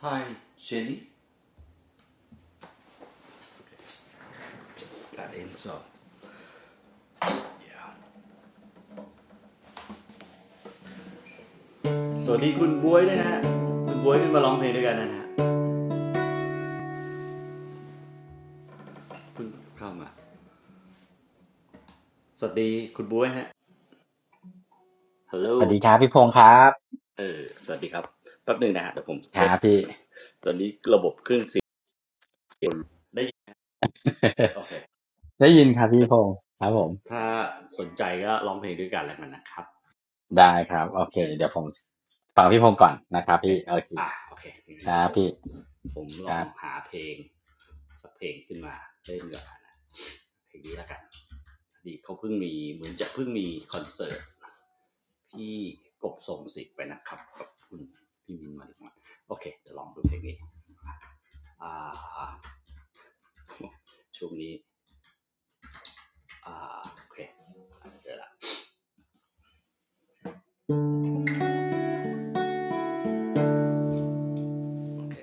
Hi Jenny Just got in, so yeah. สวัสดีคุณบวยด้วยนะฮะคุณบวยขึ้นมาร้องเพลงด้วยกันนะฮะคุณเข้ามาสวัสดีคุณบวยฮะฮัลโหลสวัสดีครับพี่พงษ์ครับเออสวัสดีครับแป๊บหนึ่งนะฮะเดี๋ยวผมคเช็รัคบพี่ ตอนนี้ระบบเครื่องเสียงได้โอ เคได้ยินครับพี่พงษ์ครับผมถ้าสนใจก็ร้องเพลงด้วยกันแล้วกันนะครับ ได้ครับโอ Okay. เคงั้นเดี๋ยวผมฟังพี่พงษ์ก่อนนะครับโอเคพี่โอเคอ่ะโอเคงั้นคเดี๋ยรัวบผมพี่ผมลคอรังบหาเพลงสักเพลงขึ้นมาเล่นก่อนนะเพลงนี้แล้วกันดีเขาเพิ่งมีเหมือนจะเพิ่งมีคอนเสิร์ต พี่กบส่งสิบไปนะครับขอบคุณพี่มินมาดีกว่ากโอเคเดี๋ยวลองดูเพลงนี้อ่า ช่วงนี้อ่าโอเคเจอละโอเค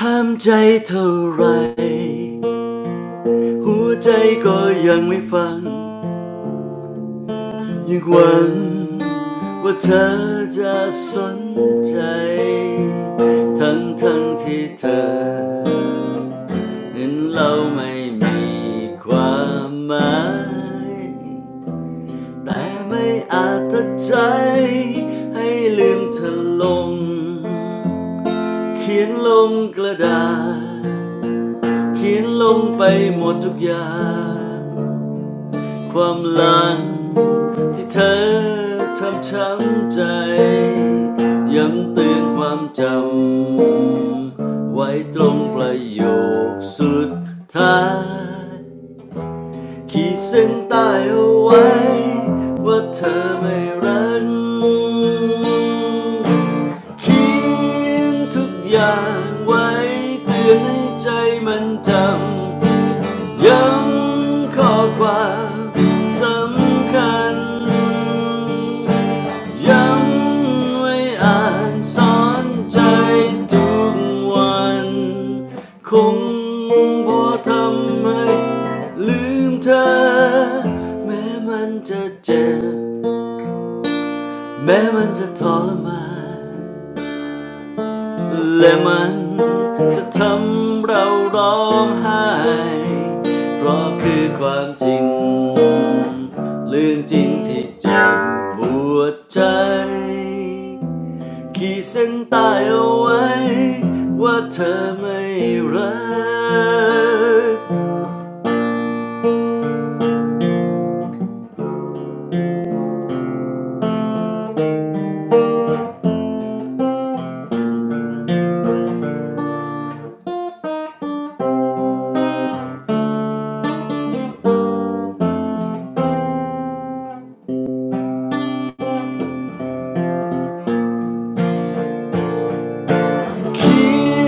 ห้ามใจเท่าไหรหัวใจก็ยังไม่ฟังยังหวังว่าเธอจะสนใจทั้งทั้งที่เธอเห็นเราไม่มีความหมาย แต่ไม่อาจตัดใจให้ลืมเธอลงเขียนลงกระดาษเขียนลงไปหมดทุกอย่างความหลังที่เธอทำช้ำใจย้ำเตือนความจำไว้ตรงประโยคสุดท้าย ขีดเส้นใต้เอาไว้ว่าเธอไม่รักเขียนทุกอย่างไว้เตือนให้ใจมันจำ ย้ำข้อความสำคัญย้ำไว้อ่านสอนใจทุกวัน คงบ่ทำให้ลืมเธอแม้มันจะเจ็บแม้มันจะทรมาน และมันจะทำเราร้องไห้ เพราะคือความจริงเรื่องจริงที่เจ็บปวดใจ ขีดเส้นใต้เอาไว้ว่าเธอไม่รัก เขี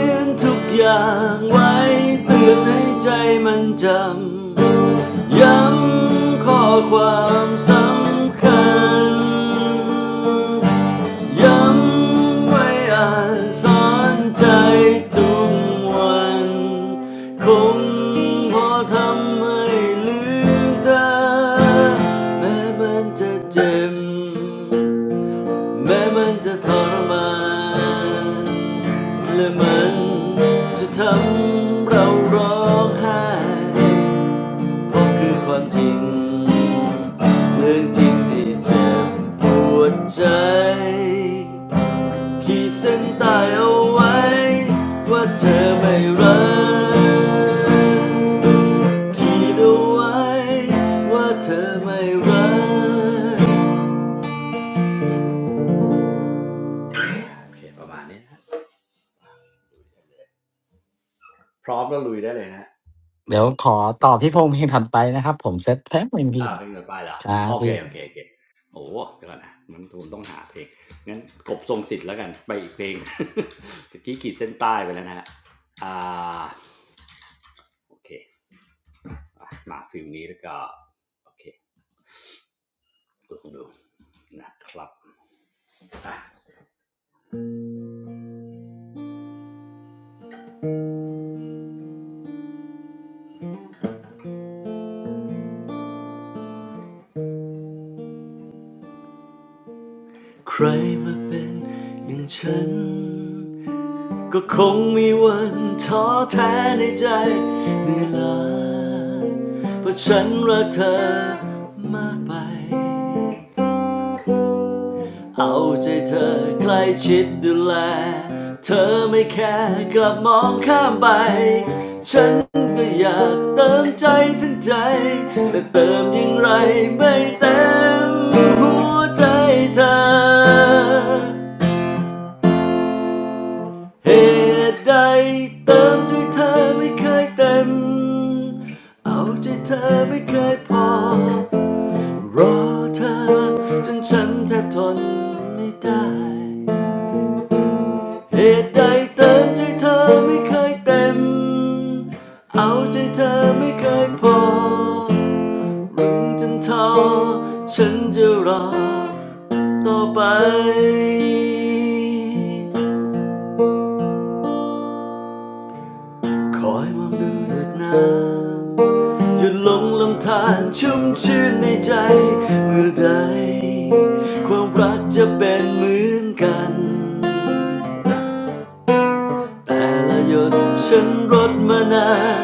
ยนทุกอย่างไว้เตือนให้ใจมันจำ ย้ำข้อความสำคัญย้ำไว้อ่านสอนใจทุกวันคงพอทำให้ลืมเธอแม้มันจะเจ็บแม้มันจะทรมานและมันจะทำเราร้องไห้ พบคือความจริงเรื่องจริงที่เจ็บปวดใจขีดเส้นตายเอาไว้ว่าเธอไม่รักขีดเอาไว้ว่าเธอไม่รักโอเคประมาณนี้พร้อมแล้วลุยได้เลยนะ เดี๋ยวขอตอบพี่พงษ์เพลงถัดไปนะครับผมเซตแป๊บหนึงพี่อ่าเพลงต่อไปเหรอครับโอเคพี่โอเคโอเคโอ้เดี๋ยวก่อนนะมันตูนต้องหาเพลงงั้นกบทรงสิทธิ์แล้วกันไปอีกเพลง ตะกี้ขีดเส้นใต้ไปแล้วนะฮะอ่าโอเคมาฟิลนี้แล้วก็โอเคลองดูนะครับอใครมาเป็นอย่างฉันก็คงมีว่าท้อแท้ในใจเหนื่อยล้าเพราะฉันรักเธอมากไป เอาใจเธอใกล้ชิดดูแลเธอไม่แค่กลับมองข้ามไปฉันก็อยากเติมใจทั้งใจแต่เติมอยังไรไม่เต็มหัวใจเธอเหตุใดเติมใจเธอไม่เคยเต็มเอาใจเธอไม่เคยพอรอเธอจนฉันแทบทนไม่ได้ เหตุใดเติมใจเธอไม่เคยเต็ม เอาใจเธอไม่เคยพอรึงจนท้อฉันจะรอต่อไปคอยมองดูหยดน้ำหยุดลงลำธารชุ่มชื่นในใจ เมื่อใดความรักจะเป็นเหมือนกัน แต่ละหยดฉันรดมานาน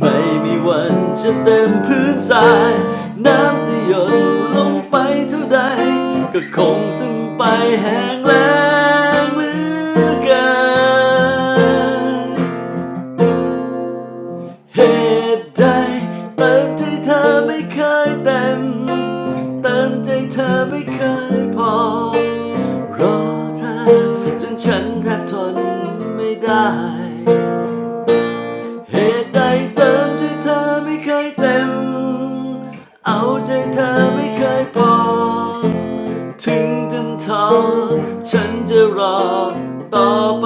ไม่มีวันจะเต็มพื้นทรายน้ำที่หยดลงไปเท่าใดก็คงซึมงไปแห้งแล้งเหมือนกันเหตุใดเติมใจเธอไม่เคยเต็มเติมใจเธอไม่เคยพอรอเธอจนฉันแทบทนไม่ได้ เหตุใดเติมใจเธอไม่เคยเต็ม เอาใจเธอไม่เคยพอ ถึงจนท้อฉันจะรอต่อไป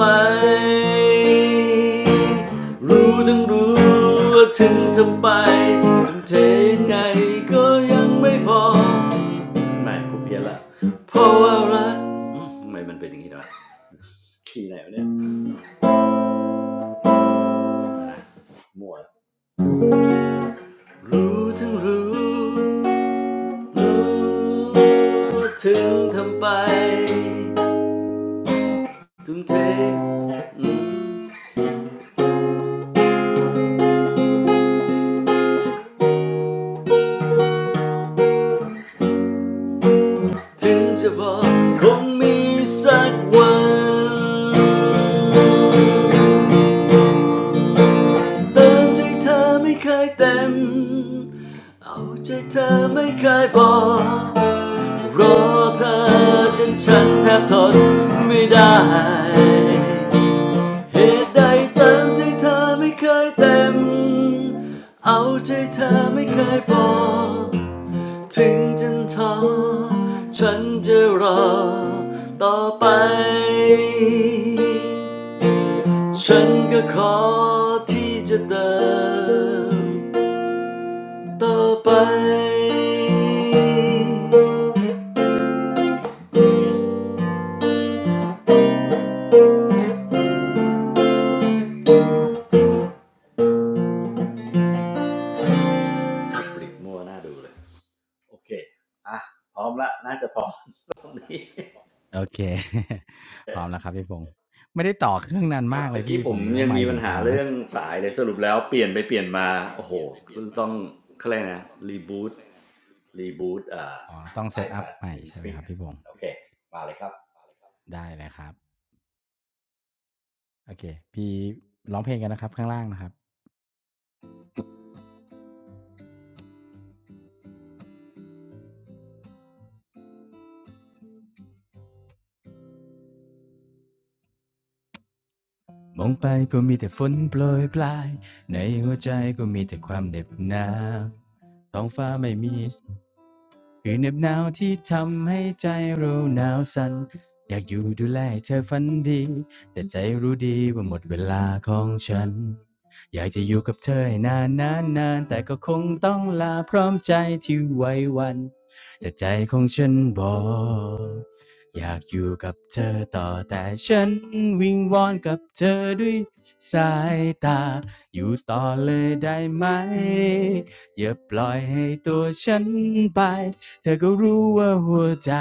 รู้ทั้งรู้ว่าถึงทำไปทำเทยงไงก็ยังไม่พอ ไม่ผมเพี้ยนละเพราะว่ารักมทำไมมันเป็นอย่างนี้ด้วยขี่ไหนวะเนี่ยนะมั่วรู้ทั้งรู้ รู้ถึงทำไปทุ่มเทถึงจะบอกคงมีสักวันเติมใจเธอไม่เคยเต็มเอาใจเธอไม่เคยพอรอเธอจนฉันแทบทนไม่ได้เหตุใดเติมใจเธอไม่เคยเต็มเอาใจเธอไม่เคยพอ ถึงจะท้อฉันจะรอต่อไปฉันก็ขอที่จะเดินต่อไปปริกมัวน่าดูเลยโอเคอ่ะพร้อมละน่าจะพร้อม นี่โอเค พร้อมแล้วครับพี่พงศ์ไม่ได้ต่อเครื่องนานคมารักบตะเลยกี้พี่ผผมมดูยัว่างไมมีค์ผปัญมหาพังแล้เรื่ว อ งสายเลยสรุปแล้วเปลี่ยนไปเปลี่ยนมาโอ้โหต้องเขาเรียกนะรีบูต รีบูตอ่า iPad ถึง Fix ่พงศ์โอเคมาเลยครับได้เลยครับโอเคพี่ร้องเพลงกันนะครับข้างล่างนะครับ มองไปก็มีแต่ฝนโปรยปลายในหัวใจก็มีแต่ความเหน็บหนาวท้องฟ้าไม่มีคือเหน็บหนาวที่ทำให้ใจเราหนาวสั่นอยากอยู่ดูแลให้เธอฝันดีแต่ใจรู้ดีว่าหมดเวลาของฉันอยากจะอยู่กับเธอให้นานนานนานแต่ก็คงต้องลาพร้อมใจที่ไว้วันแต่ใจของฉันบอก อยากอยู่กับเธอต่อแต่ฉันวิงวอนกับเธอด้วยสายตาอยู่ต่อเลยได้ไหมอย่าปล่อยให้ตัวฉันไปเธอก็รู้ว่าหัวใจ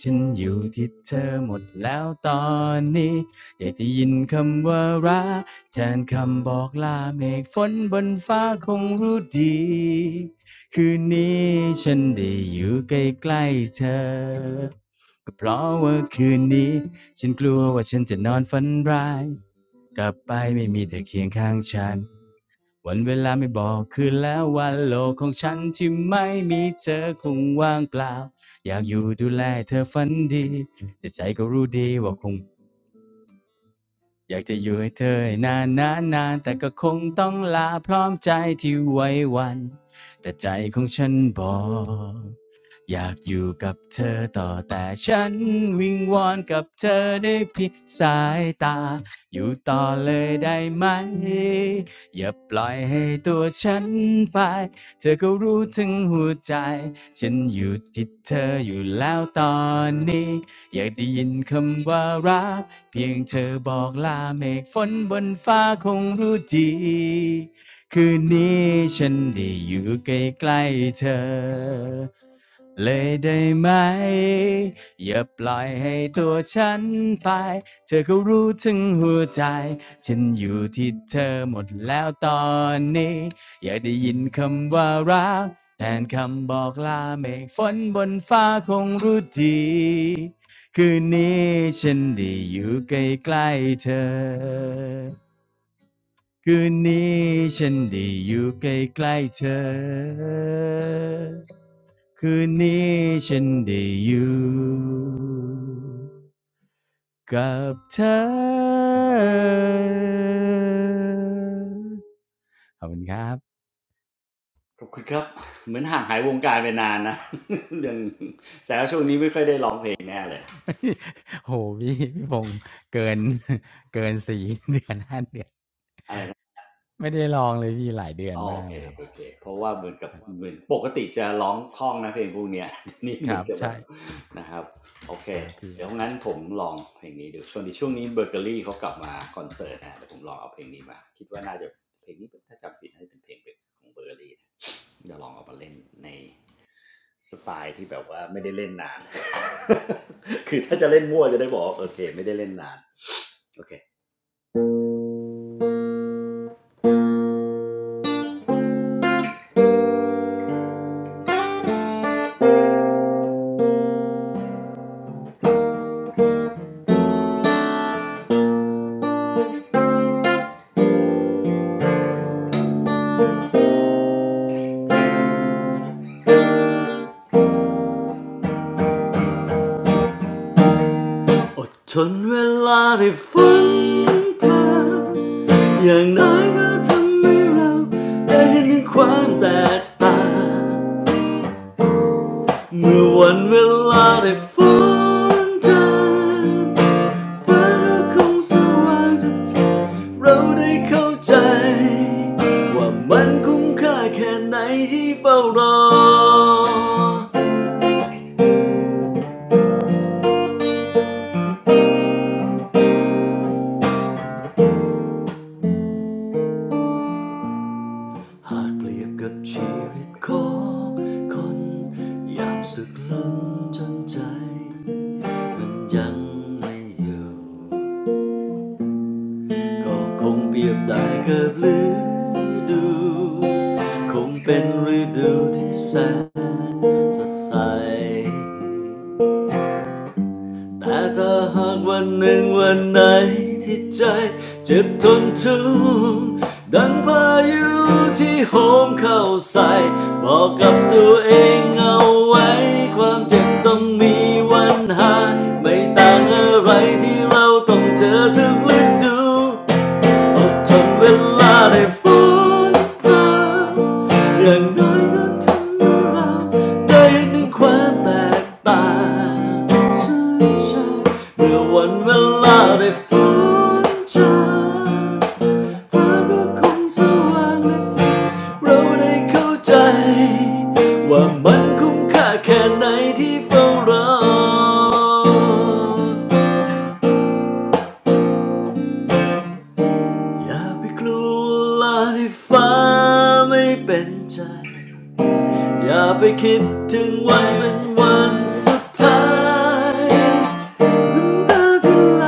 ฉันอยู่ที่เธอหมดแล้วตอนนี้อยากจะยินคำว่ารักแทนคำบอกลาเมฆฝนบนฟ้าคงรู้ดีคืนนี้ฉันได้อยู่ใกล้ๆเธอ ก็เพราะว่าคืนนี้ฉันกลัวว่าฉันจะนอนฝันร้ายกลับไปไม่มีเธอเคียงข้างฉันวันเวลาไม่บอกคืนแล้ววันโลกของฉันที่ไม่มีเธอคงว่างเปล่าอยากอยู่ดูแลเธอฝันดีแต่ใจก็รู้ดีว่าคง อยากจะอยู่ให้เธอให้นานนานนานแต่ก็คงต้องลาพร้อมใจที่ไว้วันแต่ใจของฉันบอกอยากอยู่กับเธอต่อแต่ฉันวิงวอนกับเธอได้เพียงสายตาอยู่ต่อเลยได้ไหมอย่าปล่อยให้ตัวฉันไปเธอก็รู้ถึงหัวใจฉันอยู่ที่เธออยู่แล้วตอนนี้อยากได้ยินคำว่ารัก เพียงเธอบอกลาเมฆฝนบนฟ้าคงรู้ดีคืนนี้ฉันได้อยู่ใกล้ๆเธอเลยได้ไหมอย่าปล่อยให้ตัวฉันไปเธอก็รู้ถึงหัวใจฉันอยู่ที่เธอหมดแล้วตอนนี้อยากได้ยินคำว่ารักแทนคำบอกลาเมฆฝนบนฟ้าคงรู้ดี คืนนี้ฉันได้อยู่ใกล้ๆเธอคืนนี้ฉันได้อยู่ใกล้ๆเธอคืนนี้ฉันได้อยู่กับเธอ ขอบคุณครับ ขอบคุณครับเหมือนห่างหายวงการไปนานนะ ยังแสดงว่าช่วงนี้ไม่ค่อยได้ร้องเพลงแน่เลย โหพี่พี่พงษ์เกินเกินสี่เดือนห้าเดือนอะไรนะไม่ได้ลองเลยพี่หลายเดือนอ๋อโอมากเคเลโอเคเพราะว่าเหมือนกับเหมือนปกติจะร้องคล่องนะเพลงพวกเนี้ย นี่เหมือนจะแบบนะครับโอเคครับ เดี๋ยวงั้นผมลองเพลงนี้ดูช่วงนี้ช่วงนี้เบเกอรี่เขากลับมาคอนเสิร์ตนะเดี๋ยวผมลองเอาเพลงนี้มาคิดว่าน่าจะเพลงนี้ถ้าจำผิดน่าจะเป็นเพลงของเบเกอรี่นะเดี๋ยวลองเอามาเล่นใน สไตล์ที่แบบว่าไม่ได้เล่นนาน คือถ้าจะเล่นมั่วจะได้บอกโอเคไม่ได้เล่นนานโอเคอดทนเวลาได้ฝันผ่านอย่างน้อยก็ทำให้เราได้เห็นถึงความแตกต่างเมื่อวันเวลาได้ฝันจางฟ้าก็คงสว่างจะทำเราได้เข้าใจว่ามันคุ้มค่าแค่ไหนที่เฝ้ารอ หากเปรียบกับชีวิตของคนยามสึกล้นจนใจมันยังไม่อยู่ก็คงเปรียบได้กับฤดูคงเป็นฤดูที่แสนสดใส แต่ถ้าหากวันหนึ่งวันไหนที่ใจเจ็บทนทุกข์ดังพายุที่โหมเข้าใส่บอกกับตัวเองเอาไว้ความเจ็บต้องมีวันหายไม่ต่างอะไรที่เราต้องเจอทุกฤดูอดทนเวลาได้ฟื้นฟู อย่างน้อยก็ทำให้เราได้เห็นึ่งความแตกต่างสุดงใช่เมื่อวันเวลาได้ฟื้นใจางฟ้าก็คงสว่างและเธอเราได้เข้าใจว่ามันคุ้มค่าแค่ไหนที่เฝ้ารออย่าไปกลัววลาที่ฟ้าไม่เป็นใจ อย่าไปคิดถึงวันเป็นวันสุดท้ายน้ำตาที่ไหล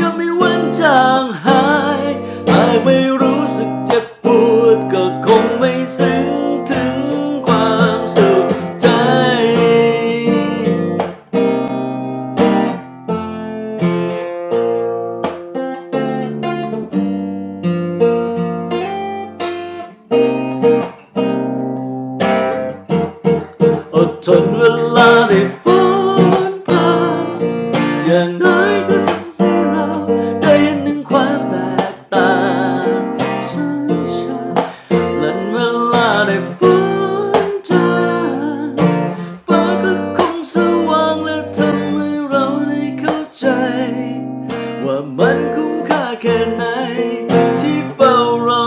ยังไม่วันจางหายหากไม่รู้สึกเจ็บปวดก็คงไม่ซึ้งถึงความสุขใจ อดทนเวลาได้ฟ้อนผ่านอย่างน้อยก็ทำให้เราได้เห็นถึงความแตกต่างสัญชาติ นันเวลาได้ฝันจางฟ้าก็คงสว่างและทำให้เราได้เข้าใจว่ามันคุ้มค่าแค่ไหนที่เฝ้ารอ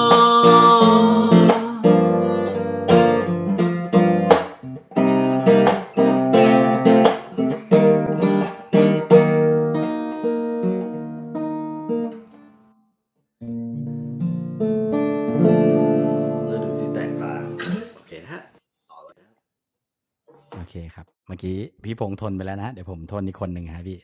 แล้วดูที่แตกต่างโอเคฮะโอเคครับเมื่อกี้พี่พงษ์ทนไปแล้วนะเดี๋ยวผมทนอีกคนหนึ่งครับพี่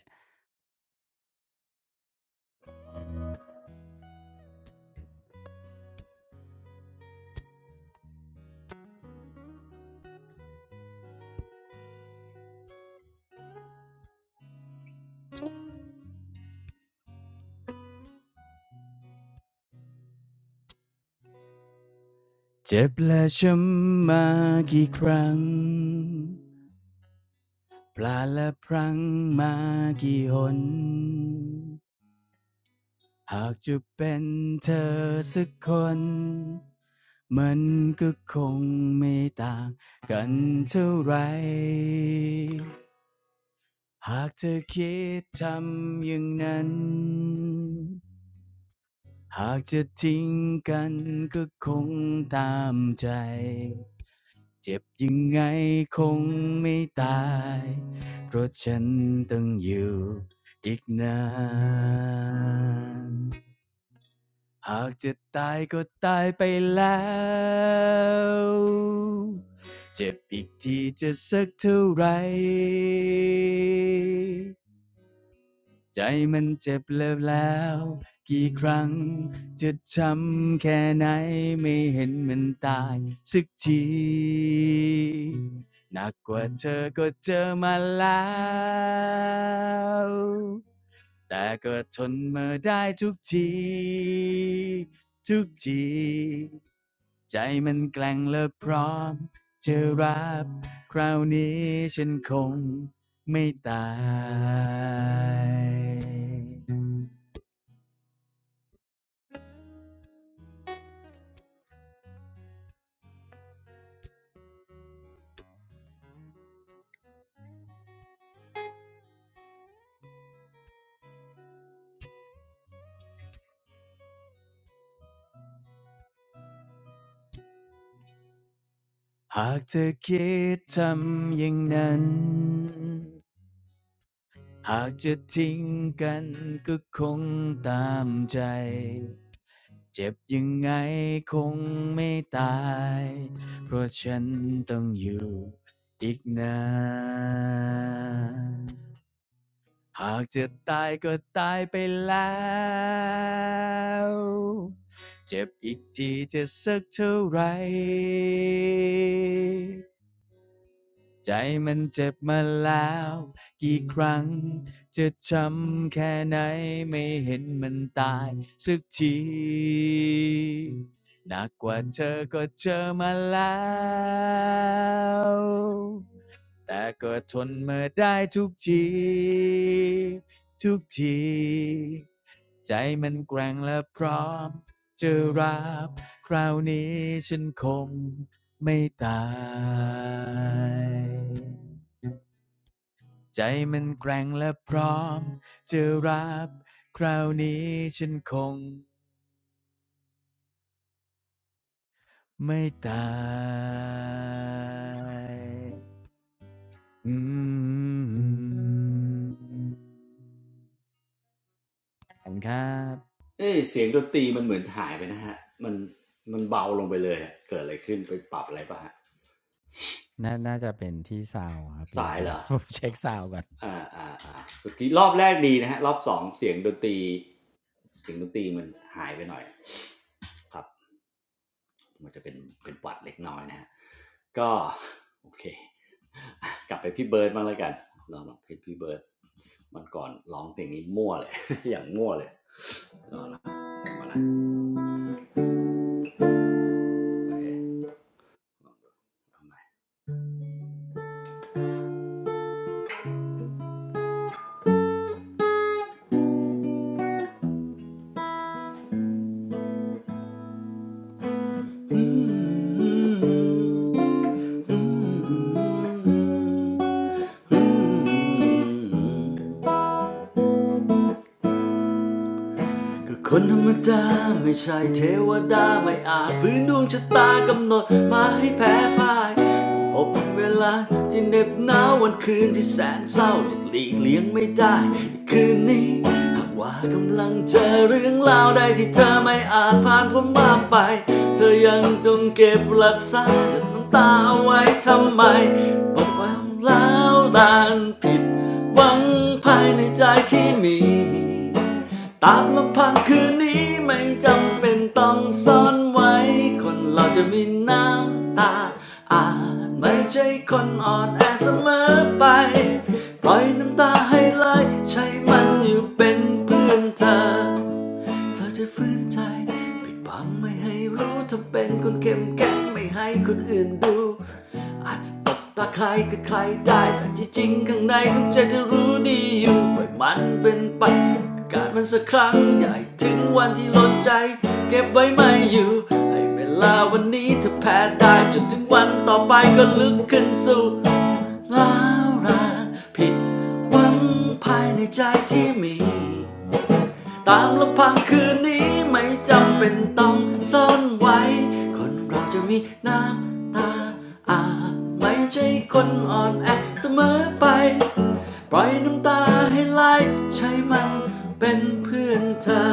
เจ็บและช้ำมากี่ครั้งพลาดและพลั้งมากี่หนหากจะเป็นเธอสักคนมันก็คงไม่ต่างกันเท่าไรหากเธอคิดทำอย่างนั้น หากจะทิ้งกันก็คงตามใจเจ็บยังไงคงไม่ตายเพราะฉันต้องอยู่อีกนานหากจะตายก็ตายไปแล้วเจ็บอีกทีจะสักเท่าไหร ใจมันเจ็บเลิฟแล้วกี่ครั้งจะช้ำแค่ไหนไม่เห็นมันตายสักทีหนักกว่าเธอก็เจอมาแล้ว แต่ก็ทนมาได้ทุกทีทุกทีใจมันแกล้งและพร้อมจะรับคราวนี้ฉันคงไม่ตายหากเธอคิดทำอย่างนั้น หากจะทิ้งกันก็คงตามใจเจ็บยังไงคงไม่ตายเพราะฉันต้องอยู่อีกนานหากจะตายก็ตายไปแล้วเจ็บอีกทีจะสักเท่าไหร ใจมันเจ็บมาแล้วกี่ครั้งจะช้ำแค่ไหนไม่เห็นมันตายสักทีหนักกว่าเธอก็เจอมาแล้ว แต่ก็ทนมาได้ทุกทีทุกทีใจมันแกร่งและพร้อมจะรับคราวนี้ฉันคงไม่ตายใจมันแกร่งและพร้อมจะรับคราวนี้ฉันคงไม่ตายอืมขอบคุณครับ เอ้ยเสียงดนตรีมันเหมือนหายไปนะฮะมันมันเบาลงไปเลยอเกิดอะไรขึ้นไปปรับอะไรป่ะฮะน่าน่าจะเป็นที่ซาวด์อครับพี่ สา ยเดี๋ยว เหรอ ผมเช็คซาวด์ก่อนอ่าอ่าอ่าสุกี้รอบแรกดีนะฮะรอบสองเสียงดนตรีเสียงดนตรีมันหายไปหน่อย ครับมันจะเป็นเป็นปวัดเล็กน้อยนะฮะก็ โอเค กลับไปพี่เบิร์ดมางแล้วกันลองลองเพลงพี่เบิร์ดมันก่อนร้องเพลงนี้มั่วเลย อย่างมั่วเลยรองนะมานะโอเคเอาม ก็คนธรรมดาไม่ใช่เทวดาไม่อาจฝืนดวงชะตากำหนดมาให้แพ้พ่ายพบเวลาที่เหน็บหนาววันคืนที่แสนเศร้าหยุดหลีกเลี่ยงไม่ได้คืนนี้หากว่ากำลังเจอเรื่องราวใดที่เธอไม่อาจผ่านพ้นมาไปเธอยังต้องเก็บรักษาหยดน้ำตาเอาไว้ทำไมบอกว่าแล้วลานผิดหวังภายในใจที่มี ตามลำพังคืนนี้ไม่จำเป็นต้องซ่อนไว้คนเราจะมีน้ำตาอาจไม่ใช่คนอ่อนแอเสมอไป ปล่อยน้ำตาให้ไหลใช้มันอยู่เป็นเพื่อนเธอ เธอจะฝืนใจปิดบังไม่ให้รู้เธอเป็นคนเข้มแข็งไม่ให้คนอื่นดูอาจจะตบตาใครก็ใครได้แต่ที่จริงข้างในของใจเธอรู้ดีอยู่ปล่อยมันเป็นไปการมันสักครั้งอย่าให้ถึงวันที่ล้นใจเก็บไว้ไม่อยู่ให้เวลาวันนี้เธอแพ้ได้จนถึงวันต่อไปก็ลุกขึ้นสู่ล้าวรานผิดหวังภายในใจที่มี ตามลำพังคืนนี้ไม่จำเป็นต้องซ่อนไว้คนเราจะมีน้ำตาอาบไม่ใช่คนอ่อนแอเสมอไปปล่อยน้ำตาให้ไหลใช้มันเป็นเพื่อนเธอ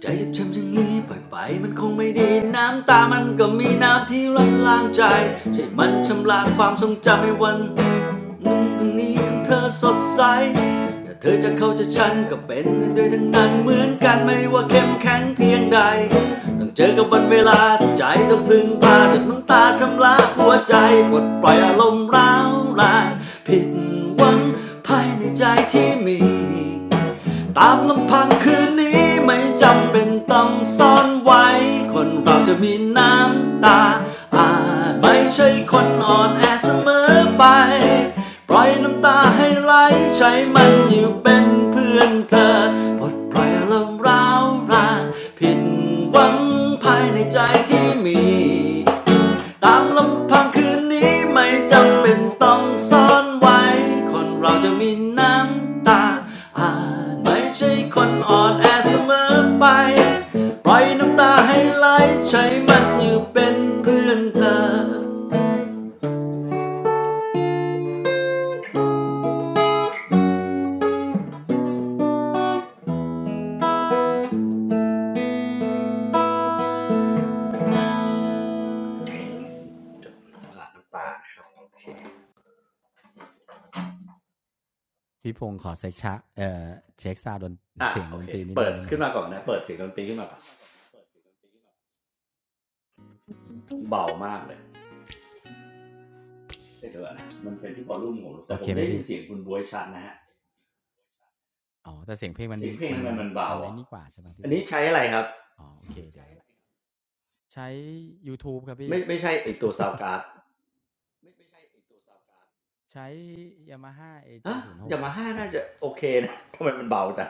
ใจเจ็บช้ำอย่างนี้ปล่อยไปมันคงไม่ดีน้ำตามันก็มีน้ำที่ไหลล้างใจใช่มันชำระความทรงจำให้วัน มุมตรงนี้ของเธอสดใสถ้าเธอจะเข้าใจะฉันก็เป็นกด้วยทั้งนั้นเหมือนกันไม่ว่าเข้มแข็งเพียงใด ต้องเจอกับวันเวลาที่ใจต้องพึงพาจนน้ำตาชำระหัวใจปลดปล่อยอารมณ์ร้าวรานผิดหวังภายในใจที่มี ตามลำพังคืนนี้ไม่จำเป็นต้องซ่อนไว้คนเราจะมีน้ำตาอาจไม่ใช่คนอ่อนแอเสมอไป ปล่อยน้ำตาให้ไหลใช้มันอยู่เป็นเพื่อนเธอปลดปล่อยอารมณ์ร้าวรานผิดหวังภายในใจที่มี ตามลำพังคืนนี้ไม่จำเป็นต้องซ่อนไว้คนเราจะมีน้ำตาอาจไม่ใช่คนอ่อนแอเสมอไปปล่อยน้ำตาให้ไหลใช้มันอยู่เป็นเพื่อนเธอหลาน้ำตาครับโอเคพี่พงศ์ขอเซ็คชะเอ่อเช็คซาวด์ดนอ่ะเสียงโอดเค นตรีนิดเปินึดงได้ไหมขึ้คนรับมาก่อนนะเปิดเสียงดนตรีขึ้นมาก่อนเบามากเลยเอ้ยเดี๋ยวนะมันเป็นที่วอลลุ่มของผมแต่โอผเคมไหได้มยินพี่เสียงคุณบวยชัดนะฮะอ๋อแต่เสียงเพลงมันเสียงเพลงมันทำไมมันเบามันไอ้อ่ะนี่กว่าใช่ไหมอัพี่นพนี้งศ์ใช้อะไรครับ อ๋อโอเคเดใี๋ยวใช้ยูทูบครับพี่ไม่ไม่ใช่ไอตัวซาวการ์ดใช้ Yamaha ฮะ AG06 ยาคมารับ ฮ่าน่าจะโอเคนะ ทำไมมันเบาจัง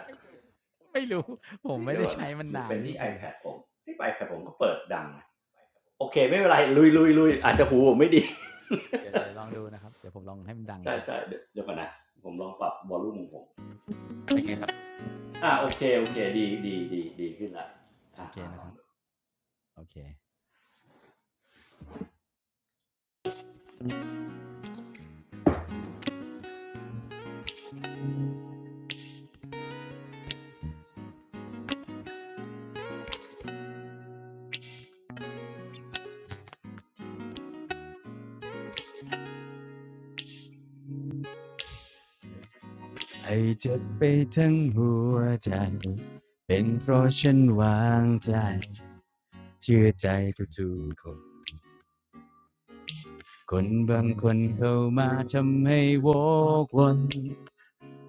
ไม่รู้ ผเอมไม่เดี๋ยวได้ก่อนใช้นะมันหรือนานเป็นพี่ที่ พงศ์ iPad ผมที่ iPad ผมก็เปิดดังโอเคไม่เป็นไรลุยลุยลุยเออาจโอจะหูผมไม่ดี ดี๋ยวเดี๋ยวองดูยนะครับเดี๋ยวผมลองให้มันดั งใช่สุดใช่เดี๋ยวก่อนนะผมลองปรับวอลลุ่มของผมอ่าโอเคโอเคดีดีดีดีขึ้นละอ่าโอเคอ่าลนะอคงรับดูโอเค ให้เจ็บไปทั้งหัวใจเป็นเพราะฉันวางใจเชื่อใจทุกๆคนคนบางคนเข้ามาทำให้วกวน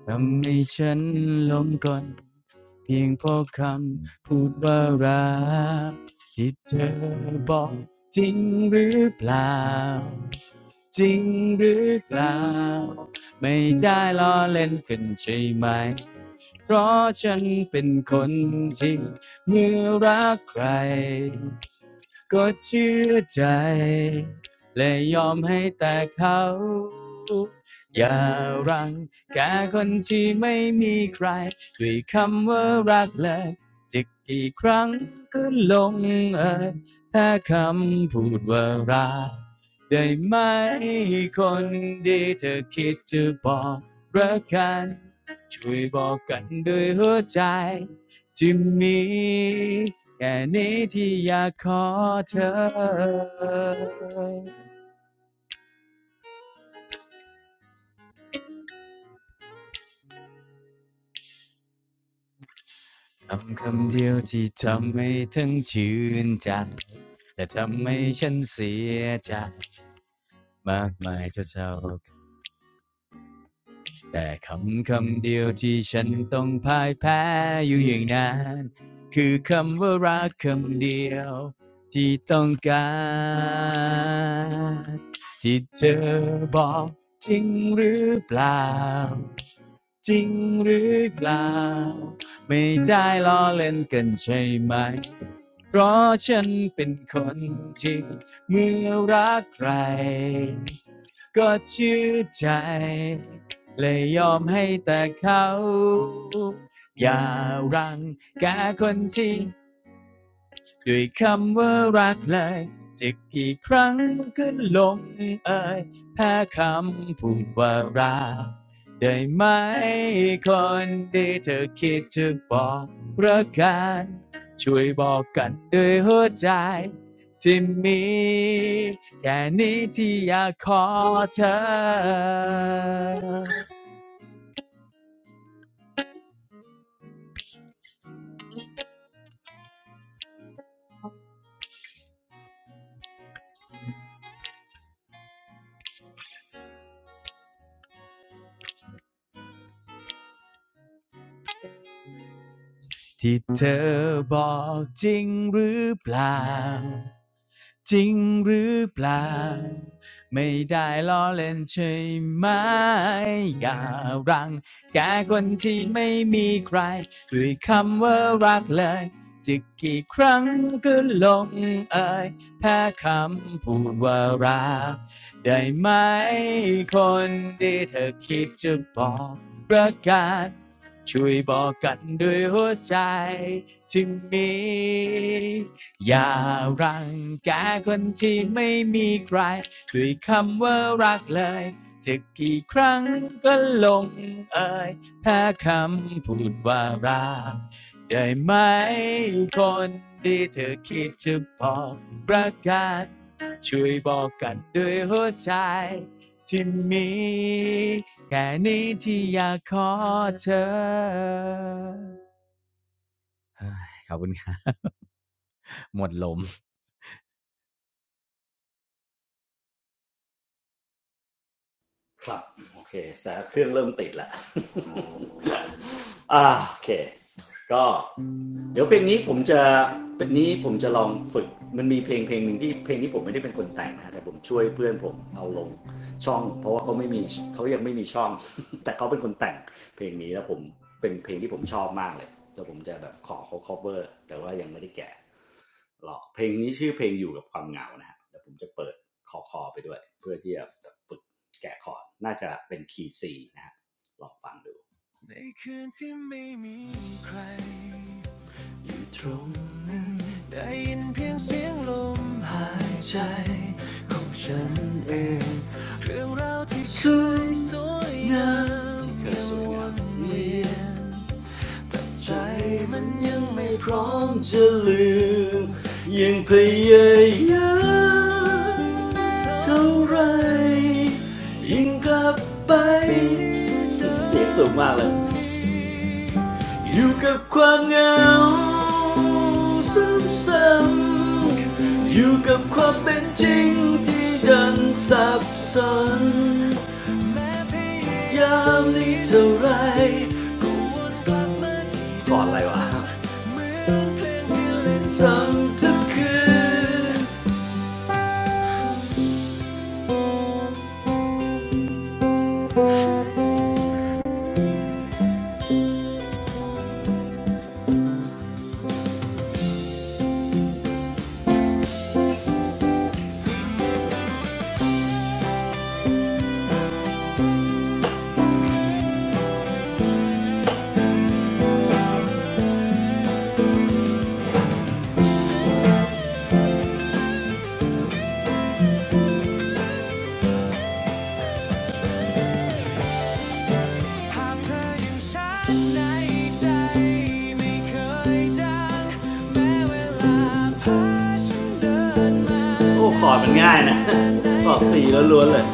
ทำให้ฉันหลงกลเพียงเพราะคำพูดว่ารักที่เธอบอกจริงหรือเปล่าจริงหรือเปล่าไม่ได้ล้อเล่นกันใช่ไหม เพราะฉันเป็นคนที่เมื่อรักใครก็เชื่อใจและยอมให้แต่เขาอย่ารังแกคนที่ไม่มีใครด้วยคำว่ารักเลยจะกี่ครั้งก็ลงเอยแค่คำพูดว่ารักได้ไหมคนดีเธอคิดจะบอก รักกันช่วยบอกกันด้วยหัวใจที่มีแค่นี้ที่อยากขอเธอคำคำเดียวที่ทำให้ทั้งชื่นใจและทำให้ฉันเสียใจมากมายเท่าเจ้า แต่คำคำเดียวที่ฉันต้องพ่ายแพ้อยู่อย่างนั้นคือคำว่ารักคำเดียวที่ต้องการที่เธอบอกจริงหรือเปล่าจริงหรือเปล่าไม่ได้ล้อเล่นกันใช่ไหมเพราะฉันเป็นคนที่เมื่อรักใครก็เชื่อใจ เลยยอมให้แต่เขาอย่ารังแกคนที่ด้วยคำว่ารักเลยจะกี่ครั้งก็ลงเอ่ยแพ้คำพูดว่ารักได้ไหมคนที่เธอคิดจะบอกรักกันช่วยบอกกันด้วยหัวใจที่มีแค่นี้ที่อยากขอเธอ ที่เธอบอกจริงหรือเปล่าจริงหรือเปล่าไม่ได้ล้อเล่นใช่ไหมอย่ารังแกคนที่ไม่มีใครด้วยคำว่ารักเลยจะกี่ครั้งก็ลงเอ่ยแพ้คำพูดว่ารักได้ไหมคนดีเธอคิดจะบอกประกาศ ช่วยบอกกันด้วยหัวใจที่มีอย่ารังแกคนที่ไม่มีใครด้วยคำว่ารักเลยจะกี่ครั้งก็ลงเอ่ยแค่คำพูดว่ารักได้ไหมคนที่เธอคิดจะบอกประกาศช่วยบอกกันด้วยหัวใจ ที่มีแค่นี้ที่อยากขอเธอขอบคุณครับหมดลมครับโอเคแสงเครื่องเริ่มติดละ อ่าโอเคก็เดี๋ยวเพลงนี้ผมจะเป็นนี้ผมจะลองฝึกมันมีเพลงเพลงหนึ่งที่เพลงนี้ผมไม่ได้เป็นคนแต่งนะแต่ผมช่วยเพื่อนผมเอาลงช่องเพราะว่าเขาไม่มีเขายังไม่มีช่อง แต่เขาเป็นคนแต่งเพลงนี้แล้วผมเป็นเพลงที่ผมชอบมากเลยแล้วผมจะแบบขอเขา cover แต่ว่ายังไม่ได้แกะหรอกเพลงนี้ชื่อเพลงอยู่กับความเหงานะฮะแล้วผมจะเปิดคอคอไปด้วยเพื่อที่จะฝึกแกะคอร์ดน่าจะเป็นคีย์ C นะฮะลองฟังดู ในคืนที่ไม่มีใครอยู่ตรงนั้นได้ยินเพียงเสียงลมหายใจของฉันเองเรื่องราวที่เคยสวยงามที่เคยสวยงามเวียนใจมันยังไม่พร้อมจะลืมยังพยายามเท่าไหรยิ่งกลับไปเสียงสูงมากเลย อยู่กับความเหงาซ้ำๆอยู่กับความเป็นจริงที่ดันสับสนยามนี้เท่าไรก็วนกลับมาที่ก่อนอะไรวะเพลงที่เลซ้ำทุกคืนโอ้คอร์ดมันง่ายนะคอร์ดสี่แล้วล้วนเลย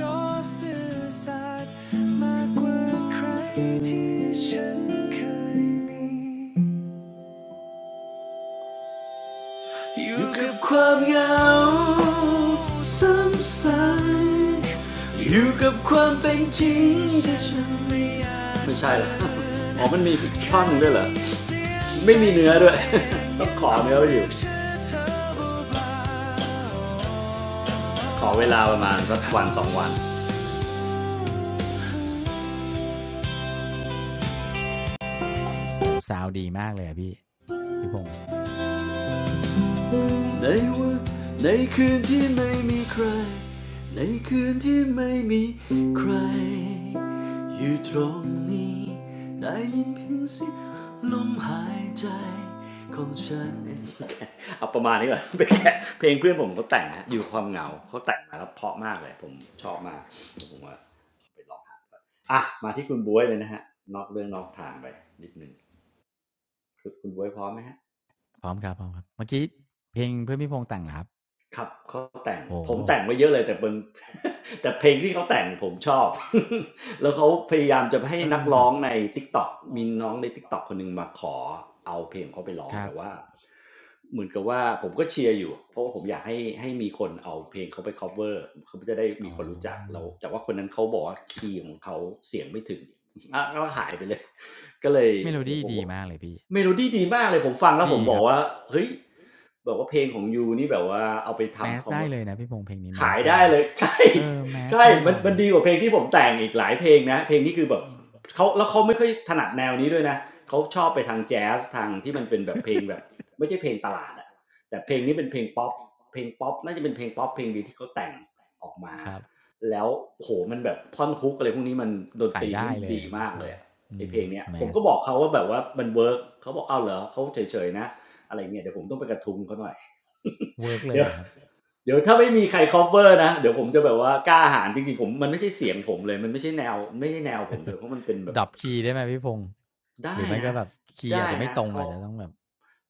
ก็สต์มากว่าใครที่ฉันเคยมี อยู่กับความเหงาซ้ำๆอยู่กับความเป็นจริงที่ฉันไม่ใช่ละอ อ๋อมันมีท่อนด้วยเหรอไม่มีเนื้อด้วย ต้องขอเนื้อไปอยู่ขอเวลาประมาณสักวันสองวันโหซาวด์ดีมากเลยพี่พี่พงศ์ในวันในคืนที่ไม่มีใคร ในคืนที่ไม่มีใคร อยู่ตรงนี้ได้ยินเพียงเสียงลมหายใจของฉัน เอาประมาณนี้ก่อน ไปแกะเพลงเพื่อนผมเขาแต่งฮะอยู่ความเหงาเขาแต่งมาแล้วเพราะมากเลยผมชอบมากผมว่าอ่ะมาที่คุณบ๊วยเลยนะฮะนอกเรื่องนอกทางไปนิดนึงคือคุณบ๊วยพร้อมไหมฮะ พร้อมครับพร้อมครับเมื่อกี้เพลงเพื่อนพี่พงศ์แต่งหรครับครับเขาแต่งโหผมแต่งไว้เยอะเลยแต่เป็น แต่เพลงที่เขาแต่งผมชอบ แล้วเขาพยายามจะให้เอนัอกแบร้อบงใน TikTok มีน้องใน TikTok คนหนึงมาขอเอาเพลงเขาไปร้องครับ แต่ว่าเหมือนกับว่าผมก็เชียร์อยู่เพราะว่าผมอยากให้ให้มีคนเอาเพลงเขาไป cover เขาจะได้อมีคนรู้จักแล้วแต่ว่าคนนั้นเขาบอกว่าคีย์ของเขาเสียงไม่ถึง อ่ะก็อ๋อหายไปเลยก็เลยเมโลเดี๋ยดี้วผมดีว่ามากเลยพี่เมโลดี้ดีมากเลยผมฟังแล้วผมบอกว่าเฮ้ย แบบว่าเพลงของยูนี่แบบว่าเอาไปทำคอมเมอร์ะพี่พงษ์เพลงนี้แมขาสยได้ได้เลย ใช่ใช่มันมันดีกว่าเพลงที่ผมแต่งอีกหลายเพลงนะเพลงนี้คือแบบเขาแล้วเขาไม่ค่อยถนัดแนวนี้ด้วยนะเขาชอบไปทางแจ๊สทางที่มันเป็นแบบเพลงแบบไม่ใช่เพลงตลาดอะแต่เพลงนี้เป็นเพลงป๊อปเพลงป๊อปน่าจะเป็นเพลงป๊อปเพลงเดียวที่เขาแต่งออกมาครับ แล้วโหมันแบบท่อนฮุกอะไรพวกนี้มันดนตรีมันดีมากเลยอะไอมเพลงเนี้ยผมก็บอกเขาว่าแบบว่ามันเวิร์กเขาบอกกเอาเหรอเขาเฉยๆนะ อะไรเงี้ยเดี๋ยวผมต้องไปกระทุงเขาหน่อย เวิร์ก เลเดี๋ยยวครับเดี๋ยวถ้าไม่มีใคร cover นะเดี๋ยวผมจะแบบว่ากล้าหาญจริงๆผมมันไม่ใช่เสียงผมเลยมันไม่ใช่แนวไม่ใช่แนวผมด้วยเพราะมันเป็นแบบดรอปคีย์ได้ไหมพี่พงษ์หได้รือไม่นะก็แบบคีย์อาได้จจะไม่นะตรงเขาอาจจะต้องแบบ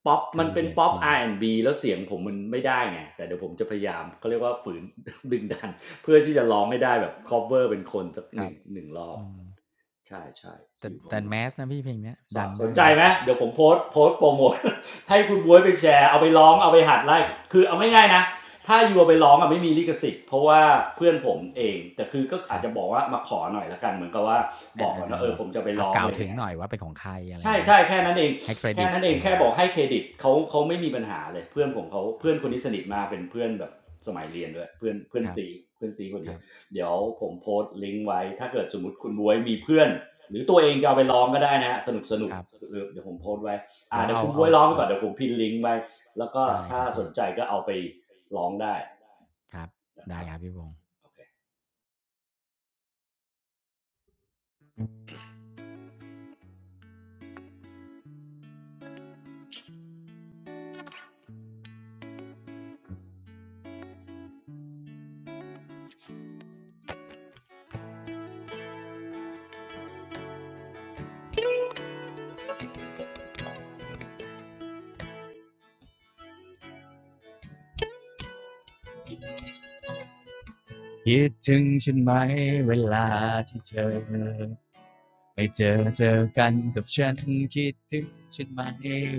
ป๊อปคามันลเป็นป๊อป R&B แอนด์บีแล้วเสียงผมมันไม่ได้ไงแต่เดี๋ยวผมจะพยายามเขาเรียกว่าฝืน ดึงดันเพื่อที่จะร้องให้ได้แบบ cover เป็นคนสักหนึ่งหนึ่งรอบใช่ใช่อแต่ยู่ข้าง แต่แมสนะพี่เพลงเนี้ยสดังนได้ใจนะ ไหมเดี๋ยวผมโพส์โพสโปรโมท ให้คุณบ๊วยไปแชร์เอาไปร้องเอาไปหัดไล่คือเอาไม่ง่ายนะถ้าอยู่เอาไปร้องอ่ะไม่มีลิขสิทธิ์เพราะว่าเพื่อนผมเองแต่คือก็อาจจะบอกว่ามาขอหน่อยละกันเหมือนกับว่าบอกก่อนว่าเออผมจะไปร้องอะไรเงี้ย ใช่งี้ใช่ยแค่นั้นเองแค่ิตนั้นเองแค่บอกให้เครดิตเขาเขาไม่มีปัญหาเลยเพื่อนผมเขาเพื่อนคนที่สนิทมากเป็นเพื่อนแบบสมัยเรียนด้วยเพื่อนเพื่อนครับซีเพื่อนซีคนเดียวเดี๋ยวผมโพสต์ลิงก์ไว้ถ้าเกิดสมมติคุณบวยมีเพื่อนหรือตัวเองจะเอาไปร้องก็ได้นะฮะสนุกสนุกเดี๋ยวผมโพสต์ไว้อ่าเดี๋ยวคุณบวยร้องไปก่อนเดี๋ยวผมพิมพ์ลิงก์ไว้แล้วก็ถ้าสนใจก็เอาไปร้องได้ครับนะคได้รับครับพี่วงโอเคคิดถึงฉันไหมเวลาที่เจอไม่เจอเจอกันกับฉันคิดถึงฉันไหม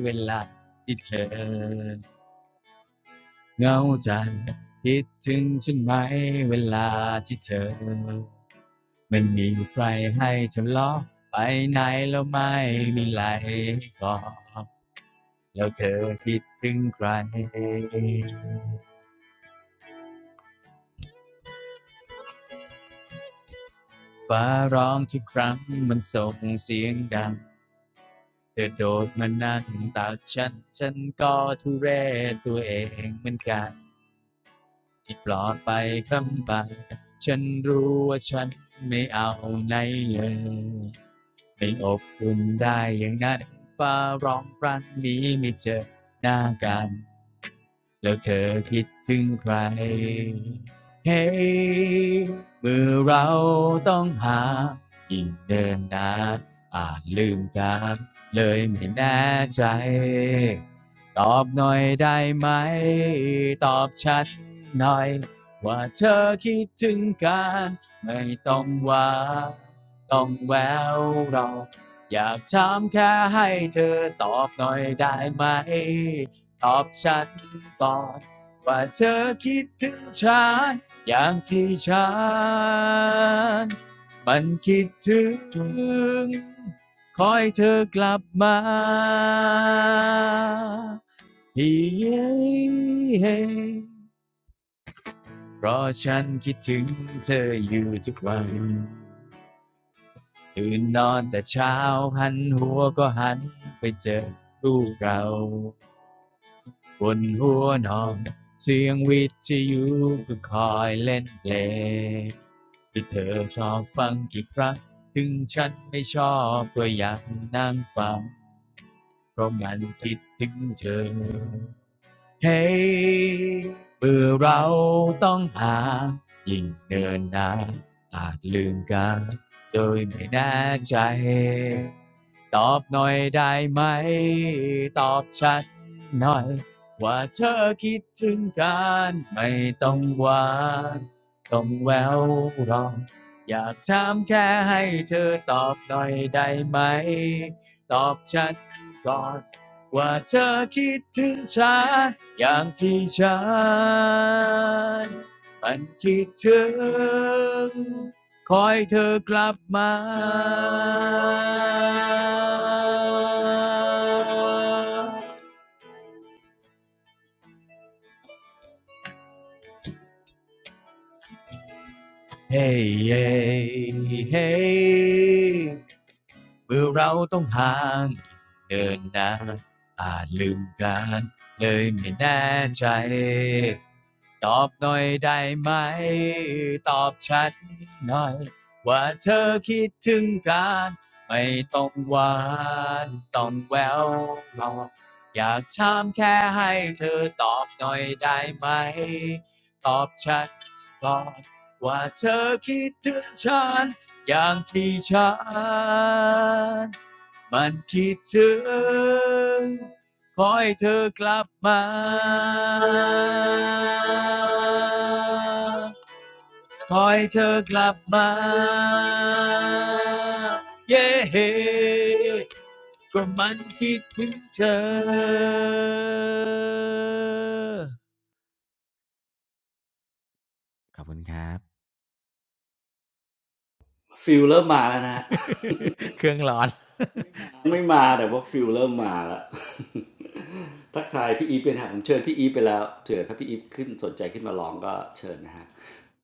เวลาที่เธอ เงาจังคิดถึงฉันไหมเวลาที่เธอมันมีใครให้ทำล้อไปไหนแล้วไม่มีไหลก่อดแล้วเธอคิดถึงใครฟ้าร้องทุกครั้งมันส่งเสียงดังเธอโดดมานั่งตากฉันฉันก็ทุเรศตัวเองเหมือนกัน ที่ปลอดไปคำไปฉันรู้ว่าฉันไม่เอาไหนเลยไม่อบอุ่นได้อย่างนั้นฟ้าร้องครั้งนี้ไม่เจอหน้ากัน แล้วเธอคิดถึงใครเฮ้ยเมื่อเราต้องหายิ่งเดินนานอาจลืมกันเลยไม่แน่ใจตอบหน่อยได้ไหมตอบฉันหน่อยว่าเธอคิดถึงกันไม่ต้องว่าต้องแววเราอยากถามแค่ให้เธอตอบหน่อยได้ไหม ตอบฉันก่อนว่าเธอคิดถึงฉันอย่างที่ฉันมันคิดถึงคอยเธอกลับมาเฮ้เฮ้เพราะฉันคิดถึงเธออยู่ทุกวันตื่นนอนแต่เช้าหันหัวก็หันไปเจอลูกเรา บนหัวนอนเสียงวิทยุก็คอยเล่นเพลงที่เธอชอบฟังกี่ครั้งถึงฉันไม่ชอบก็อยางนั่งฟังเพราะมันคิดถึงเธอ เฮ้เมื่อเราต้องห่างยิ่งเดินนานอาจลืมกันโดยไม่แน่ใจ ตอบหน่อยได้ไหม ตอบฉันหน่อยว่าเธอคิดถึงกันไม่ต้องหวาน ต้องแววรองอยากถามแค่ให้เธอตอบหน่อยได้ไหม ตอบฉันก่อน ว่าเธอคิดถึงฉันอย่างที่ฉันมันคิดถึงคอยเธอกลับมาา Hey hey hey เมื่อเราต้องห่างเดินนานอาจลืมกันเลยไม่แน่ใจตอบหน่อยได้ไหมตอบชัดหน่อยว่าเธอคิดถึงกันไม่ต้องหวานต้องแววบอกอยากถามแค่ให้เธอตอบหน่อยได้ไหมตอบชัดก่อน ว่าเธอคิดถึงฉันอย่างที่ฉันมันคิดถึงขอให้เธอกลับมาขอให้เธอกลับมาเย้ก็มันคิดถึงเธอขอบคุณครับ ฟิลเริ่มมาแล้วนะ ฮะ เครื่องร้อน ไม่มา แต่ว่าฟิลเริ่มมาแล้ว ทักทายพี่อีฟเป็นฮะผมเชิญพี่อีฟไปแล้วเถื่อถ้าพี่อีฟขึ้นสนใจขึ้นมาร้องก็เชิญนะฮะ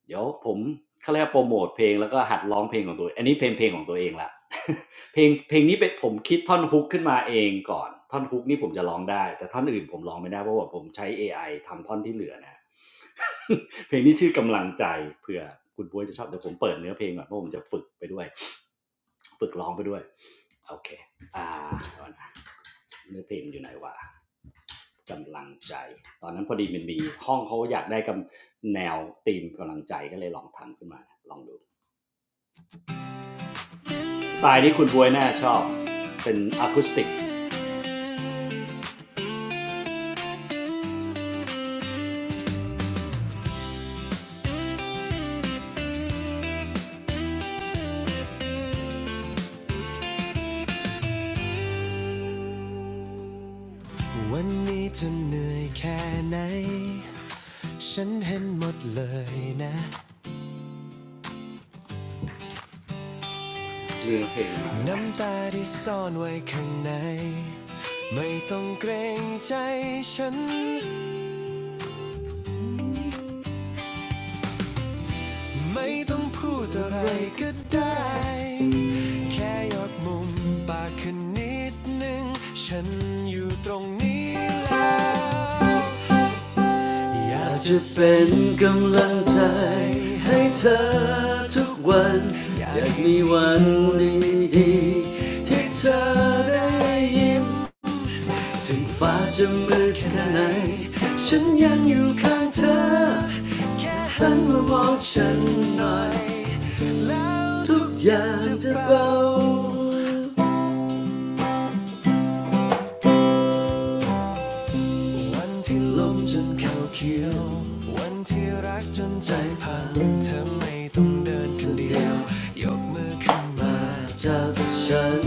เดี๋ยวผมเขาเรียกว่าโปรโมทเพลงแล้วก็หัดร้องเพลงของตัวเองอันนี้เพลงเพลงของตัวเองละ เพลงเพลงนี้เป็นผมคิดท่อนฮุกขึ้นมาเองก่อนท่อนฮุกนี่ผมจะร้องได้แต่ท่อนอื่นผมร้องไม่ได้เพราะว่าผมใช้เอไ i ทำท่อนที่เหลือนะ เพลงนี้ชื่อกำลังใจเผื่อคุณบวยจะชอบเดี๋ยวผมเปิดเนื้อเพลงก่อนเพราะผมจะฝึกไปด้วยฝึกร้องไปด้วยโอเค อ่าเนะเนื้อเพลงอยู่ไหนวะกำลังใจตอนนั้นพอดีมันมีห้องเขาอยากได้กำแนวธีมกำลังใจก็เลยลองทำขึ้นมาลองดูสไตล์นี้คุณบวยน่าชอบเป็นอะคูสติกวันนี้เธอเหนื่อยแค่ไหนฉันเห็นหมดเลยนะเนื้อเพลงมาน้ำตาที่ซ่อนไว้ข้างในไม่ต้องเกรงใจฉัน ไม่ต้องพูดอะไรก็ได้ แค่ยกมุมปากขึ้นนิดนึงฉันอยู่ตรงนี้แล้ว อยากจะเป็นกำลังใจให้เธอทุกวัน อยากมีวันดีๆที่เธอได้ยิ้ม ถึงฟ้าจะมืดแค่ไหนฉันยังอยู่ข้างเธอ แค่หันมามองฉันหน่อย แล้วทุกอย่างจะเบาวันที่ลมจนเข่าเขียว วันที่รักจนใจพัง เธอไม่ต้องเดินคนเดียว ยกมือขึ้นมาจับฉัน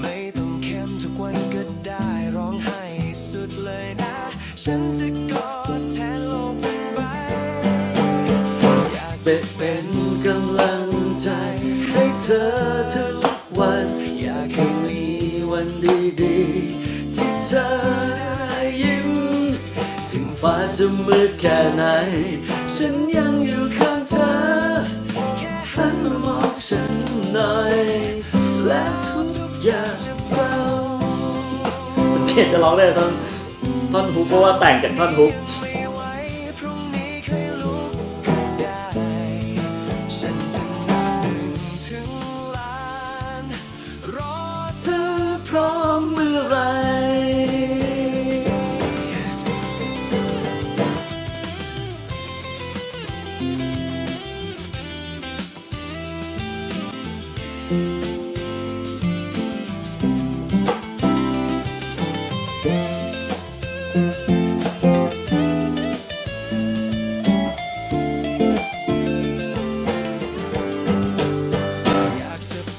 ไม่ต้องเข้มทุกวันก็ได้ร้องไให้สุดเลยนะ ฉันจะกอดแทนโลกทั้งใบ จะเป็นกำลังใจให้เธอทุกๆวันอยากให้มีวันดีๆที่เธอได้ยิ้มถึงฟ้าจะมืดแค่ไหนฉันยังอยู่ข้างเธอหันมามองฉันหน่อยและทุกๆอย่างจะเบาสังเกตจะร้องได้ตอนท่อนฮุกเพราะว่าแต่งจากท่อนฮุก เธอพร้อมเมื่อไร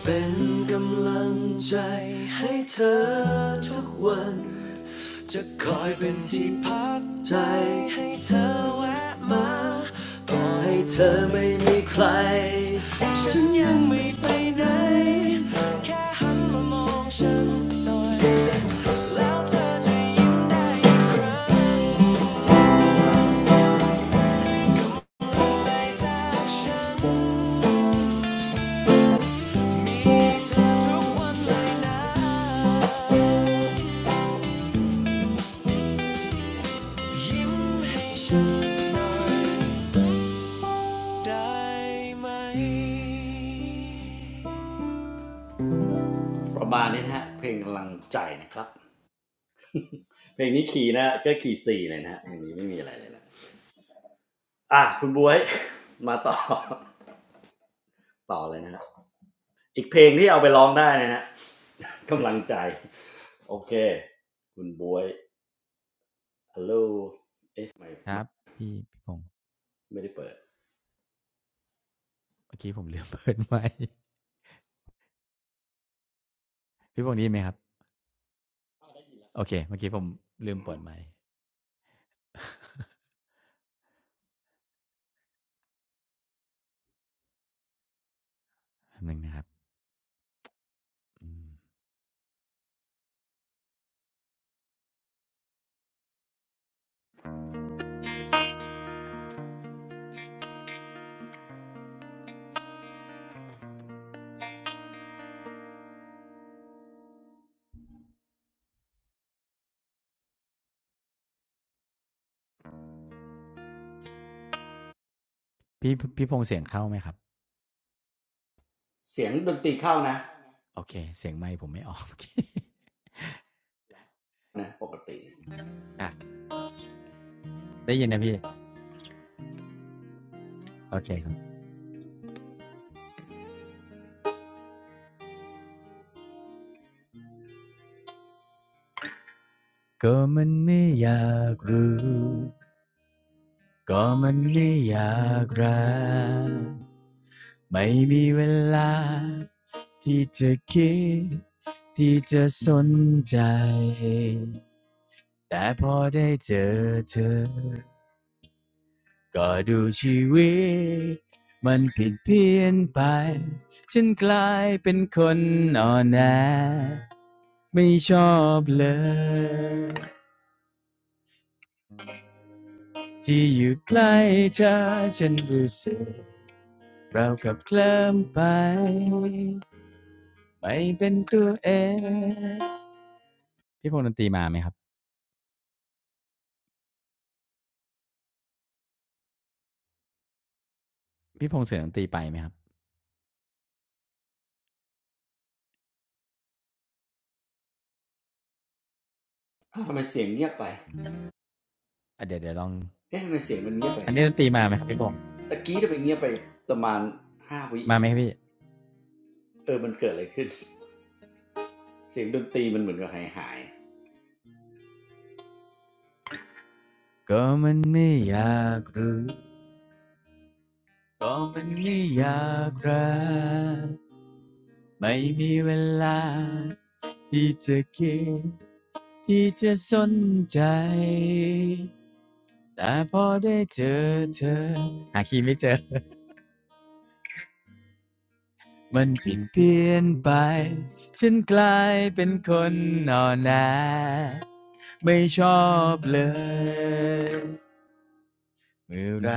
เป็นกำลังใจให้เธอทุกวันจะคอยเป็นที่พักใจให้เธอแวะมาต่อให้เธอไม่มีใครฉันยังไม่ไปไหนแค่หันมามองฉันต่อจากใช้เธอทุกได้ไหมประมาณนี้นะฮะเพลงกำลังใจนะครับ เพลงนี้ขี่นะก็ขี่สี่เลยนะเพลงนี้ไม่มีอะไรเลยนะอ่ะคุณบวย มาต่อ ต่อเลยนะฮะอีกเพลงที่เอาไปร้องได้นะฮะ กำลังใจโอเคคุณบวยฮัลโหลไม่ได้เปิดกี้พี่พงษ์ได้ยินไหมครับโอเคเมื่อกี้ผมลืมเปิดไมค์แป๊บนึงนะครับพี่พี่พงษ์เสียงเข้าไหมครับเสียงดนตรีเข้านะโอเคเสียงไมค์ผมไม่ออก นะปกติอ่ะได้ยินนะพี่โอเคครับก็มันไม่อยากรู้ก็มันไม่อยากรักไม่มีเวลาที่จะคิดที่จะสนใจแต่พอได้เจอเธอ ก็ดูชีวิตมันผิดเพี้ยนไปฉันกลายเป็นคนอ่อนแอไม่ชอบเลยที่อยู่ใกล้เธอฉันรู้สึกเรากับเคลิ้มไปไม่เป็นตัวเองพี่พงษ์ดนตรีมาไหมครับพี่พงษ์เสียงดนตรีไปไหมครับอ้าทำไมเสียงเงียบไปเดี๋ยวเดี๋ยวลองเอ๊ะทำไมเสียงมันเงียบไปอันนี้บอกตะกี้ทำไมเงียบไปประมาณห้าวิอะมาไรไหอมคย่ารังบเงี้พี่ยเออมันเกิดอะไรขึ้นเสียงดนตรีมันเหมือนกับหายหายก็มันไม่อยากรู้ก็มันไม่อยากรัก ไม่มีเวลาที่จะคิดที่จะสนใจแต่พอได้เจอเธอหาคีย์ไม่เจอมันเปลี่ยนเปลี่ยนไปฉันกลายเป็นคนนอนแนไม่ชอบเลยเมื่อไร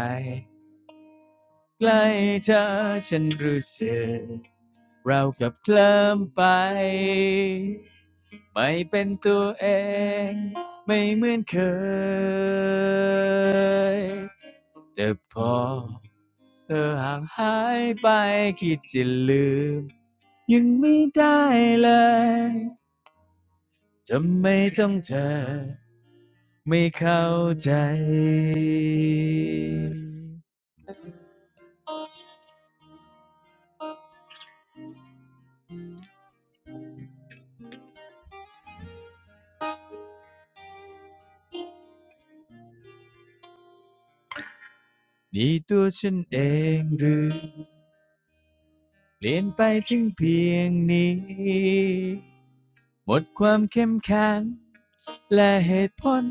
ใกล้เธอฉันรู้สึกเรากับเคลิ้มไปไม่เป็นตัวเองไม่เหมือนเคยแต่พอเธอห่างหายไปคิดจะลืมยังไม่ได้เลยทำไมต้องเธอไม่เข้าใจนี่ตัวฉันเองหรือ เปลี่ยนไปถึงเพียงนี้หมดความเข้มแข็งและเหตุผล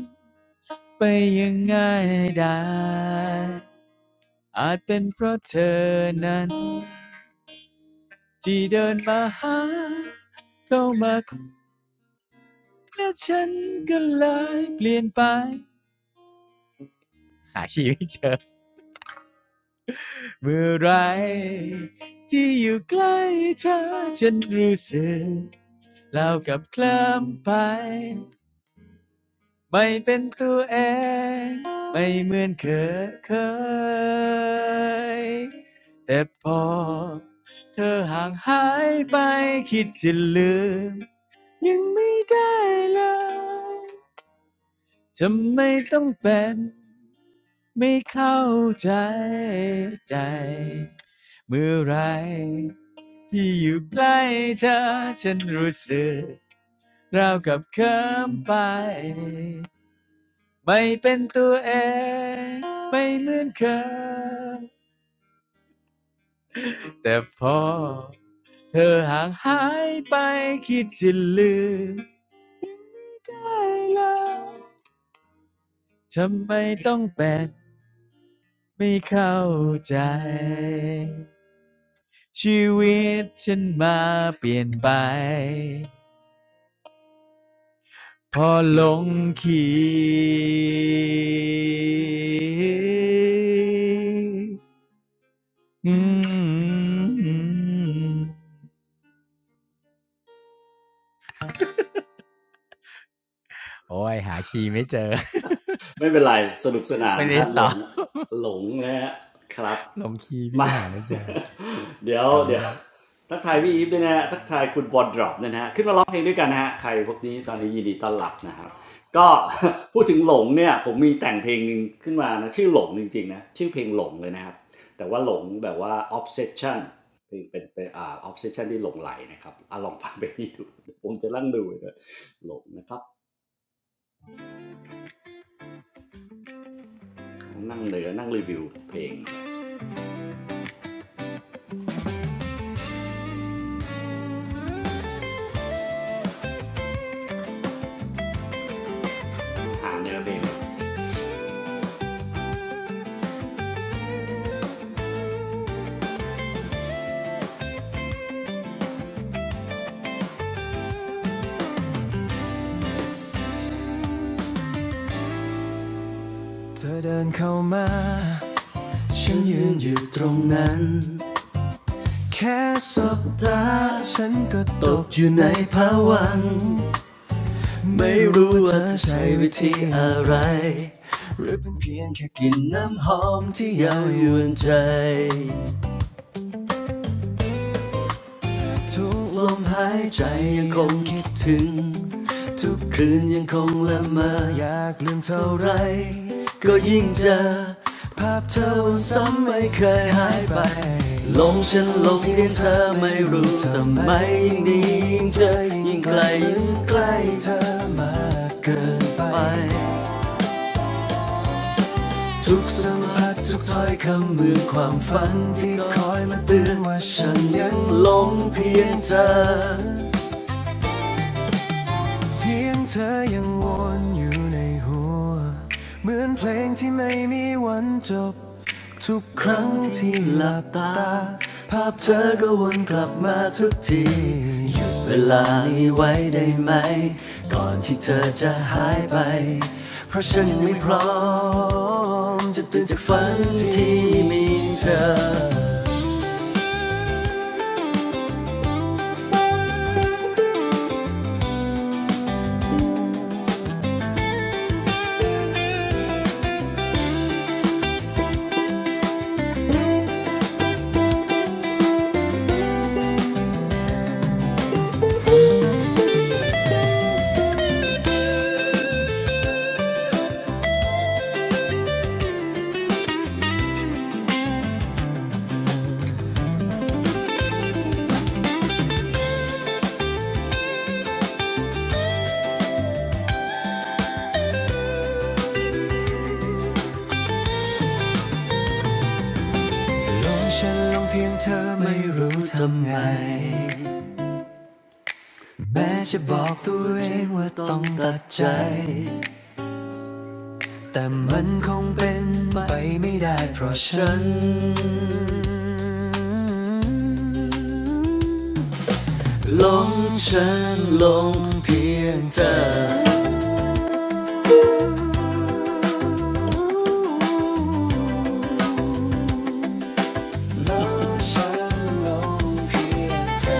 ไปยังไงได้อาจเป็นเพราะเธอนั้นที่เดินมาหาเข้ามาคุยและฉันก็เลยเปลี่ยนไปหาชีไม่เจอเมื่อไรที่อยู่ใกล้เธอฉันรู้สึกเล่าวกับเคลิ้มไป ไม่เป็นตัวเองไม่เหมือนเคยเคยแต่พอเธอห่างหายไปคิดจะลืมยังไม่ได้เลยจะไม่ต้องเป็นไม่เข้าใจใจเมื่อไรที่อยู่ใกล้เธอฉันรู้สึกราวกับเคิมไป ไม่เป็นตัวเองไม่เหมือนเคยแต่พอเธอห่างหายไปคิดจะลืมได้แล้วทำไมต้องเป็นไม่เข้าใจชีวิตฉันมาเปลี่ยนไปพอลงคีย์อืม โอ๊ยหาคีย์ไม่เจอ ไม่เป็นไรสนุกสนานไม่ได้ฮะหลซ้องม หลงนะฮะครับ ลงคีย์พี่มา หาไม่เจอ เดี๋ยวขอบคุณเดี๋ยวครับทักทายพี่อีฟด้วยนะฮะทักทายคุณบอลดรอปวนะฮะขึ้นมาร้องเพลงด้วยกันนะฮะใครพวกนี้ตอนนี้ยินดีต้อนรับนะครับก็ พูดถึงหลงเนี่ยผมมีแต่งเพลงหนึงขึ้นมานะชื่อหลงจริงๆนะชื่อเพลงหลงเลยนะครับแต่ว่าหลงแบบว่า obsession เป็นเป็นเป็นอ่า obsession ที่หลงไหลนะครับอ่ะลองฟังไปนี่ดูผมจะนั่งดูเลยนะหลงนะครับนั่งเนื้อนั่งรีวิวเพลงหาเนื้อเพลงเธอเดินเข้ามา ฉันยืนอยู่ตรงนั้นแค่สบตาฉันก็ตกอยู่ในภวังค์ไม่รู้ว่าเธอใช้วิธีอะไรเพียงแค่กลินน้ำหอมที่เยาวยวนใจ ทุกลมหายใจยังคงคิดถึงทุกคืนยังคงละเมออยากลืมเท่าไรก็ยิ่งเจอภาพเธอซ้ำไม่เคยหายไปหลงฉันหลงเพียงเธอไม่รู้ทำไมยิ่งดียิ่งเจอยิ่งไกลยิ่งใกล้เธอมากเกินไปทุกสัมผัสทุกถ้อยคำเหมือนความฝันที่คอยมาเตือนว่าฉันยังหลงเพียงเธอ เสียงเธอยังวนอยู่ในหัวเหมือนเพลงที่ไม่มีวันจบทุกครั้งที่หลับตาภาพเธอก็วนกลับมาทุกทีหยุดเวลานี้ไว้ได้ไหมก่อนที่เธอจะหายไปเพราะฉันยังไม่พร้อมจะตื่นจากฝันที่มีเธอหลงฉันหลงเพียงเธอไม่รู้ทำไง แม้จะบอกตัวเองว่าต้องตัดใจแต่มันคงเป็นไปไม่ได้เพราะฉันหลงฉันหลงเพียงเธอลงฉันลงเพียงเธอ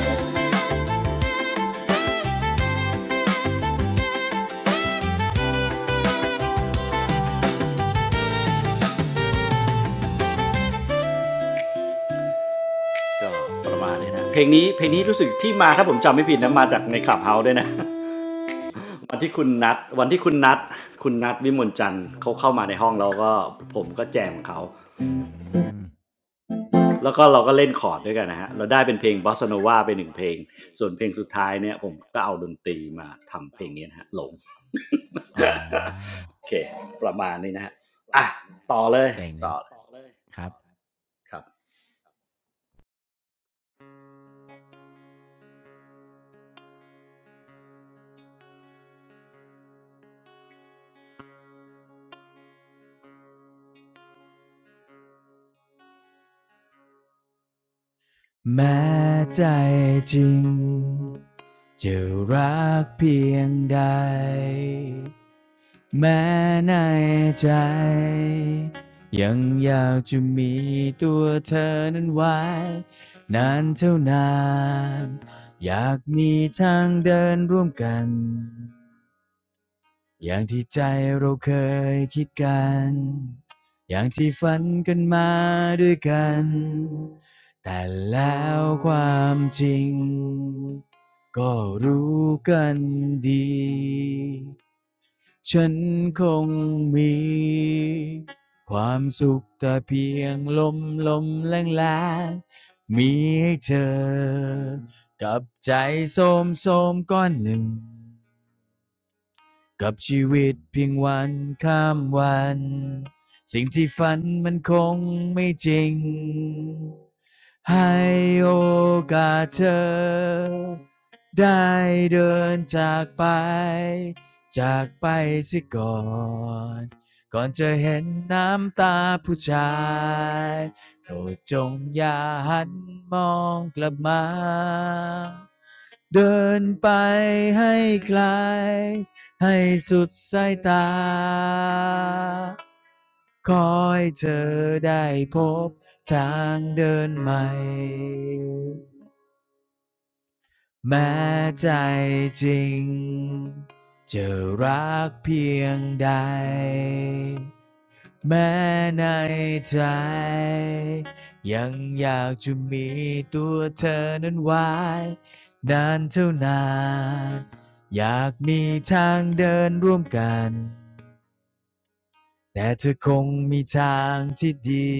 ก็ประมานี้นะเพลงนี้เพลงนี้รู้สึกที่มาถ้าผมจำไม่ผิดนะมาจากในคลับเฮาส์ด้วยนะวันที่คุณนัดวันที่คุณนัดคุณนัดวิมลจันทร์เขาเข้ามาในห้องเราก็ผมก็แจมเขา อืมแล้วก็เราก็เล่นคอร์ดด้วยกันนะฮะเราได้เป็นเพลงบอสซาโนวาไปหนึ่งเพลงส่วนเพลงสุดท้ายเนี่ยผมก็เอาดนตรีมาทำเพลงนี้นะฮะหลงออ๋อ โอเคประมาณนี้นะฮะอ่ะต่อเลย เจ๋งคต่รัอบครับ ครับแม้ใจจริงจะรักเพียงใดแม้ในใจยังอยากจะมีตัวเธอนั้นไว้นานเท่านานอยากมีทางเดินร่วมกัน อย่างที่ใจเราเคยคิดกัน อย่างที่ฝันกันมาด้วยกัน แต่แล้วความจริงก็รู้กันดี ฉันคงมีความสุขแต่เพียงลมลมแรงแรงมีให้เธอกับใจโสมโสมก้อนหนึ่ง กับชีวิตเพียงวันข้ามวันสิ่งที่ฝันมันคงไม่จริงให้โอกาสเธอได้เดินจากไปจากไปเสิก่อนก่อนจะเห็นน้ำตาผู้ชายโปรดจงอย่าหันมองกลับมาเดินไปให้ไกล ให้สุดสายตาขอให้เธอได้พบทางเดินใหม่แม้ใจจริงจะรักเพียงใดแม้ในใจยังอยากจะมีตัวเธอนั้นไว้นานเท่านานอยากมีทางเดินร่วมกัน แต่เธอคงมีทางที่ดี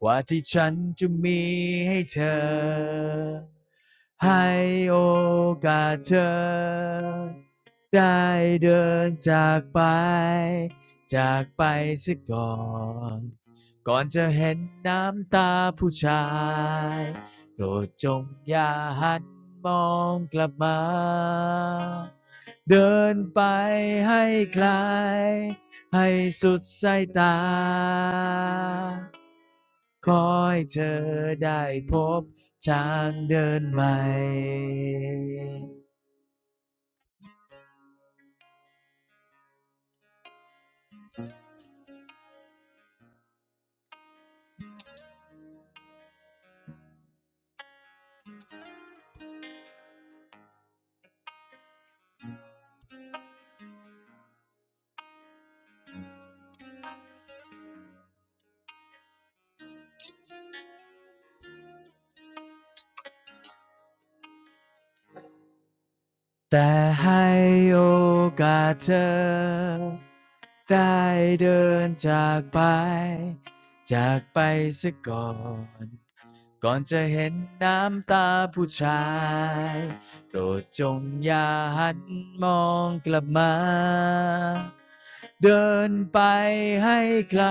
กว่าที่ฉันจะมีให้เธอให้โอกาสเธอได้เดินจากไปจากไปซะก่อนก่อนจะเห็นน้ำตาผู้ชายโปรดจงอย่าหันมองกลับมาเดินไปให้ไกล ให้สุดสายตา ขอให้เธอได้พบทางเดินใหม่ แต่ให้โอกาสเธอได้เดินจากไปจากไปซะก่อนก่อนจะเห็นน้ำตาผู้ชายโปรดจงอย่าหันมองกลับมาเดินไปให้ไกล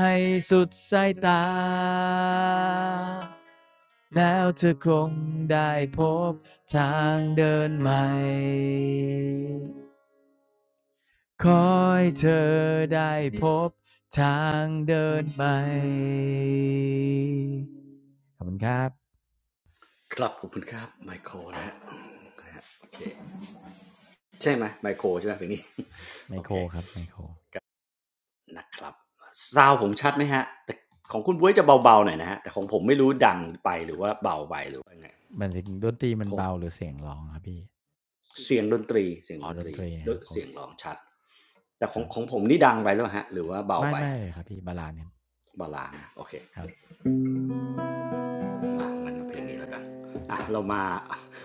ให้สุดสายตา แล้วเธอคงได้พบทางเดินใหม่คอยเธอได้พบทางเดินใหม่ขอบคุณครับครับขอบคุณครับไมโครนะฮะโอเคใช่ไหมไมโครใช่ไหมเพลงนี้ ไม โอโคเครครับไมโครนะครับซาวผมชัดไหมฮะแต่ของคุณบุ้ยจะเบาๆหน่อยนะฮะแต่ของผมไม่รู้ดังไปหรือว่าเบาไปหรือว่าไงมันถึงดนตรีมันคงเบาหรือเสียงร้องครับพี่เสียงดนตรีเสียงอ๋ดอดนตตนรีรีตรีนะครับโอเสียงเคร้องชัด แต่ขคองรับของผมนี่ดังไปแล้วฮะหรือว่าเบาไม่ไปไม่เลยครับพี่บาลานซ์เบาลางนะโอเคครับ อ่มันเพลงนี้แล้วกันอ่ะเรามา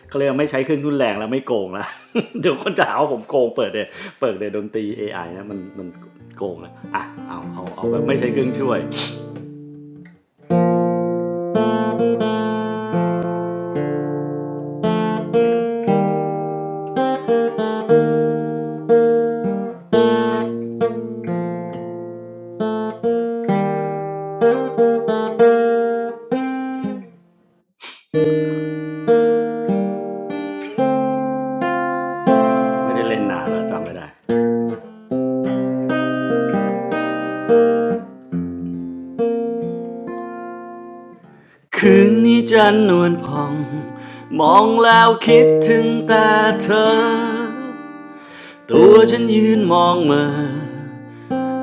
เขาเรียกไม่ใช้เครื่องรุนแรงแล้วไม่โกงแล้ว เดี๋ยวคนจะหาว่าผมโกงเปิดเลยเปิดเลยดนตรี a อไอนะมันมันโกงแล้วอ่ะเอาเอาเอาแบบไม่ใช้เครื่องช่วยไม่ได้เล่นนานแล้วจำไม่ได้คืนนี้จันนวลพองมองแล้วคิดถึงแต่เธอตัวฉันยืนมองเหมา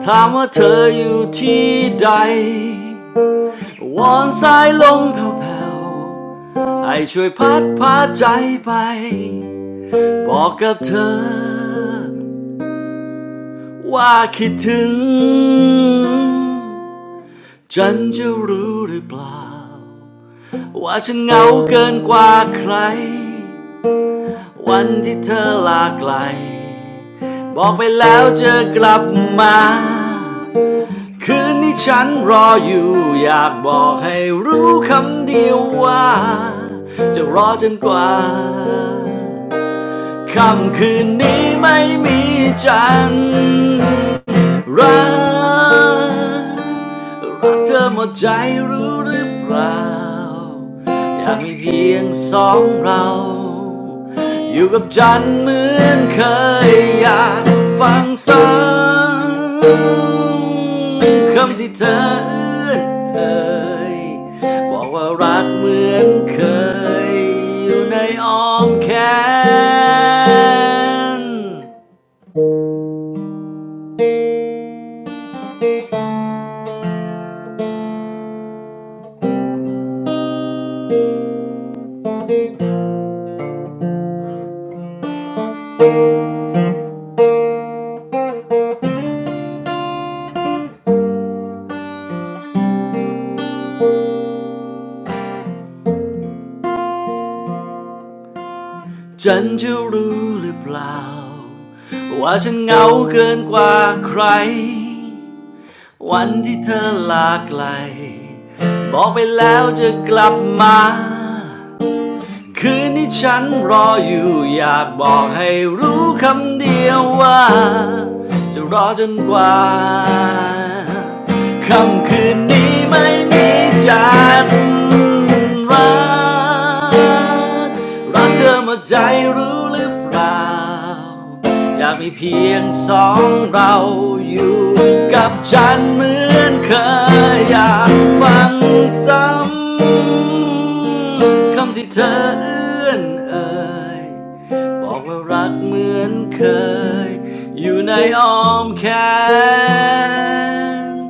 ถามว่าเธออยู่ที่ใด วอนสายลมแผ่วๆให้ช่วยพัดพาใจไป บอกกับเธอว่าคิดถึงฉันจะรู้หรือเปล่าว่าฉันเหงาเกินกว่าใคร วันที่เธอลาไกลบอกไปแล้วจะกลับมา คืนนี้ฉันรออยู่อยากบอกให้รู้คำเดียวว่าจะรอจนกว่าค่ำคืนนี้ไม่มีจันทร์ รักรักเธอหมดใจรู้หรือเปล่าอยากมีเพียงสองเราอยู่กับจันทร์เหมือนเคยอยากฟังซ้ำคำที่เธอเอื้อนเอ่ยบอกว่ารักเหมือนเคยอยู่ในอ้อมแขน ฉันจะรู้หรือเปล่าว่าฉันเหงาเกินกว่าใครวันที่เธอลาไกลบอกไปแล้วจะกลับมาคืนนี้ฉันรออยู่อยากบอกให้รู้คำเดียวว่าจะรอจนกว่า ค่ำคืนนี้ไม่มีจันทร์รักรักเธอหมดใจรู้หรือเปล่าอยากมีเพียงสองเราอยู่กับฉันเหมือนเคยอยากฟังซ้ำคำที่เธอเอื้อนเอ่ยบอกว่ารักเหมือนเคยอยู่ในอ้อมแขน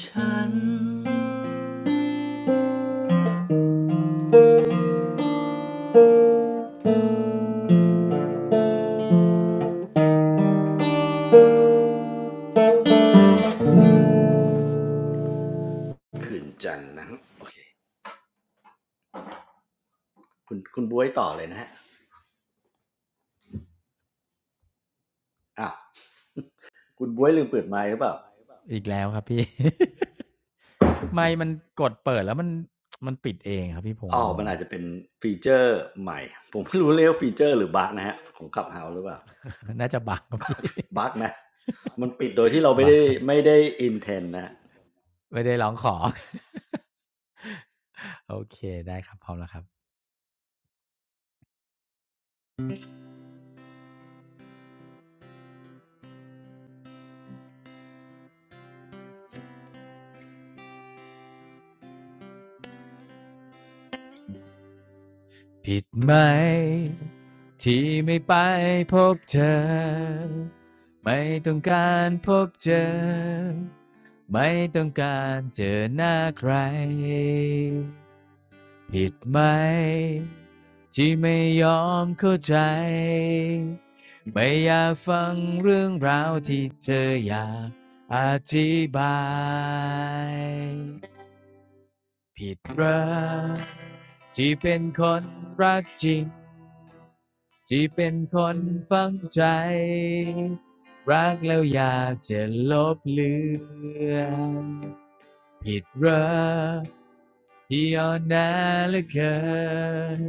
ฉันคืนจันทร์นะ โอเค คุณคุณบวยต่อเลยนะฮะอ้าวคุณบวยลืมคเปิดไมค์หรือเปล่าอีกแล้วครับพี่ ไม่มันกดเปิดแล้วมันมันปิดเองครับพี่พงอ๋อษ์งมันง อาจจะเป็นฟีเจอร์ใหม่ ผมไม่รู้เรียกวฟีเจอร์หรือบั๊กนะฮะ ของขับเฮาหรือเปล่า น่าจะบักครับพี่ บั๊กนะ มันปิดโดยที่เรา ไม่บักได้ครับไม่ได้อินเทนนะะไม่ได้ร้องขอ โอเคได้ครับพร้อมแล้วครับผิดไหมที่ไม่ไปพบเธอไม่ต้องการพบเจอไม่ต้องการเจอหน้าใคร ผิดไหมที่ไม่ยอมเข้าใจไม่อยากฟังเรื่องราวที่เธออยากอธิบายผิดเหรอที่เป็นคนรักจริงที่เป็นคนฟังใจรักแล้วอยากจะลบเลือน ผิดรักที่อ่อนแอเหลือเกิน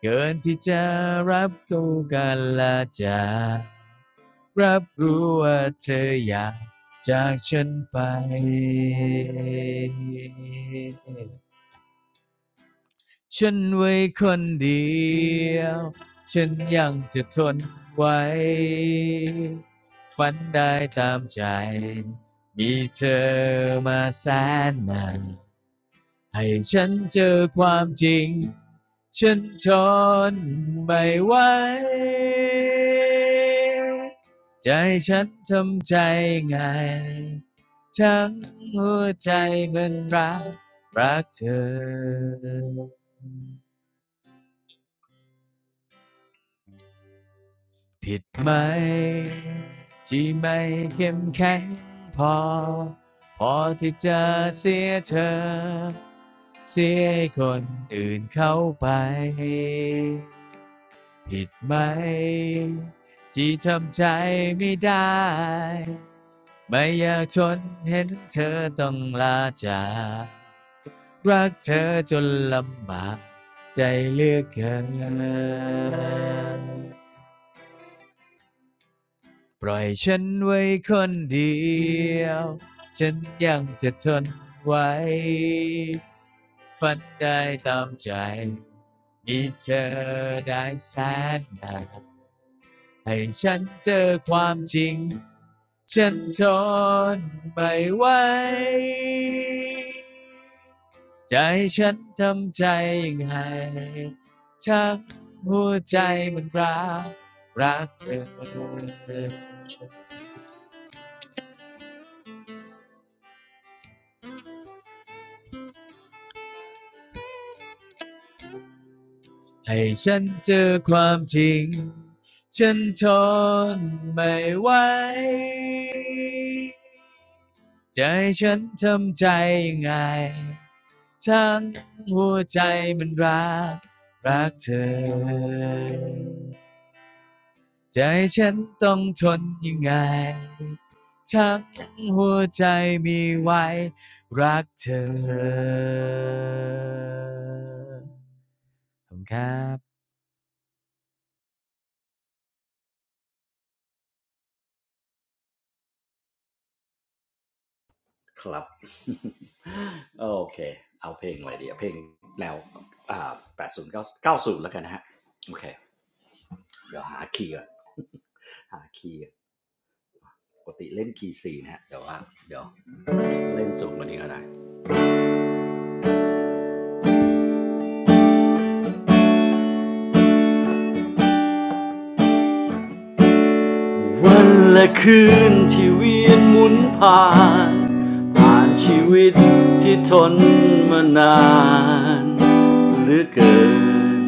เกินที่จะรับรู้กันและจะรับรู้ว่าเธออยากจากฉันไปฉันไว้คนเดียวฉันยังจะทนไว้ฝันได้ตามใจมีเธอมาแสนนาน ให้ฉันเจอความจริงฉันทนไม่ไหวใจฉันทำใจไงทั้งหัวใจมันรักรักเธอผิดไหมที่ไม่เข้มแข็งพอพอที่จะเสียเธอเสียให้คนอื่นเข้าไป ผิดไหมที่ทำใจไม่ได้ไม่อยากทนเห็นเธอต้องลาจากรักเธอจนลำบากใจเหลือกเกินปล่อยฉันไว้คนเดียวฉันยังจะทนไหวฝันได้ตามใจมีเธอได้แสนนาน ให้ฉันเจอความจริงฉันทนไม่ไหวใจฉันทำใจยังไงทั้งหัวใจมันรักรักเธอ ให้ฉันเจอความจริงฉันทนไม่ไหวใจะให้ฉันทำใจยังไงทั้งหัวใจมันรักรักเธอใจฉันต้องทนยังไงทั้งหัวใจมีไว้รักเธอขอบคุณครับครับ โอเค เอาเพลงอะไรดีอะเพลงแนวอ่าแปดศูนย์เก้าศูนย์แล้วกันนะฮะโอเคเดี๋ยวหาคีย์ก่อนหาคีย์ปกติเล่นคีย์ซีนะฮะเดี๋ยวว่าเดี๋ยวเล่นสูงกว่านี้ก็ได้ วันและคืนที่เวียนหมุนผ่านผ่านชีวิตที่ทนมานานเหรือเกิน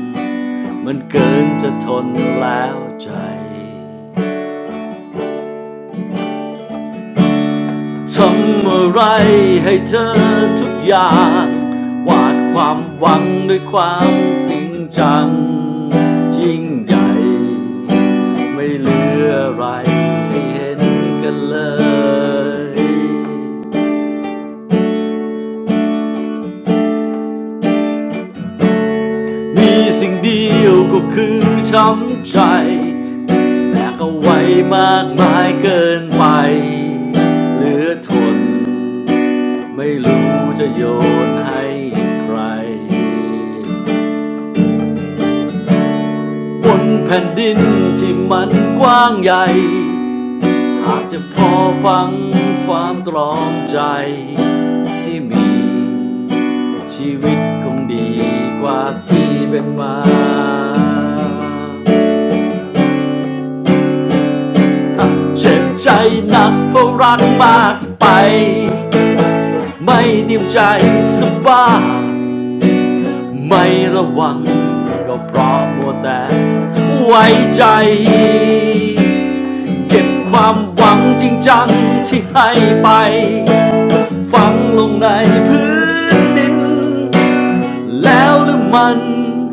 มันเกินจะทนแล้วใจ ทำอะไรให้เธอทุกอย่างวาดความหวังด้วยความจริงจังยิ่งใหญ่ไม่เหลืออะไรให้เห็นกันเลยมีสิ่งเดียวก็คือช้ำใจแต่ก็ไว้มากมายเกินไปเหลือทนไม่รู้จะโยนให้ใคร บนแผ่นดินที่มันกว้างใหญ่อาจจะพอฟังความตรอมใจที่มีชีวิตคงดีกว่าที่เป็นมาเจ็บใจหนักเพราะรักมากไปไม่เตรียมใจสบายไม่ระวังก็เพราะมัวแต่ไว้ใจ เก็บความหวังจริงจังที่ให้ไปฝังลงในพื้นดินแล้วหรือมัน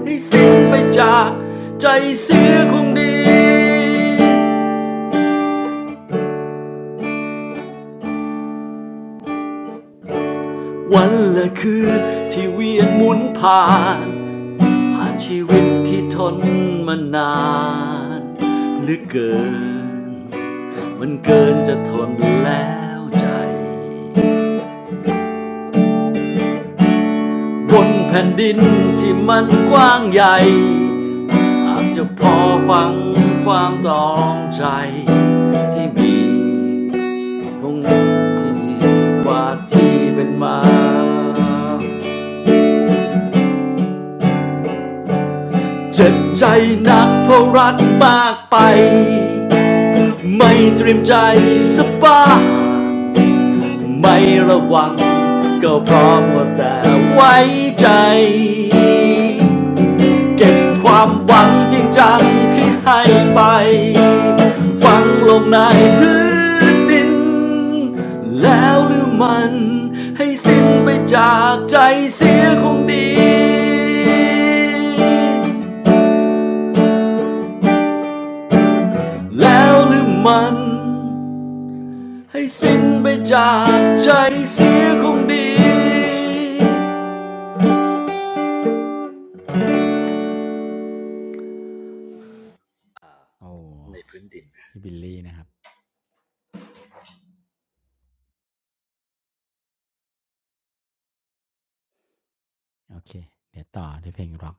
ให้สิ้นไปจากใจเสียคงดีวันและคืนที่เวียนหมุนผ่านผ่านชีวิตที่ทนมานานหรือเกินมันเกินจะทนแล้วใจ บนแผ่นดินที่มันกว้างใหญ่อาจจะพอฟังความต้องใจที่มีคงที่มีกว่าที่เป็นมาเจ็บใจนักเพราะรักมากไปไม่เตรียมใจสบายไม่ระวังก็เพราะม่าแต่ไว้ใจ เก็บความหวังจริงจังที่ให้ไปฝังลงในพื้นดินแล้วหรือมันให้สิ้นไปจากใจเสียคงดีแล้วหรือมันให้สิ้นไปจากใจเสียคงดีโอ้ ในพื้นดิน พี่บิลลี่นะครับโอเคเดี๋ยวต่อด้วยเพลงร็อก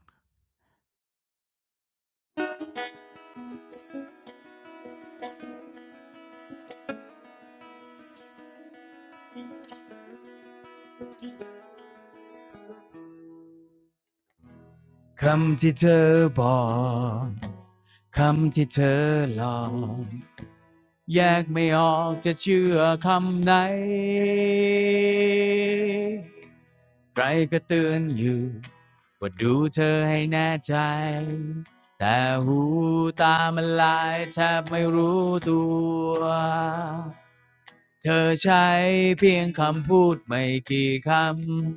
คำที่เธอบอกคำที่เธอหลอกแยกไม่ออกจะเชื่อคำไหนใครก็เตือนอยู่ว่าดูเธอให้แน่ใจแต่หูตามันลายแทบไม่รู้ตัวเธอใช้เพียงคำพูดไม่กี่คำ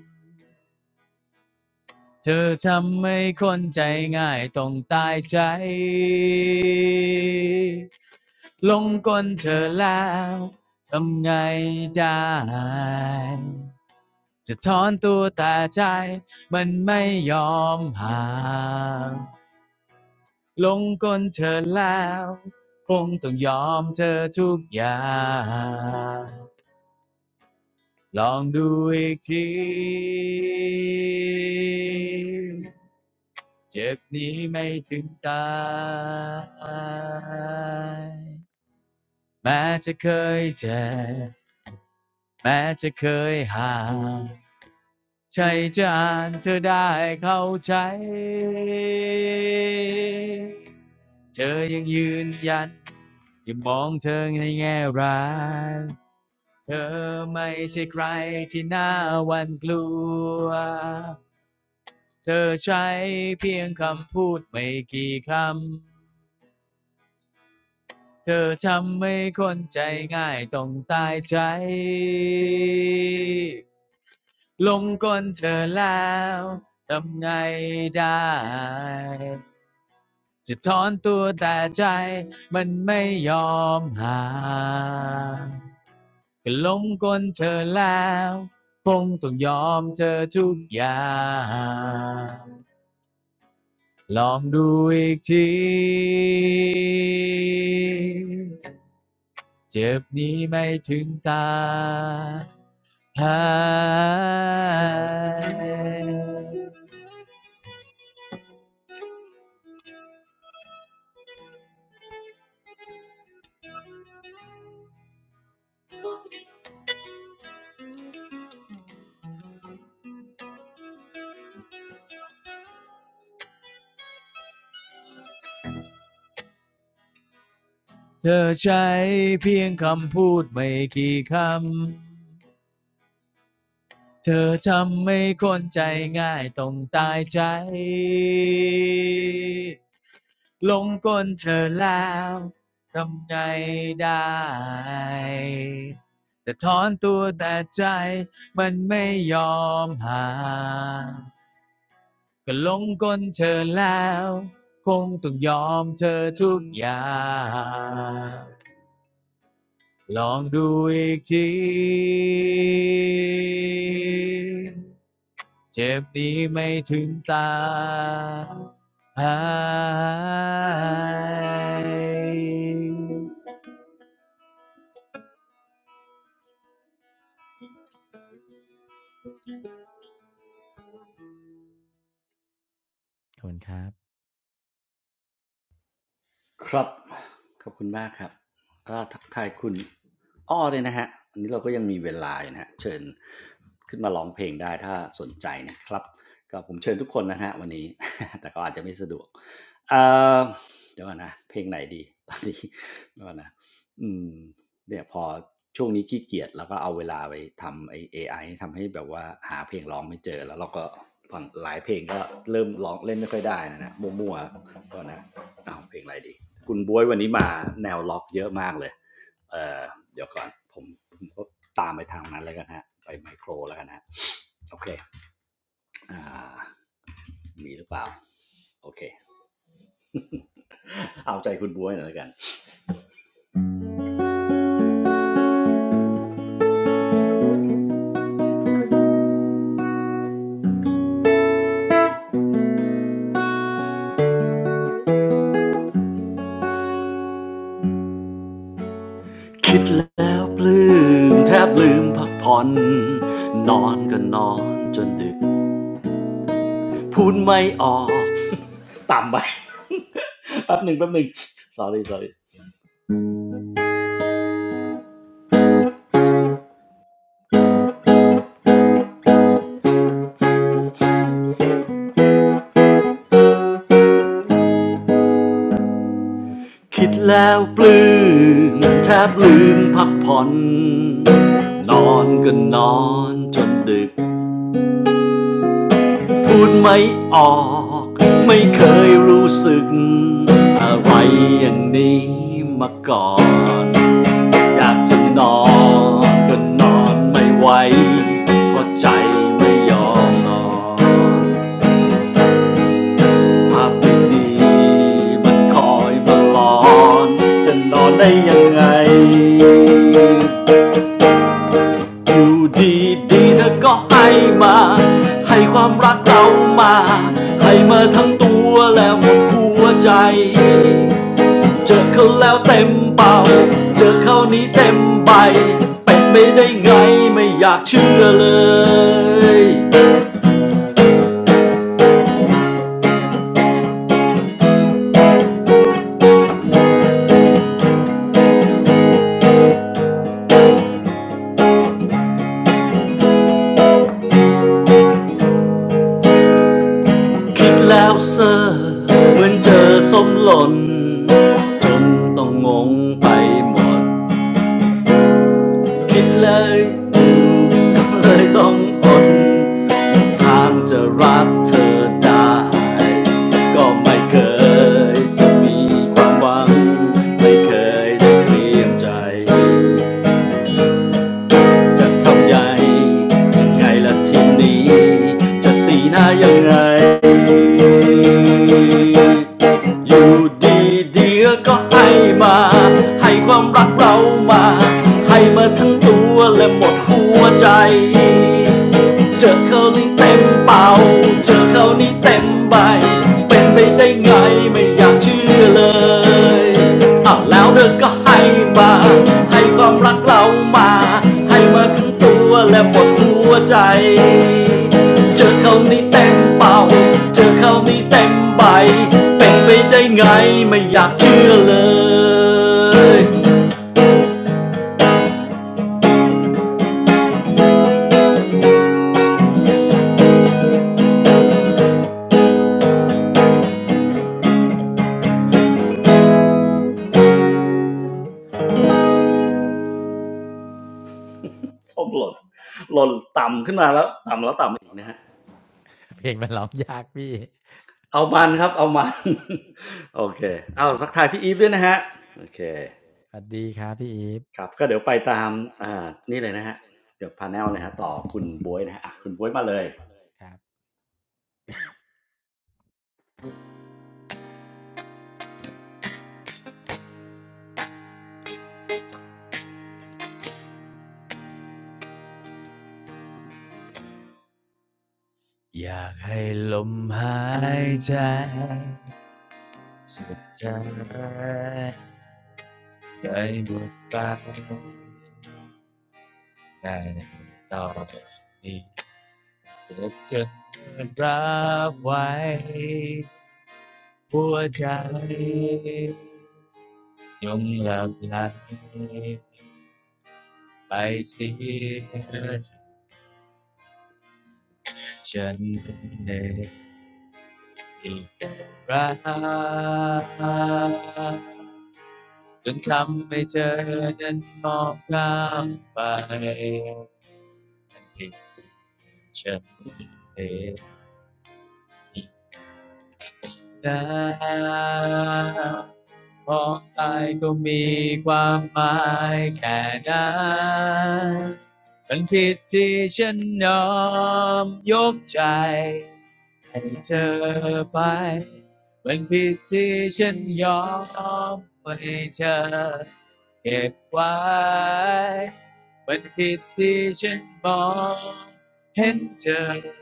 เธอทำให้คนใจง่ายต้องตายใจลงกลเธอแล้วทำไงได้จะถอนตัวแต่ใจมันไม่ยอมห่างลงกลเธอแล้วคงต้องยอมเธอทุกอย่างลองดูอีกที เจ็บนี้ไม่ถึงตายแม้จะเคยเจ็บแม้จะเคยห่างใจจะอ่านเธอได้เข้าใจเธอยังยืนยันอย่ามองเธอในแง่ร้ายเธอไม่ใช่ใครที่น่าหวันกลัวเธอใช้เพียงคำพูดไม่กี่คำ เธอทำให้คนใจง่ายต้องตายใจลงกลเธอแล้วทำไงได้จะถอนตัวแต่ใจมันไม่ยอมห่างก็ลงกลเธอแล้วคงต้องยอมเธอทุกอย่างลองดูอีกที เจ็บนี้ไม่ถึงตาหายเธอใช้เพียงคำพูดไม่กี่คำ เธอทำให้คนใจง่ายต้องตายใจ ลงกลเธอแล้วทำไงได้ แต่ถอนตัวแต่ใจมันไม่ยอมห่าง ก็หลงกลเธอแล้วคงต้องยอมเธอทุกอย่างลองดูอีกทีเจ็บนี้ไม่ถึงตาหายขอบคุณครับครับ ขอบคุณมากครับก็ทักทายคุณอ้อเลยนะฮะ อันนี้เราก็ยังมีเวลาอยนะฮะ เชิญขึ้นมาร้องเพลงได้ถ้าสนใจนะครับ ก็ผมเชิญทุกคนนะฮะวันนี้ แต่ก็อาจจะไม่สะดวก เอ่อเดี๋ยวก่อนนะเพลงไหนดี ตอนนี้เดี๋ยวก่อนนะอืมเนี่ยพอช่วงนี้ขี้เกียจแล้วก็เอาเวลาไปทำไอ้เอไอทำให้แบบว่าหาเพลงร้องไม่เจอแล้วเราก็ฟังหลายเพลงก็เริ่มร้องเล่นไม่ค่อยได้นะนะมั่วๆก็นะเอาเพลงอะไรดีคุณบ๊วยวันนี้มาแนวล็อกเยอะมากเลยเออเดี๋ยวก่อนผมผมก็ตามไปทางนั้นแล้วกันฮะไปไมโครแล้วกันฮะโอเคมีหรือเปล่าโอเคเอาใจคุณบ๊วยหน่อยแล้วกัน คิดแล้วปลื้มแทบลืมพักผ่อนนอนก็นอนจนดึกพูดไม่ออกต่ำไป แป๊บหนึ่งแป๊บหนึ่ง sorry sorry คิดแล้วปลื้มแทบลืมพักผ่อนนอนก็นอนจนดึกพูดไม่ออกไม่เคยรู้สึกอะไรอย่างนี้มาก่อน อยากจะนอนก็นอนไม่ไหวเพราะใจไม่ยอมนอนภาพไม่ดีมันคอยมาหลอนจะนอนได้ยังไงอยู่ดีดีๆเธอก็ให้มาให้ความรักเรามาให้มาทั้งตัวและหมดหัวใจ เจอเขาแล้วเต็มเป่าเจอเขานี้เต็มใบเป็นไม่ได้ไงไม่อยากเชื่อเลย คิดแล้วเซอร์เหมือนเจอส้มหล่นจนต้องงงไปหมด คิดเลยก็เลยต้องอดทางจะรักเธอได้ ก็ไม่เคยจะมีความหวัง ไม่เคยได้เตรียมใจ จะทำใหญ่ยังไงล่ะทีนี้จะตีหน้ายังไง อยู่ดีดีก็ให้มาให้ความรักเรามาให้มาทั้งตัวและหมดหัวใจ เจอเขานี่เต็มเป่าเจอเขานี่เต็มใบ เป็นไปได้ไงไม่อยากเชื่อเลยเอาแล้วเธอก็ให้มาให้ความรักเรามา ให้มาขึ้งตัวและหมดหัวใจ เจอเขานี่เต็มเป่าเจอเขานี่เต็มใบ เป็นไปได้ไงไม่อยากเชื่อเลยส้มหล่นหล่นต่ำขึ้นมาแล้วต่ำแล้วต่ำอีกนะฮะ เพลงมันร้องยากพี่เอามันครับเอามัน โอเคเอาสักทายพี่อีฟด้วยนะฮะโอเคสวัสดีครับพี่อีฟครับก็เดี๋ยวไปตามอ่านี่เลยนะฮะเดี๋ยวพาแนลเลยฮะต่อคุณบวยนะฮะอ่ะคุณบวยมาเลยอยากให้ลมหายใจสุดใจ ใจหมดไปในตอนนี้เจ็บจนรับไว้หัวใจยงหลับไหลไปเสียฉันเองอีกรักจนทำไม่เจอนั้นมองข้ามไปให้ฉันเอง แล้วมองไปก็มีความหมายแค่นั้นมันผิดที่ฉันยอมยกใจให้เธอไปมันผิดที่ฉันยอมไม่เธอเก็บไว้มันผิดที่ฉันมองเห็นเธอ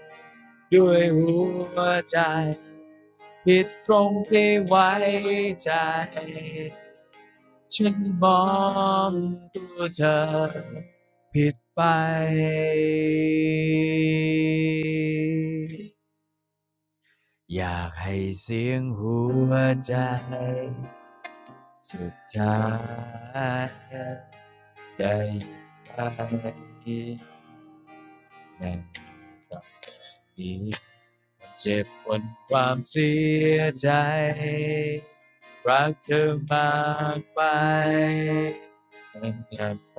ด้วยหัวใจผิดตรงที่ไว้ใจฉันมองตัวเธอผิดไปอยากให้เสียงหัวใจสุดท้ายได้ไปในตอนนี้ เจ็บบนความเสียใจรักเธอมากไปมันกลับไป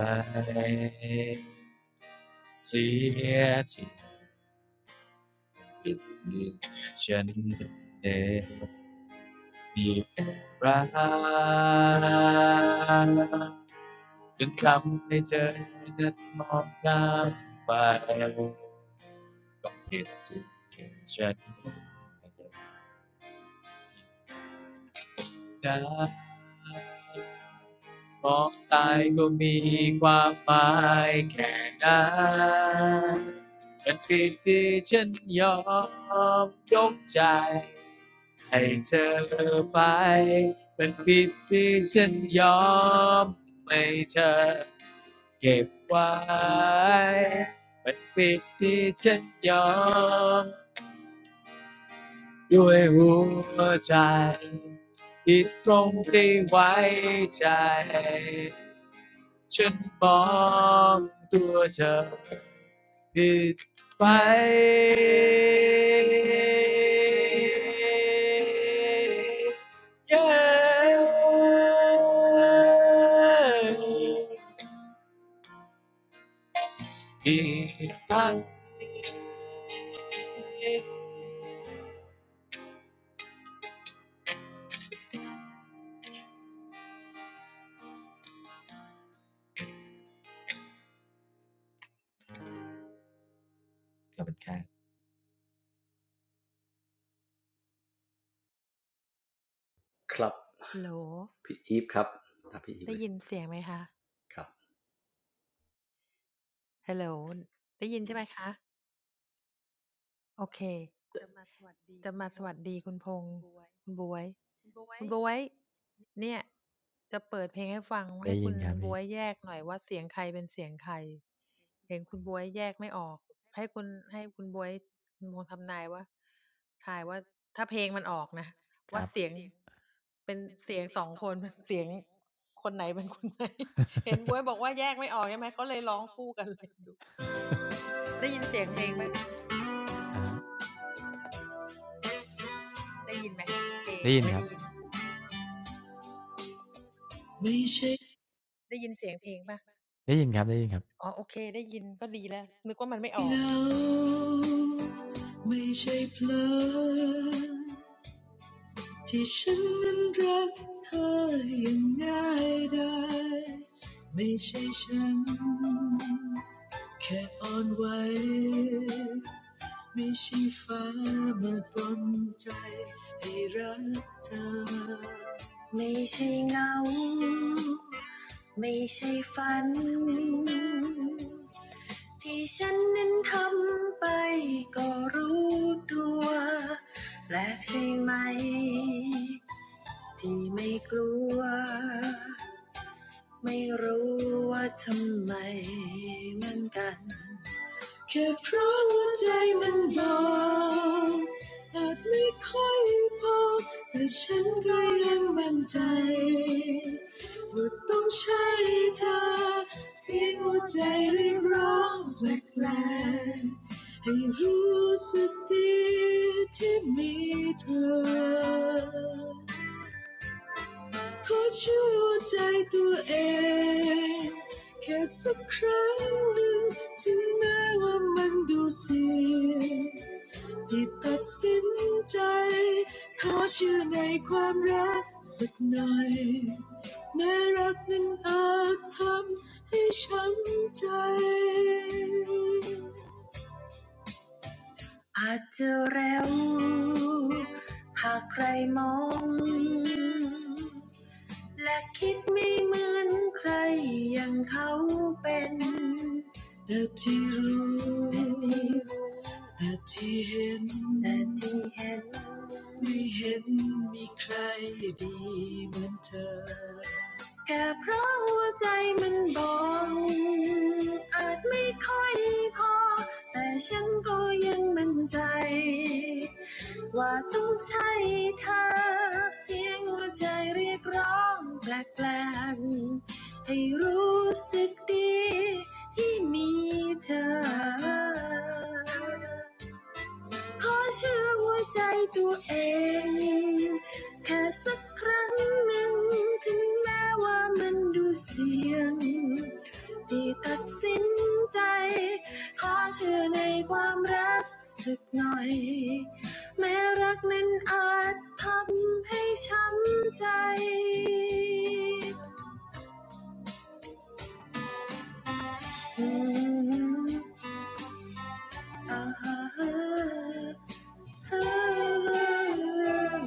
เสียที่ผิดฉันเองมีรักจนทำให้เธอนั้นมองข้ามไปก็เห็นถึงฉันได้ มองตายก็มีความหมายแค่นั้นเป็นเพียงที่ฉันยอมยกใจให้เธอไปเป็นผิดที่ฉันยอมไม่เธอเก็บไว้เป็นผิดที่ฉันยอมด้วยหัวใจที่ตรงที่ไว้ใจ ฉันมองตัวเธอผิดไปเย้อีกครั้งขอบคุณครับครับพี่อีฟครับถ้ามพี่อีฟเลยครับได้ยินครับพี่ครับอ่าได้ยินครับไม่ใช่ได้ยินครับได้ยินครับาไม่ใช่เพลอที่ฉันนั้นรักเธออย่างง่ายได้ไม่ใช่ฉัน แค่อ่อนไหวไม่ใช่ฟ้ามาปนใจให้รักเธอไม่ใช่เงาไม่ใช่ฝันที่ฉันนั้นทำไปก็รู้ตัวแปลกใช่ไหมที่ไม่กลัวไม่รู้ว่าทำไมเหมือนกัน แค่เพราะหัวใจมันบอกอาจไม่ค่อยพอแต่ฉันก็ยังมั่นใจว่าต้องใช่เธอเสียงหัวใจเรียกร้องแปลกๆให้รู้สึกดีที่มีเธอ ขอช่วยใจตัวเองแค่สักครั้งหนึ่งถึงแม้ว่ามันดูเสียงที่ตัดสินใจขอเชื่อในความรักสักหน่อยแม้รักนั้นอาจทำให้ช้ำใจอาจจะเร็วหากใครมอง และคิดไม่เหมือนใครอย่างเขาเป็นแต่ที่รู้แต่ที่เห็นแต่ที่เห็นไม่เห็นมีใครดีเหมือนเธอ แค่เพราะหัวใจมันบอกอาจไม่ค่อยพอแต่ฉันก็ยังมั่นใจว่าต้องใช่เธอเสียงหัวใจเรียกร้องแปลกๆให้รู้สึกดีที่มีเธอ ขอเชื่อหัวใจตัวเองแค่สักครั้งหนึ่งถึงแม้ว่ามันดูเสี่ยงที่ตัดสินใจขอเชื่อในความรักสักหน่อยแม้รักนั้นอาจทำให้ช้ำใจอืมอ่า แค่เพราะ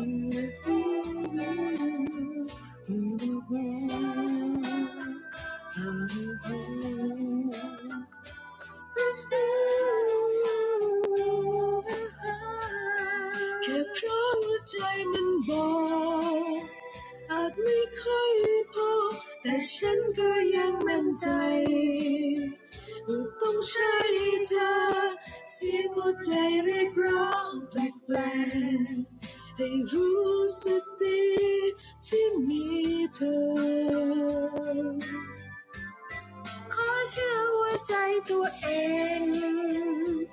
ใจมันบอก อาจไม่ค่อยพอแต่ฉันก็ยังมั่นใจว่าต้องใช้เธอเสียงหัวใจเรียกร้องแปลกๆให้รู้สึกดีที่มีเธอ ขอเชื่อว่าใจตัวเอง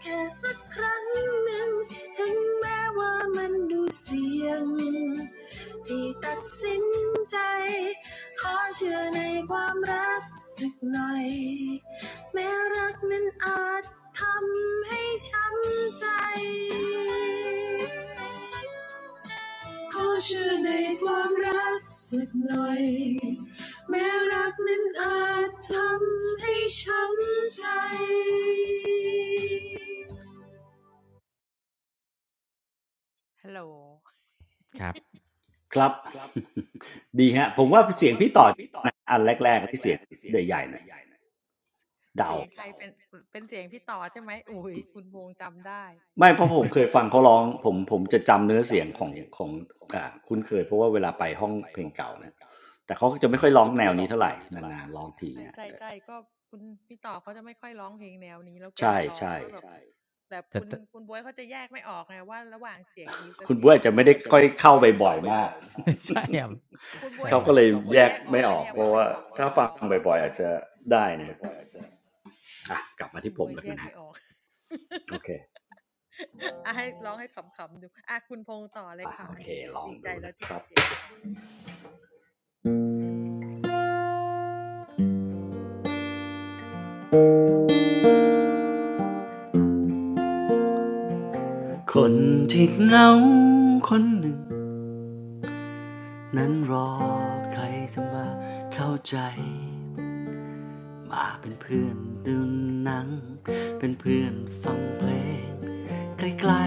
แค่สักครั้งหนึ่งถึงแม้ว่ามันดูเสี่ยงที่ตัดสินใจขอเชื่อในความรักสักหน่อยแม้รักนั้นอาจทำให้ช้ำใจ ขอเชื่อในความรักสักหน่อยแม้รักนั้นอาจทำให้ช้ำใจครับ ดีฮะผมว่าเสียงพี่ต่อนะอันแรกๆที่เสียงใหญ่ๆหน่อยเดาไม่เพราะผมเคยฟังเขาร้องผมผมจะจำเนื้อเสียงของของอ่าคุ้นเคยเพราะว่าเวลาไปห้องเพลงเก่านะแต่เขาก็จะไม่มค่อยก็ร้องแนวนี้เท่าไหร่นานๆร้องทีนะแต่ ใช่ใช่แต่แต่ คุณบ๊วยอาจจะไม่ ได้ค่อยเข้าไปบ่อยมากใช่ครับใช่เขาครัก็บ เลยแยกไม่ออกเพราะว่าถ้าฟังบ่อยๆอาจจะได้นะฮะอ่ะกลับมาที่ผมแล้วกันนะฮะโอเคอ่ะโอเคลองดูนะครับคนที่เหงาคนหนึ่งนั้นรอใครจะมาเข้าใจมาเป็นเพื่อนดูหนังเป็นเพื่อนฟังเพลงใกล้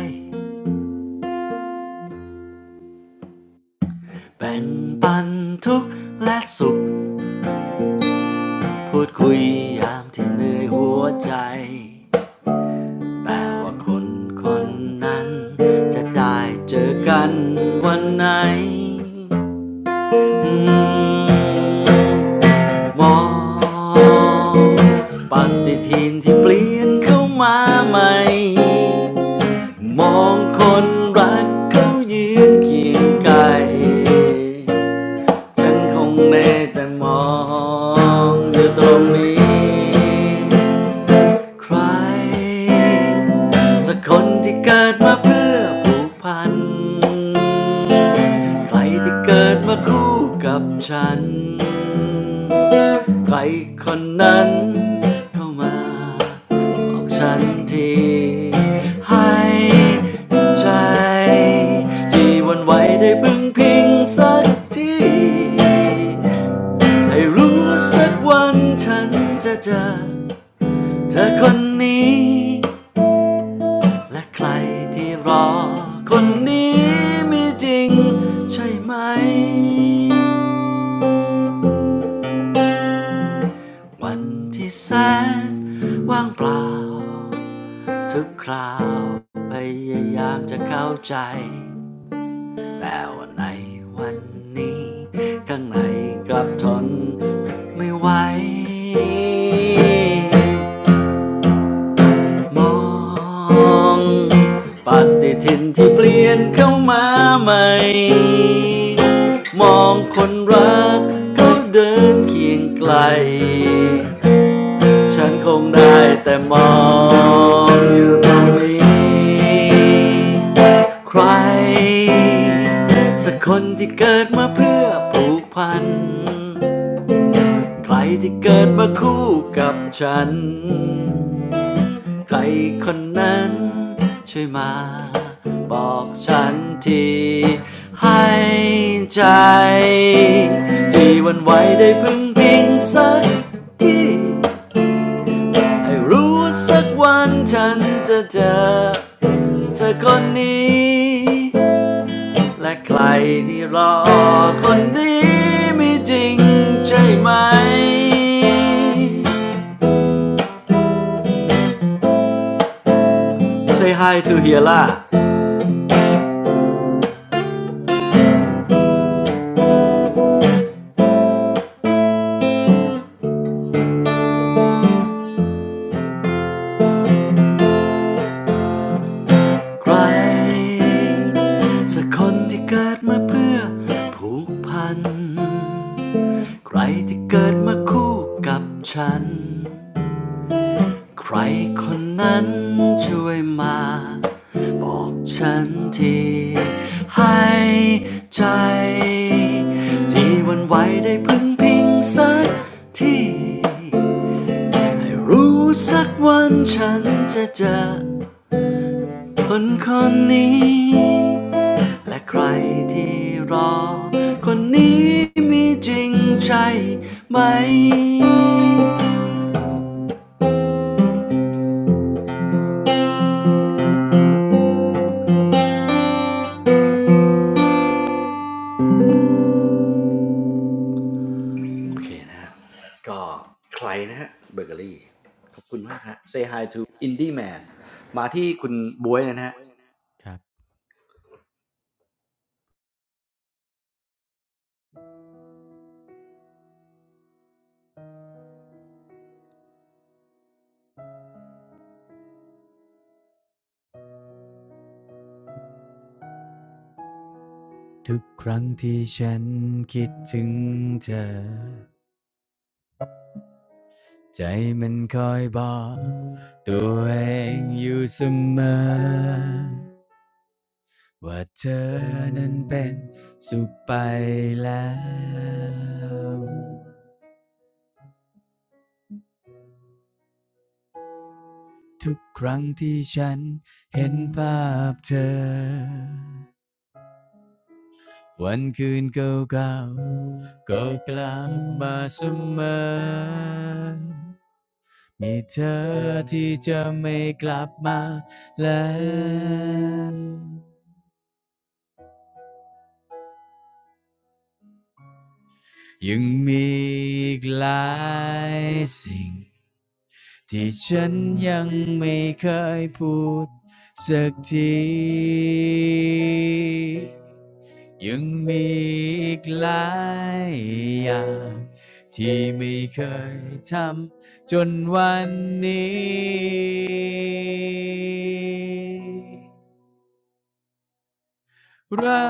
ๆแบ่งปันทุกข์และสุข พูดคุยยามที่เหนื่อยหัวใจ แต่ว่าคนคนนั้นจะได้เจอกันวันไหนอืมมองปฏิทินที่เปลี่ยนเข้ามาใหม่มองคนรักเขายืนเคียงไกลฉันคงได้แต่มองอยู่ตรงนี้ ใครสักคนที่เกิดมาเพื่อผูกพัน ใครที่เกิดมาคู่กับฉัน ใครคนนั้นเข้ามาบอกฉันที ให้ใจที่หวันไหวได้พึงพิงสักที ให้รู้สักวันฉันจะเจอ เธอคนนี้และใครที่รอคนนี้มีจริงใช่ไหมวันที่แสนว่างเปล่าทุกคราวพยายามจะเข้าใจแต่ว่าในวันนี้ข้างในกลับทนไม่ไหว มองปฏิทินที่เปลี่ยนเข้ามาใหม่มองคนรักเขาเดินเคียงไกลฉันคงได้แต่มองอยู่ตรงนี้ใครสักคนที่เกิดมาเพื่อผูกพันใครที่เกิดมาคู่กับฉัน ใครคนนั้นช่วยมาบอกฉันทีให้ใจที่วันไหวได้พึ่งพิงสักทีให้รู้สักวันฉันจะเจอเธอคนนี้และใครที่รอคนดีมีจริงใช่ไหม Say hi to Hiela ใครสักคนที่เกิดมาเพื่อผูกพัน ใครที่เกิดมาคู่กับฉัน ใครคนนั้นช่วยมาบอกฉันทีให้ใจที่หวันไหวได้พึ่งพิงสักทีให้รู้สักวันฉันจะเจอคนคนนี้ และใครที่รอคนนี้มีจริงใช่ไหมโอเคนะฮะก็ใครนะฮะเบเกอรี่ขอบคุณมากฮะ Say hi to Indie Man มาที่คุณบวยนะฮะครับทุกครั้งที่ฉันคิดถึงเธอใจมันคอยบอกตัวเองอยู่เสมอว่าเธอนั้นเป็นสุขไปแล้วทุกครั้งที่ฉันเห็นภาพเธอวันคืนเก่าๆก็กลับมาเสมอ มีเธอที่จะไม่กลับมาแล้วยังมีอีกหลายสิ่งที่ฉันยังไม่เคยพูดสักทียังมีอีกหลายอย่างที่ไม่เคยทำจนวันนี้ รั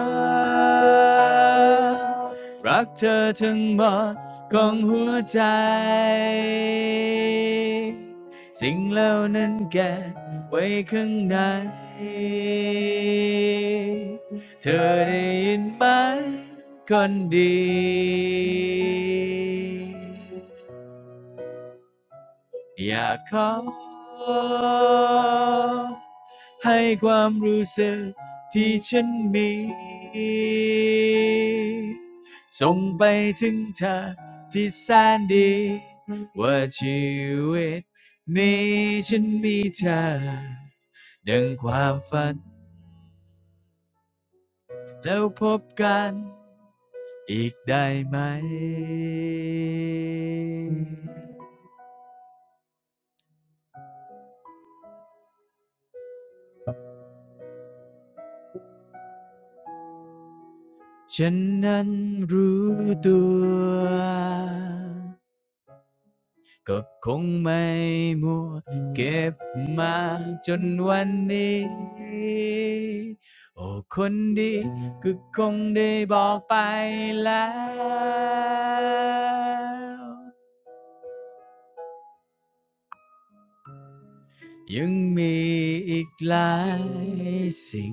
กรักเธอทั้งหมดของหัวใจสิ่งเหล่านั้นแกบไว้ข้างในเธอได้ยินไหมคนดี อยากขอให้ความรู้สึกที่ฉันมีส่งไปถึงเธอที่แสนดีว่าชีวิตนี้ฉันมีเธอดังความฝันแล้วพบกันอีกได้ไหม ฉันนั้นรู้ตัวก็คงไม่มัวเก็บมาจนวันนี้โอ้คนดีก็คงได้บอกไปแล้วยังมีอีกหลายสิ่ง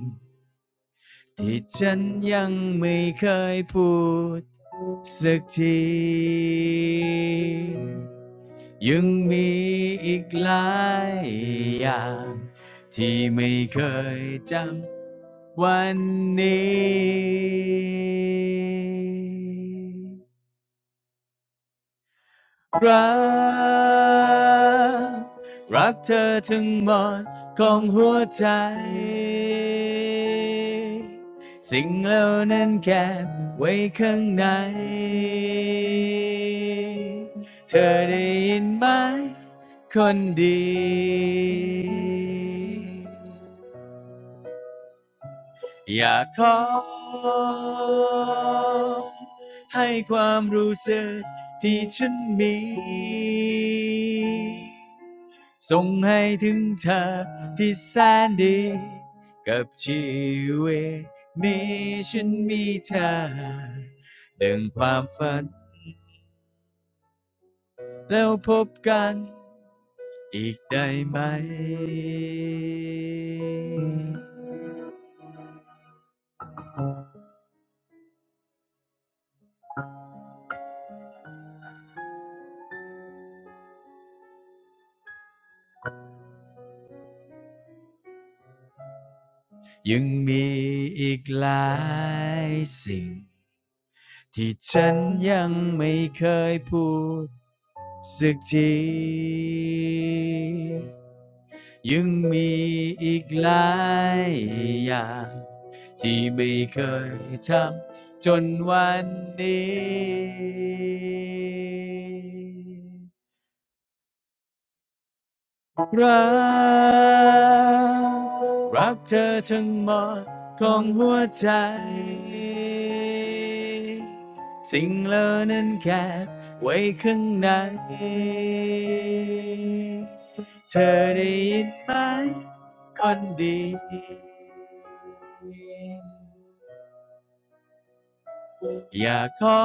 ที่ฉันยังไม่เคยพูดสักทียังมีอีกหลายอย่างที่ไม่เคยจำวันนี้ รักรักเธอทั้งหมดของหัวใจสิ่งเหล่านั้นแก็บไว้ข้างในเธอได้ยินไหมคนดี อยากขอให้ความรู้สึกที่ฉันมีส่งให้ถึงเธอที่แสนดีกับชีวิตนี้ฉันมีเธอดังความฝันแล้วพบกันอีกได้ไหมยังมีอีกหลายสิ่ง ที่ฉันยังไม่เคยพูดสักทียังมีอีกหลายอย่างที่ไม่เคยทำจนวันนี้ รักรักเธอทั้งหมดของหัวใจสิ่งเหล่านั้นแคบไว้ข้างในเธอได้ยินไหมคนดี อยากขอ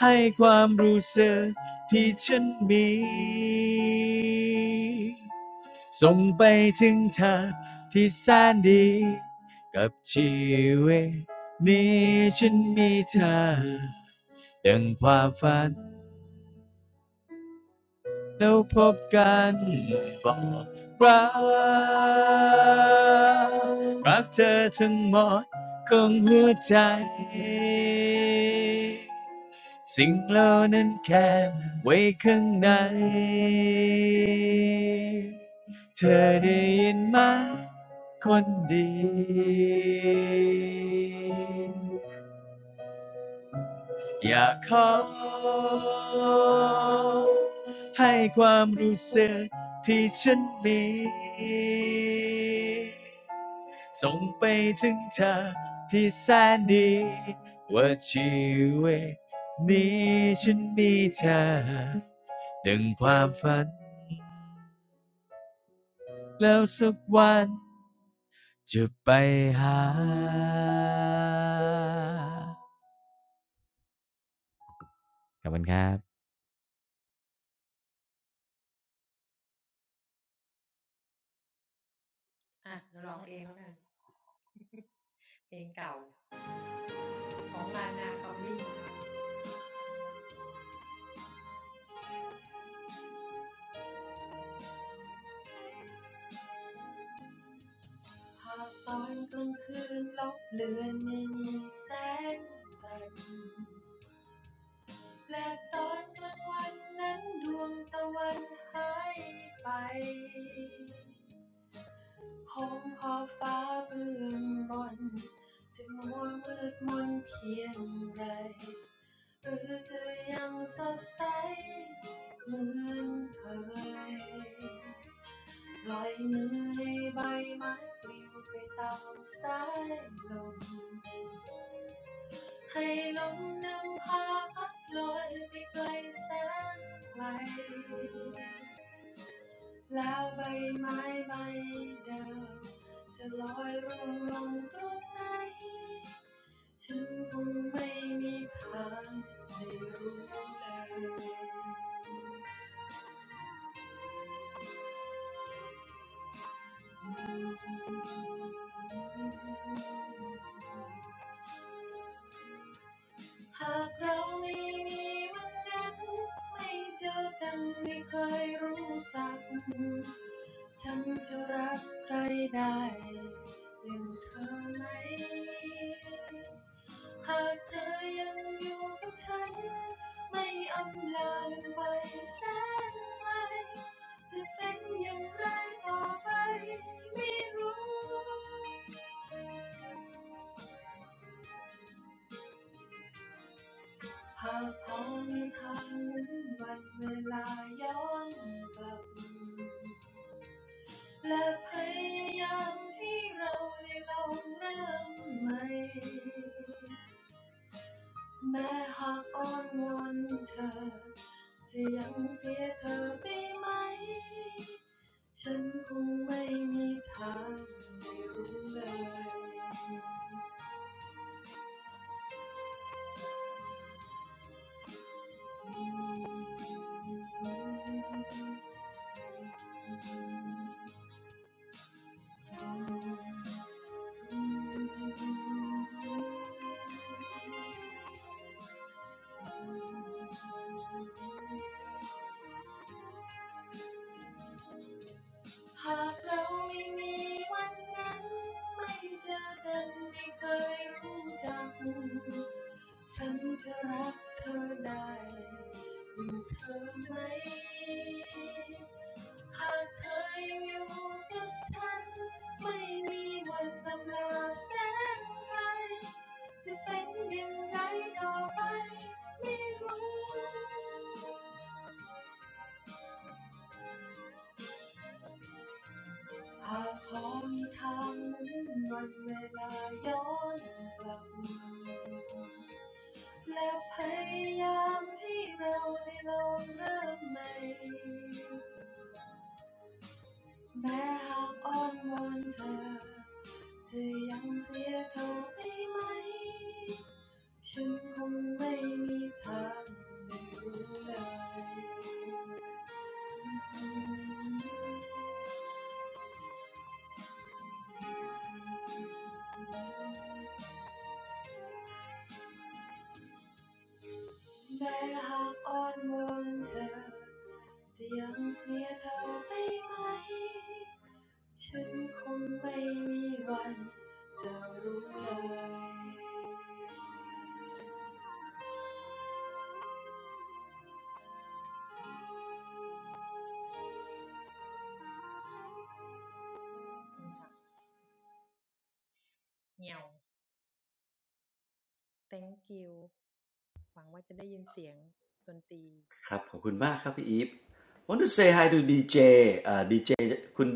ให้ความรู้สึกที่ฉันมีส่งไปถึงเธอที่แสนดีกับชีวิตนี้ฉันมีเธอดังความฝัน แล้วพบกันบอกรักรักเธอทั้งหมดของหัวใจสิ่งเหล่านั้นแค่ไว้ข้างในเธอได้ยินไหมคนดี อยากขอให้ความรู้สึกที่ฉันมีส่งไปถึงเธอที่แสนดีว่าชีวิตนี้ฉันมีเธอดึงความฝันแล้วสักวันจะไปหาครับหากตอนกลางคืนลบเลือนไม่มีแสงจันทร์และตอนกลางวันนั้นดวงตะวันหายไป คงขอบฟ้าเบื้องบนจะมัวมืดมนเพียงไรหรือจะยังสดใสเหมือนเคยปล่อยมือให้ใบไม้ปลิวไปตามสายลมให้ลมน้่พาพัดลอยไปไกลแสนไกล แล้วใบไม้ใบเดิมจะลอยร่วงลงตรงไหนฉันคงไม่มีทางได้รู้เลย หากเราไม่มีวันนั้นไม่เจอกันไม่เคยรู้จักฉันจะรักใครได้อย่างเธอไหมหากเธอยังอยู่กับฉันไม่อำลาไปแสนไกลจะเป็นอย่างไรต่อไปไม่รู้ หากคงมีทางหนึ่งวันเวลาย้อนกลับและพยายามให้เราได้ลองเริ่มใหม่แม้หากอ้อนวอนเธอจะยังเสียเธอไปไหมฉันคงไม่มีทางได้รู้เลย หากเราไม่มีวันนั้นไม่เจอกันไม่เคยรู้จักฉันจะรักเธอได้อยู่เธอไหมหากเธอยังอยู่กับฉันไม่มีวันลำลาแสนไกลจะเป็นยังไงต่อไปไม่รู้ หากหนทางนั้นวันเวลาย้อนกลับและพยายามให้เราได้ลองเริ่มใหม่แม้หากอ้อนวอนเธอจะยังเสียเขาได้ไหมฉันคงไม่มีทางได้รู้เลย แม้หากอ้อนวอนเธอจะยังเสียเธอไปไหมฉันคงไม่มีวันจะรู้เลยสรุปครับขอบคุณมากครับพี่อีฟ want to say hi to DJ เจเอ่อ DJ คุณ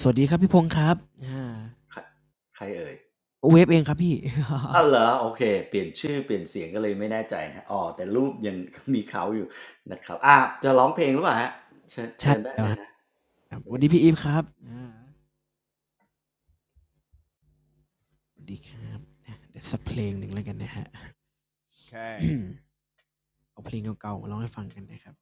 สวัสดีครับพี่พงษ์ครับอ่าใครเอ่ยเวฟเองครับพี่ อ๋อเหรอโอเคเปลี่ยนชื่อเปลี่ยนเสียงก็เลยไม่แน่ใจนะอ๋อแต่รูปยังมีเขาอยู่นะครับอ่ะจะร้องเพลงหรือเปล่าฮะเชิญ เชิใช่ญได้แล้วเลคยรับนะ สเววัสฟดีพี่อีฟครับอ่าสวัสดีครับนะเดี๋ยวสักเพลงหนึ่งแล้วกันนะฮะ เอาเพลงเก่าๆมาร้องให้ฟังกันนะครับ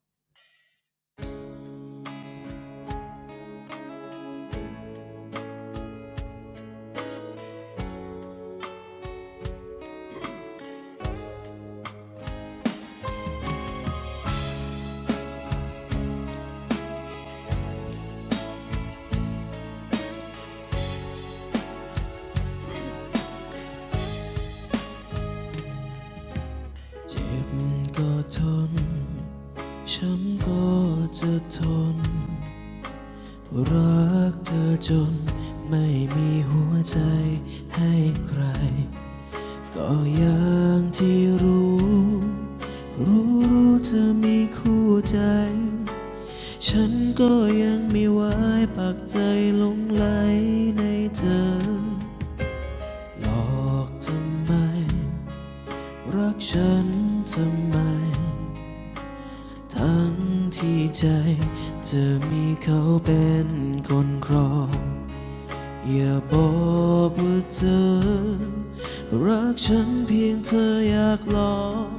เจ็บก็ทนช้ำก็จะทน รักเธอจนไม่มีหัวใจให้ใคร ก็อย่างที่รู้ รู้รู้เธอมีคู่ใจ ฉันก็ยังไม่ไว้ปักใจหลงไหลในเธอ หลอกทำไมรักฉันทำไม ทั้งที่ใจเธอมีเขาเป็นคนครองอย่าบอกว่าเธอรักฉันเพียงเธออยากหลอก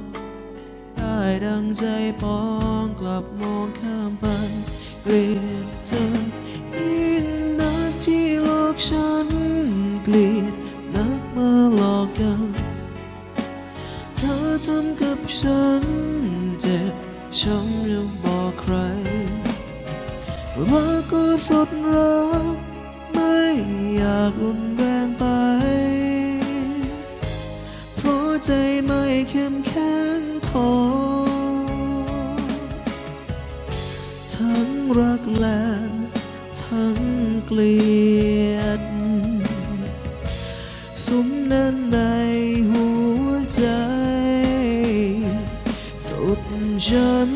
ได้ดังใจปองกลับมองข้ามไปเกลียดเธอยิ่งนักที่หลอกฉันเกลียดนักมาหลอกกันเธอทำกับฉันเจ็บช้ำอยังบอกใครรักก็สุดรักไม่อยากรุนแรงไปเพราะใจไม่เข้มแข็งพอ ทั้งรักและทั้งเกลียดสุมแนันในหัวใจสุดฉัน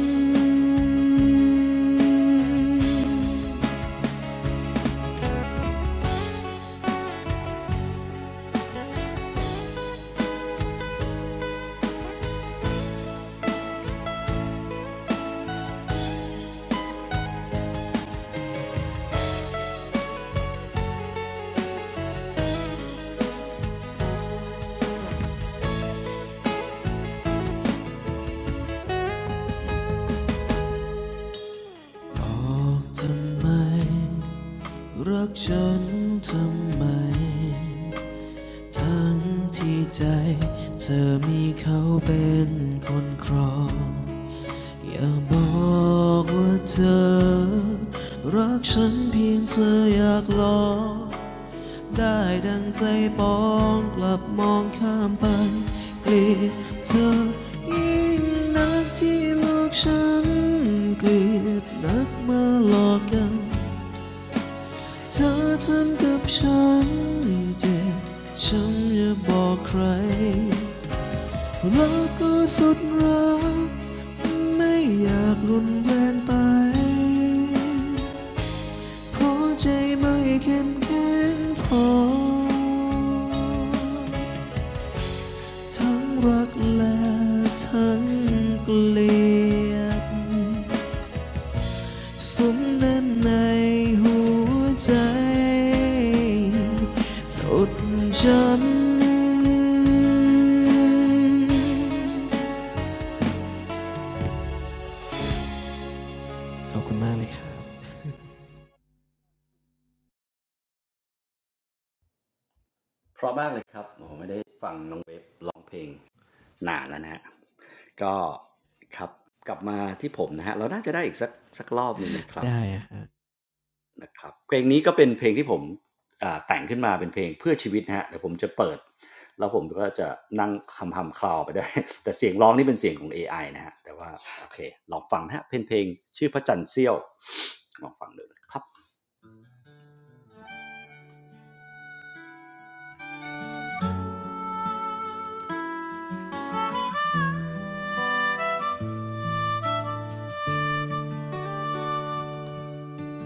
บอกทำไมรักฉันทำไมทั้งที่ใจเธอมีเขาเป็นคนครอง อย่าบอกว่าเธอรักฉันเพียงเธออยากลองได้ดังใจปองกลับมองข้ามไปเกลียดเธอยิ่งนักที่หลอกฉันเกลียดนักมาหลอกกันเธอทำกับฉันเจ็บฉันอย่าบอกใคร รักก็สุดรักไม่อยากรุนแรงไปเพราะใจไม่เข้มแข็งพอทั้งรักและทั้งเกลียดสมแน่้นในหัวใจสุดฉันขอบคุณมากเลยครับ เพราะมากเลยครับโอ้โหไม่ได้ฟังน้องเวฟร้องเพลงนานแล้วนะฮะก็ครับกลับมาที่ผมนะฮะเราน่าจะได้อีกสักสักรอบหนึ่งนะครับได้อะฮะนะครับเพลงนี้ก็เป็นเพลงที่ผมแต่งขึ้นมาเป็นเพลงเพื่อชีวิตนะฮะเดี๋ยวผมจะเปิดแล้วผมก็จะนั่งคำคำคลอไปได้ วยแต่เสียงร้องนี่เป็นเสียงของเอไอนะฮะแต่ว่าโอเคลองฟังนะฮะเพลงเพลงชื่อพระจันทร์เสี้ยวลองฟังดูนะครับ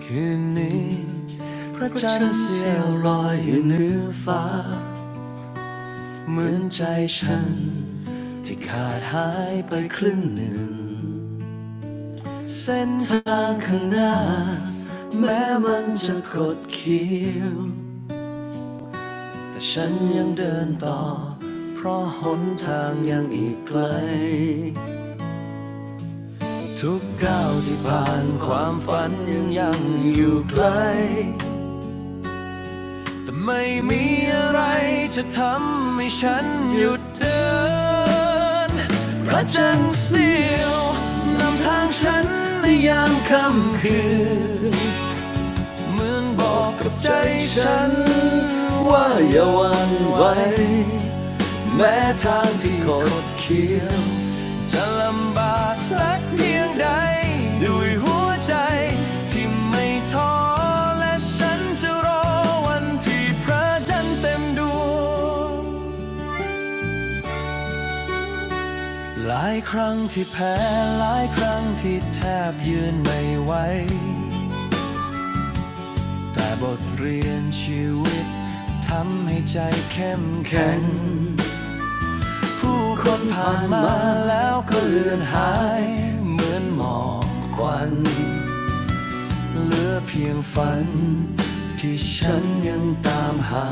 คืนนี้พระจันทร์เสี้ยวลอยอยู่เหนือฟ้า เหมือนใจฉันที่ขาดหายไปครึ่งหนึ่งเส้นทางข้างหน้าแม้มันจะคดเคี้ยวแต่ฉันยังเดินต่อเพราะหนทางยังอีกไกลทุกก้าวที่ผ่านความฝันยังยังอยู่ไกล แต่ไม่มีอะไรจะทำให้ฉันหยุดเดินพระจันทร์เสียวนำทางฉันในยามค่ำคืน เหมือนบอกกับใจฉันว่าอย่าหวันไหว แม้ทางที่คดเคี้ยวจะลำบากสักเพียงใดด้วยหัวใจที่ไม่ท้อและฉันจะรอวันที่พระจันทร์เต็มดวงหลายครั้งที่แพ้หลายครั้งที่แทบยืนไม่ไหวแต่บทเรียนชีวิตทำให้ใจเข้มแข็ง ผู้คนผ่านมาแล้วก็เลือนหายเหมือนหมอกควันเหลือเพียงฝันที่ฉันยังตามหา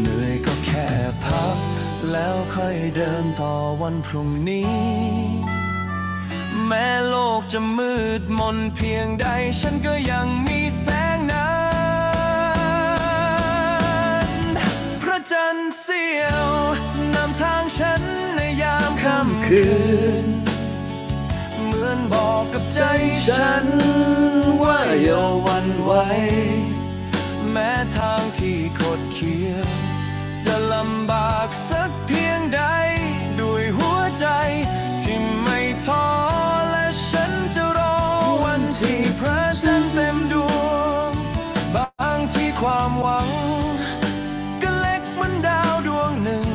เหนื่อยก็แค่พักแล้วค่อยเดินต่อวันพรุ่งนี้ แม้โลกจะมืดมนเพียงใดฉันก็ยังมีแสงนั้นพระจันทร์เสียวนำทางฉันในยามค่ำคืนเหมือนบอกกับใจฉันว่าอย่าหวันไหวแม้ทางที่คดเคี้ยว จะลำบากสักเพียงใดด้วยหัวใจที่ไม่ท้อและฉันจะรอวันที่พระจันทร์เต็มดวงบางที่ความหวังก็เล็กเหมือนดาวดวงหนึ่ง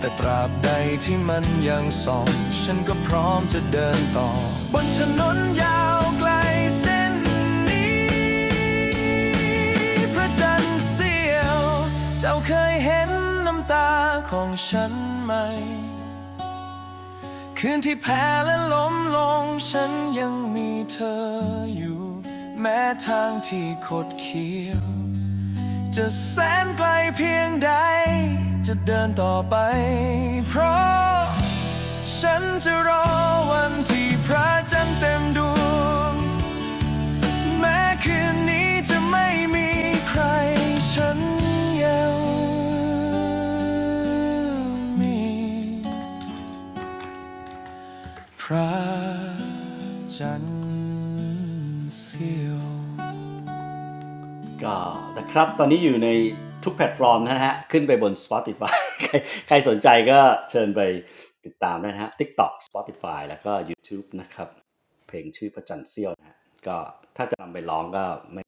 แต่ตราบใดที่มันยังส่องฉันก็พร้อมจะเดินต่อบนถนนยาวไกลเส้นนี้พระจันทร์เสียวเจ้าเคยเห็นน้ำตาของฉันไหมคืนที่แพ้และล้มลงฉันยังมีเธออยู่แม้ทางที่คดเคี้ยวจะแสนไกลเพียงใดจะเดินต่อไปเพราะ ฉันจะรอวันที่พระจันทร์เต็มดวงแม้คืนนี้จะไม่มีใครฉันยังมีพระจันทร์เสียว ก็นะครับตอนนี้อยู่ในทุกแพลตฟอร์มนะฮะขึ้นไปบน Spotify ใครใครสนใจก็เชิญไปติดตามได้นะฮะ TikTok Spotify แล้วก็ YouTube นะครับเพลงชื่อพระจันทร์เซี้ยวนะฮะก็ถ้าจะนำไปร้องก็ไม่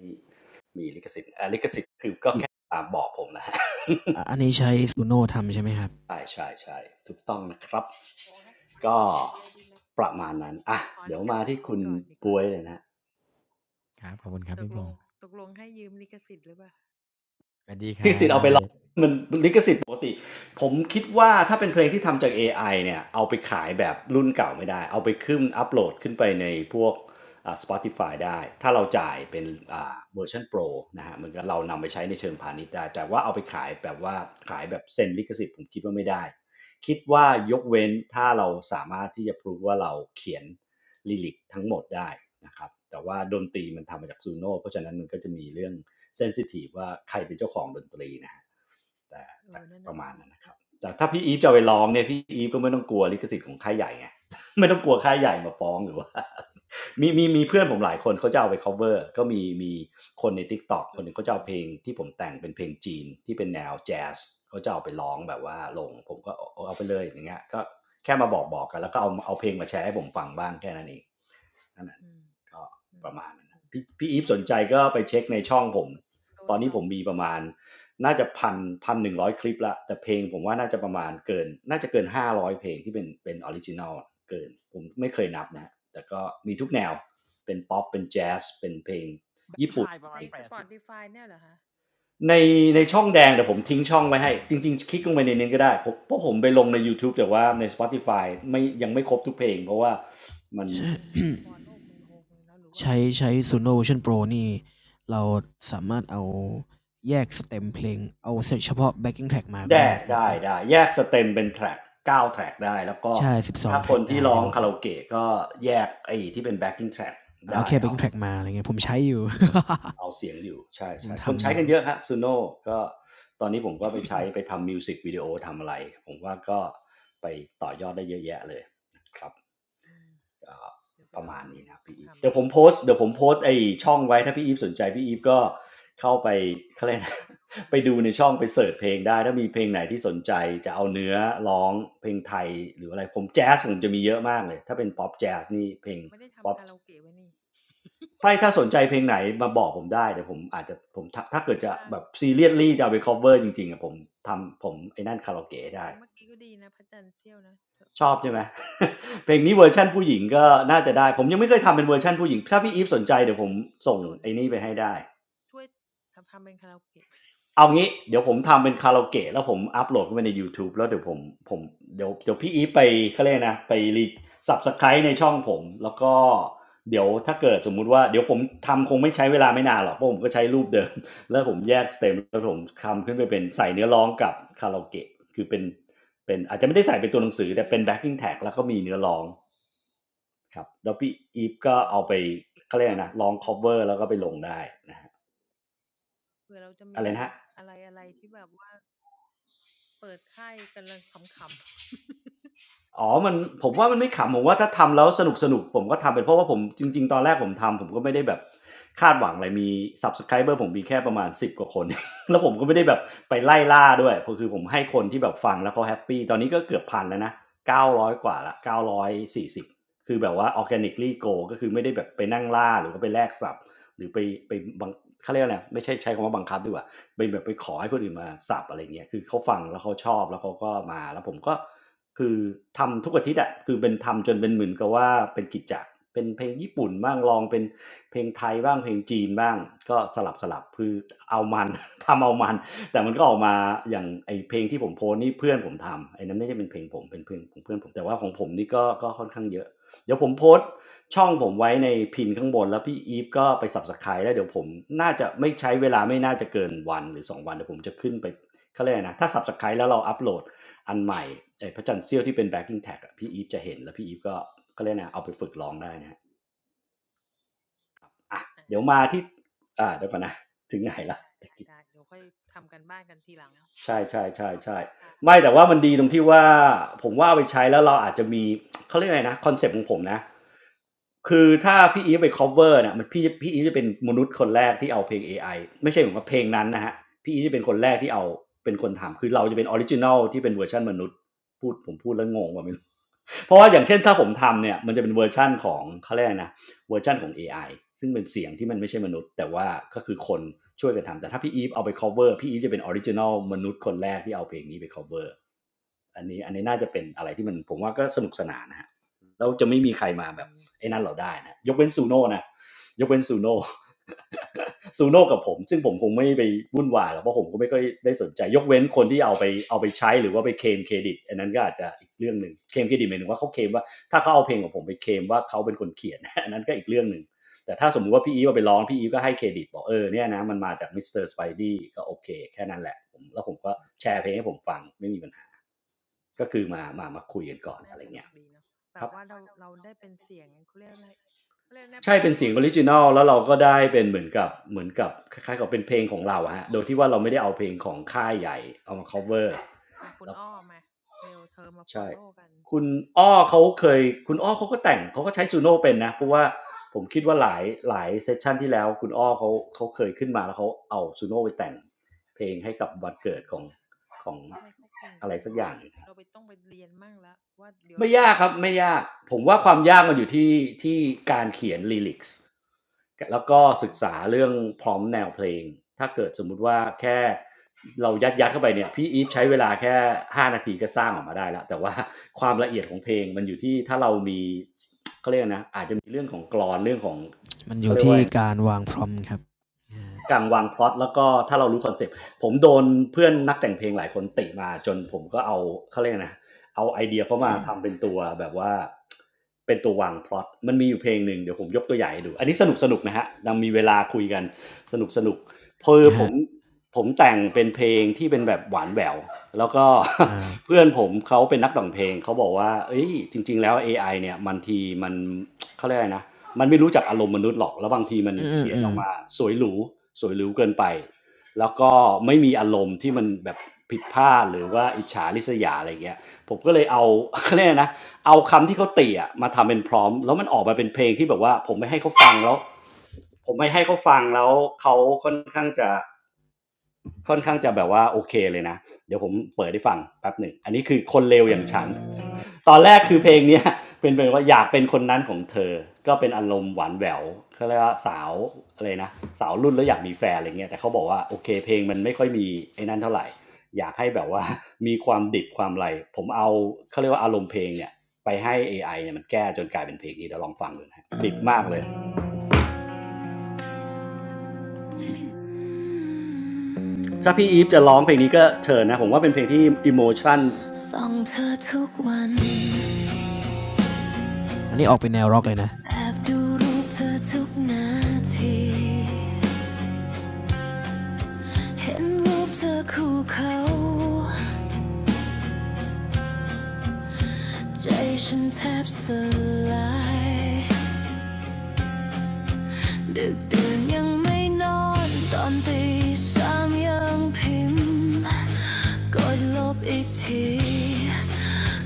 มีลิขสิทธิ์เออลิขอสิทธิ์คือก็แค่บอกผมนะฮะ อ่ะอันนี้ใช้ s u โนทำใช่ไหมครับใช่ใช่ใช่ถูกต้องนะครับก็ประมาณนั้นอ่ะเดี๋ยวมาที่คุณบวยเลยนะ ครับขอบคุณครับพี่พงศ์สวัสดีคลิขรัสิบทธิ์น้เอาองไปเบร้อส งมันลิขสิทธิ์ปกติผมคิดว่าถ้าเป็นเพลงที่ทำจาก AI เนี่ยเอาไปขายแบบรุ่นเก่าไม่ได้เอาไปขึ้นอัปโหลดขึ้นไปในพวกอ่า Spotify ได้ถ้าเราจ่ายเป็นอ่าเวอร์ชัน Pro นะฮะมันก็เรานำไปใช้ในเชิงพาณิชย์ได้แต่ว่าเอาไปขายแบบว่าขายแบบเซ็นลิขสิทธิ์ผมคิดว่าไม่ได้คิดว่ายกเว้นถ้าเราสามารถที่จะพรูดว่าเราเขียนลิลิกทั้งหมดได้นะครับแต่ว่าดนตรีมันทำมาจากซูโน่เพราะฉะนั้นมันก็จะมีเรื่อง เซนซิทีฟว่าใครเป็นเจ้าของดนตรีนะฮะประมาณนั้นนะครับแต่ถ้าพี่อีฟจะไปร้องเนี่ยพี่อีฟก็ไม่ต้องกลัวลิขสิทธิ์ของค่ายใหญ่ไง ไม่ต้องกลัวค่ายใหญ่มาฟ้องหรือว่า มีมีมีเพื่อนผมหลายคนเขาจะเอาไป cover ก็มีมีคนใน Tik t o อกคนหนึงเขาจะเอาเพลงที่ผมแต่งเป็นเพลงจีนที่เป็นแนวแจ๊สเขาจะเอาไปร้องแบบว่าลงผมก็เอาอไปเลยอย่างเงี้ยก็แค่มาบอกๆกกันแล้วก็เอาเอาเพลงมาแชร์ให้ผมฟังบ้างแค่นั้นเองนั่นแหละ ก็ประมาณนั้นนะพี่พี่อีฟสนใจก็ไปเช็คในช่องผมตอนนี้ผมมีประมาณน่าจะพันพันหนึ่งร้อยคลิปละแต่เพลงผมว่าน่าจะประมาณเกินน่าจะเกินห้าร้อยเพลงที่เป็นเป็นออริจินอลเกินผมไม่เคยนับนะแต่ก็มีทุกแนวเป็นป๊อปเป็นแจ๊สเป็นเพลงญี่ปุ่นในในช่องแดงเดี๋ยวผมทิ้งช่องไว้ให้จริงๆคลิกลงไปในนี้ก็ได้เพราะผมไปลงใน YouTube แต่ว่าใน Spotify ไม่ยังไม่ครบทุกเพลงเพราะว่ามัน ใช้ ใช้ใช้ซูโน่ Vision Pro นี่เราสามารถเอาแยกสเต็มเพลงเอาเฉพาะ backing track มาก็ได้ได้นะฮะได้พี่ได้แยกสเต็มเป็นแทร็กเก้าแทร็กได้แล้วก็ใช่12 ถ้าคน track ที่ได้ร้อได้งหมดคาเลรายโอเกะก็แยกไอ้ที่เป็นแบ็กกิ้งแทร็กเอาได้แค่ เอา backing track มาอะไรเงี้ยผมใช้อยู่ เอาเสียงอยู่ใช่ ผมใช่คนทำใช้อยู่กันเยอะฮะซูโน่ก็ตอนนี้ผมก็ไปใช้ไปทำมิวสิกวิดีโอทำอะไรผมว่าก็ไปต่อยอดได้เยอะแยะเลยนะครับ่อประมาณนี้นะพี่อีฟเดี๋ยวผมโพสเดี๋ยวผมโพสไอช่องไว้ถ้าพี่อีฟสนใจพี่อีฟก็เข้าไปเขาเรียกไป ดูในช่องไปเสิร์ชเพลงได้ถ้ามีเพลงไหนที่สนใจจะเอาเนื้อร้องเพลงไทยหรืออะไรผมแจ๊สผมจะมีเยอะมากเลยถ้าเป็นป๊อปแจ๊สนี่เพลงป๊อปถ้าถ้าสนใจเพลงไหนมาบอกผมได้เดี๋ยวผมอาจจะผมถ้าเกิดจะแบบซีเรียสลี่จะเอาไป cover จริงๆอะผมทำผมไอ้นั่นคาราโอเกะได้ ชอบใช่ไหม เพลงนี้เวอร์ชั่นผู้หญิงก็น่าจะได้ ผมยังไม่เคยทำเป็นเวอร์ชั่นผู้หญิง ถ้าพี่อีฟสนใจเดี๋ยวผมส่งไอ้นี่ไปให้ได้ เอางี้เดี๋ยวผมทำเป็นคาราโอเกะแล้วผมอัพโหลดเข้าไปใน YouTube แล้วเดี๋ยวผมผมเดี๋ยวเดี๋ยวพี่อีฟไปเขาเรียกนะ ไปรีสับสไครต์ในช่องผม แล้วก็เดี๋ยวถ้าเกิดสมมุติว่าเดี๋ยวผมทำคงไม่ใช้เวลาไม่นานหรอกเพราะผมก็ใช้รูปเดิม แล้วผมแยกสเต็มแล้วผมทำขึ้นไปเป็นใส่เนื้อร้องกับคาราโอเกะคือเป็นเป็นอาจจะไม่ได้ใส่เป็นตัวหนังสือแต่เป็น backing tag แล้วก็มีเนื้อร้อง ครับแล้วพี่อีฟก็เอาไปเขาเรียกไนะลอง cover แล้วก็ไปลงได้นะฮะอะไรนะฮะอ๋อมันผมว่ามันไม่ขำผมว่าถ้าทำแล้วสนุกสนุกผมก็ทำเป็นเพราะว่าผมจริงๆตอนแรกผมทำผมก็ไม่ได้แบบคาดหวังอะไรมี subscriber ผมมีแค่ประมาณ10กว่าคน แล้วผมก็ไม่ได้แบบไปไล่ล่าด้วยเพราะคือผมให้คนที่แบบฟังแล้วเขาแฮปปี้ตอนนี้ก็เกือบพันแล้วนะ900การ้อยกว่าละ940คือแบบว่า organically go ก็คือไม่ได้แบบไปนั่งล่าหรือก็ไปแลกสับหรือไปไปบังเขาเรียกอะไรไม่ใช่ใช้คำว่าบังคับดีกว่า ไปแบบไปขอให้คนอื่นมาสับอะไรเงี้ยคือเขาฟังแล้วเขาชอบแล้วเขาก็มาแล้วผมก็คือทำทุกอาทิตย์อะคือเป็นทำจนเป็นเหมือนกับว่าเป็นกิจจะเป็นเพลงญี่ปุ่นบ้างลองเป็นเพลงไทยบ้างเพลงจีนบ้างก็สลับสลับคือเอามัน ทำเอามันแต่มันก็ออกมาอย่างไอเพลงที่ผมโพสต์นี่เพื่อนผมทำไอนั้นไม่ได้เป็นเพลงผมเป็นเพลงของเพื่อนผมแต่ว่าของผมนี่ก็ก็ค่อนข้างเยอะเดี๋ยวผมโพสต์ ช่องผมไว้ในพินข้างบนแล้วพี่อีฟก็ไป subscribe แล้วเดี๋ยวผมน่าจะไม่ใช้เวลาไม่น่าจะเกินวันหรือ2วันเดี๋ยวผมจะขึ้นไปเขาเรียกนะถ้า subscribe แล้วเราอัปโหลดอันใหม่ไอ้พระจันทร์เซี้ยวที่เป็น backing tag อะพี่อีฟจะเห็นแล้วพี่อีฟก็เขาเรียกนะเอาไปฝึกร้องได้นะเดี๋ยวมาที่อ่าเดี๋ยวก่อนนะถึงไหนละ ใช่ใช่ใช่ใช่ไม่แต่ว่ามันดีตรงที่ว่าผมว่าเอาไปใช้แล้วเราอาจจะมีเขาเรียกไงนะคอนเซปต์ของผมนะคือถ้าพี่อีฟไป cover เนี่ยมันพี่พี่อีฟจะเป็นมนุษย์คนแรกที่เอาเพลง AI ไอไม่ใช่ผมว่าเพลงนั้นนะฮะพี่อีฟจะเป็นคนแรกที่เอาเป็นคนทำคือเราจะเป็นออริจิน l ลที่เป็นเวอร์ชันมนุษย์พูดผมพูดแล้วงงว่าไม่รู้ เพราะว่าอย่างเช่นถ้าผมทำเนี่ยมันจะเป็นเวอร์ชันของเขาเรียกอะไรนะ เวอร์ชันของ AI ซึ่งเป็นเสียงที่มันไม่ใช่มนุษย์แต่ว่าก็คือคนช่วยกันทำแต่ถ้าพี่อีฟเอาไป cover พี่อีฟจะเป็นออริจิน l ลมนุษย์คนแรกที่เอาเพลงนี้ไป cover อันนี้อันนี้น่าจะเป็นอะไรที่มันผมว่าก็สนุกสนานนะฮะเราจะไม่มีใครมาแบบไอ้นั่นเราได้นะยกเว้นซูโน่นะยกเว้นซูโน่ซูโน่ กับผมซึ่งผมคงไม่ไปวุ่นวายหรอกเพราะผมก็ไม่ค่อยได้สนใจยกเว้นคนที่เอาไปเอาไปใช้หรือว่าไปเคลมเครดิตอันนั้นก็อาจจะอีกเรื่องหนึ่งเคลมเครดิตหมายถึงว่าเขาเคลมว่า ถ้าเขาเอาเพลงของผมไปเคลมว่าเขาเป็นคนเขียน อันนั้นก็อีกเรื่องหนึ่งแต่ถ้าสมมุติว่าพี่อีฟเอาไปร้องพี่อีฟก็ให้เครดิตบอกเออเนี่ยนะมันมาจากมิสเตอร์สไปดี้ก็โอเคแค่นั้นแหละผมแล้วผมก็แชร์เพลงให้ผมฟังไม่มีปัญหาก็คือมามามาคุยกันก่อนอะไรเงี้ยครัใช่เป็นเสียงออริจินอลแล้วเราก็ได้เป็นเหมือนกับเหมือนกับคล้ายๆกับเป็นเพลงของเราะฮะโดยที่ว่าเราไม่ได้เอาเพลงของค่ายใหญ่เอามาคัฟเวอร์ ใช่คุณอ้อเขาเคยคุณอ้อเขาก็แต่งเขาก็ใช้ซูโน่เป็นนะ เพราะว่าผมคิดว่าหลายหลายเซสชันที่แล้วคุณอ้อเขาเขาเคยขึ้นมาแล้วเขาเอาซูโน่ไปแต่งเพลงให้กับวันเกิดของของอะไรสักอย่างหนึ่ง ไม่ยากครับไม่ยากผมว่าความยากมันอยู่ที่ที่การเขียนลิลิกส์แล้วก็ศึกษาเรื่องพร้อมแนวเพลงถ้าเกิดสมมุติว่าแค่เรายัดยัดเข้าไปเนี่ยพี่อีฟใช้เวลาแค่5นาทีก็สร้างออกมาได้แล้วแต่ว่าความละเอียดของเพลงมันอยู่ที่ถ้าเรามีเขาเรียกนะอาจจะมีเรื่องของกรอนเรื่องของ มันอยู่ที่การวางพรอมครับกลางวางพล็อตแล้วก็ถ้าเรารู้คอนเซ็ปต์ผมโดนเพื่อนนักแต่งเพลงหลายคนติมาจนผมก็เอาเขาเรียกนะเอาไอเดียเขามาทำเป็นตัวแบบว่าเป็นตัววางพล็อตมันมีอยู่เพลงหนึ่งเดี๋ยวผมยกตัวอย่างให้ดูอันนี้สนุกสนุกนะฮะยังมีเวลาคุยกันสนุกสนุกๆเพอนะผฮะมผมแต่งเป็นเพลงที่เป็นแบบหวานแหววแล้วก็ อ่า เพื่อนผมเขาเป็นนักแต่งเพลงเขาบอกว่าเอ้ยจริงๆแล้ว AI เนี่ยมันทีมัน เขาเรียกอะไรนะมันไม่รู้จักอารมณ์มนุษย์หรอกแล้วบางทีมันอืมอืมเขียนอือมอกมาสวยหรูสวยหรูเกินไปแล้วก็ไม่มีอารมณ์ที่มันแบบผิดพลาดหรือว่าอิจฉาริษยาอะไรเงี้ยผมก็เลยเอาเขาเรียกนะเอาคำที่เขาเตี่ยมาทำเป็นพร้อมแล้วมันออกมาเป็นเพลงที่แบบว่าผมไม่ให้เขาฟังแล้วผมไม่ให้เขาฟังแล้วเขาค่อนข้างจะ ค่อนข้างจะแบบว่าโอเคเลยนะเดี๋ยวผมเปิดให้ฟังแป๊บหนึ่งอันนี้คือคนเลวอย่างฉัน ตอนแรกคือเพลงเนี้ยเป็นเพลงว่าอยากเป็นคนนั้นของเธอก็เป็นอารมณ์หวานแหววเขาเรียกว่าสาวอะไรนะสาวรุ่นแล้วอยากมีแฟนอะไรเงี้ยแต่เขาบอกว่าโอเคเพลงมันไม่ค่อยมีไอ้นั่นเท่าไหร่อยากให้แบบว่ามีความดิบความอะไรผมเอาเขาเรียกว่าอารมณ์เพลงเนี่ยไปให้เอไ i เนี่ยมันแก้จนกลายเป็นเพลงนี้เดี๋ยวลองฟังดูนะะดิบมากเลย ถ้าพี่อีฟจะร้องเพลงนี้ก็เชิญนะผมว่าเป็นเพลงที่อิโมชันส่องเธอทุกวันอันนี้ออกเป็นแนวร็อกเลยนะแอบดูรูปเธอทุกนาทีเห็นรูปเธอคู่เขาใจฉันแทบสลาย ดึกดื่นยังไม่นอนตอนตีสามยังพิมพ์กดลบอีกที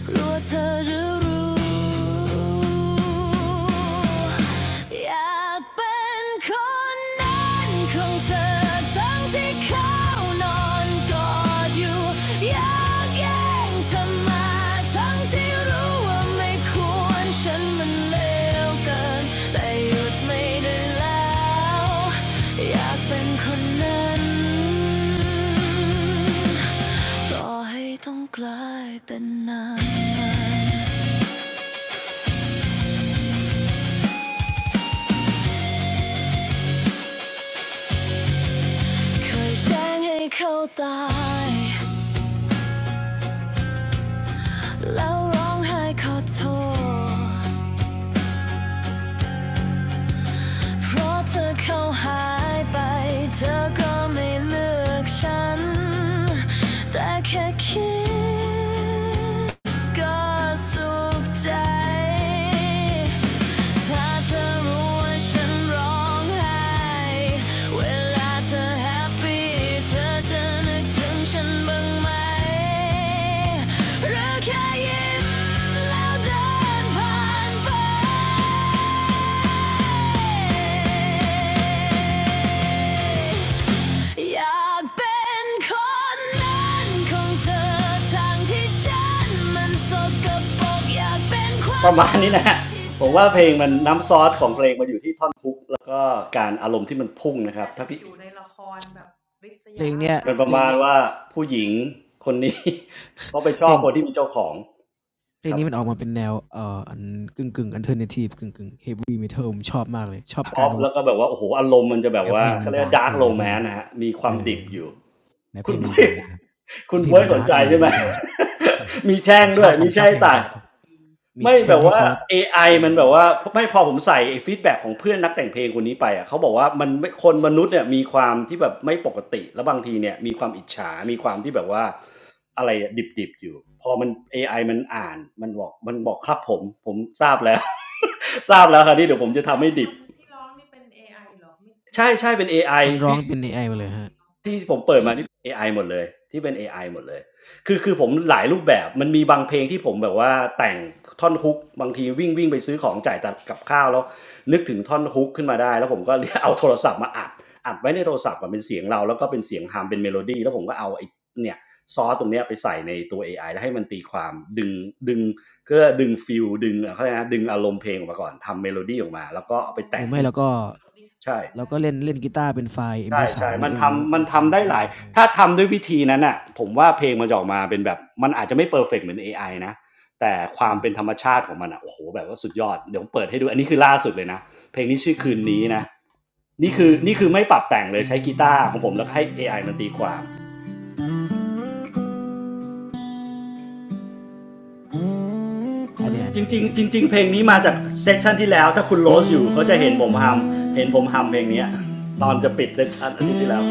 กลัวเธอจะรู้อยากเป็นคนนั้นของเธอทั้งที่เขานอนกอดอยู่ อยากแย่งเธอมาทั้งที่รู้ว่าไม่ควรฉันมันเลวเกินแต่หยุดไม่ได้แล้วอยากเป็นคนนั้นต่อให้ต้องกลายเป็นนานเคยแช่งให้เขาตายแล้วร้องไห้ขอโทษ เพราะเธอเข้าหายไปเธอก็ไม่เลือกฉันแต่แค่คิด ก็สุขใจ ถ้าเธอรู้ว่าฉันร้องไห้ เวลาเธอแฮปปี้เธอจะนึกถึงฉันบ้างไหม หรือแค่ยิ้มแล้วเดินผ่านไป อยากเป็นคนนั้นของเธอทางที่ฉันมันสกปรกอยากเป็นควาปมประมาณนี้นะฮะผมว่าเพลงมันน้ำซอสของเพลงมาอยู่ที่ท่อนฮุกแล้วก็การอารมณ์ที่มันพุ่งนะครับถ้าพี่เพลงเนี้ยมันประมาณว่าผู้หญิงคนนี้เขาไปชเพอลบง คนที่มีเจ้าของเพลคงรับนี้มันออกมาเป็นแนวเอ่ออันกึ่งกึ่งอันเทอร์เนทีฟกึ่งกึ่งเฮฟวี่เมทัลผมชอบมากเลยชอบชกาอรบวาแล้งวก็แบบว่าโอ้โหอารมณ์มันจะแบบเนื้อเพว่าลงมัเขานเรียกดาร์กดาร์กดีโรนะแมพี่นเนะต์นะฮะมีควาเอมอดิบอยู่เนื้อเพคุลณงมันบุ้ยดาร์กครับ คุเน้ณเพลงบุ้ยมันสนดาร์กใจดีใช่ผไหม มชอบ มีแช่ผงมชด้วอยบผมีมชอแช่บงเพลงต่าง ร็อกครับมีไม่แช่แบงบให้ว่า เขา AI เอมัอนแบบว่าไม่พอผมใส่ไอ้ฟีดแบ็กของเพื่อนนักแต่งเพลงคนนี้ไปอ่ะเขาบอกว่ามันไม่คนมนุษย์เนี่ยมีความที่แบบไม่ปกติแล้วบางทีเนี่ยมีความอิจฉามีความที่แบบว่าอะไรอะดิบๆอยู่พอมัน AI มันอ่านมันบอกมันบอกครับผมผมทราบแล้ว ทราบแล้วคระนี่เดี๋ยแล้วผมวจะไอ้ทำให้คดิบนที่ร้องนี่เป็นเอไอเหรอไม่ไม่ใช่ใช่ใช่คนเป็น ค AI นร้องพี่ เป็น มั AI นมาร้เลอยงเอฮะงที่ผมเปิดมานี่เอไ i หมดเลยที่เป็น AI หมดเลยคือคือผมหลายรูปแบบมันมีบางเพลงที่ผมแบบว่าแต่งท่อนฮุกบางทีวิ่งวิ่งไปซื้อของจ่ายตัดกับข้าวแล้วนึกถึงท่อนฮุกขึ้นมาได้แล้วผมก็เรียกเอาโทรศัพท์มาอัดอัดไว้ในโทรศัพท์อะเป็นเสียงเราแล้วก็เป็นเสียงฮัมเป็นเมโลดี้แล้วผมก็เอาไอ้เนี่ยซอร์สตรงเนี้ยไปใส่ในตัว AI แล้วให้มันตีความดึงดึงก็ดึงฟีลดึงเขาเรียกอะไรนะดึงอารมณ์เพลงออกมาก่อนทำเมโลดี้ออกมาแล้วก็เอาไปหแต่รืงอไม่เราก็ใช่ เราก็เล่นเล่นกีตาร์เป็นไฟล์ ใช่ MP3 ใช่หรือมันเอ้หรือว่าทำเป็มันนไฟล์ไหนทำได้ก็หได้ลาย เออถ้าทำด้วยวิธีนั้นอ่ะผมว่าเพลงมันจะออกมาเป็นแบบมันอาจจะไม่เพอร์เฟกต์เหมือน AI นะแต่คเอวามอเป็นธรรมชาติของมันอ่ะโอ้โหแบบว่าสุดยอด เดี๋ยวผมเปิดให้ดู อันนี้คือล่าสุดเลยนะเพลงนี้ชื่อคืนนี้นะนี่คือนี่คือไม่ปรับแต่งเลยใช้กีตาร์ของผมแล้วให้ AI มันตีความ อันเนี้ยอันจเนี้ยอันเนี้ริยอันเนี้งยๆจริงๆเพลงนี้มาจากเซสชันที่แล้ว ถ้าคุณโรสอยู่เขาจะเห็นผมทำเห็นผมทำเพลงเนี้ยตอนจะปิดเซสชันอาทิตย์ที่แล้ว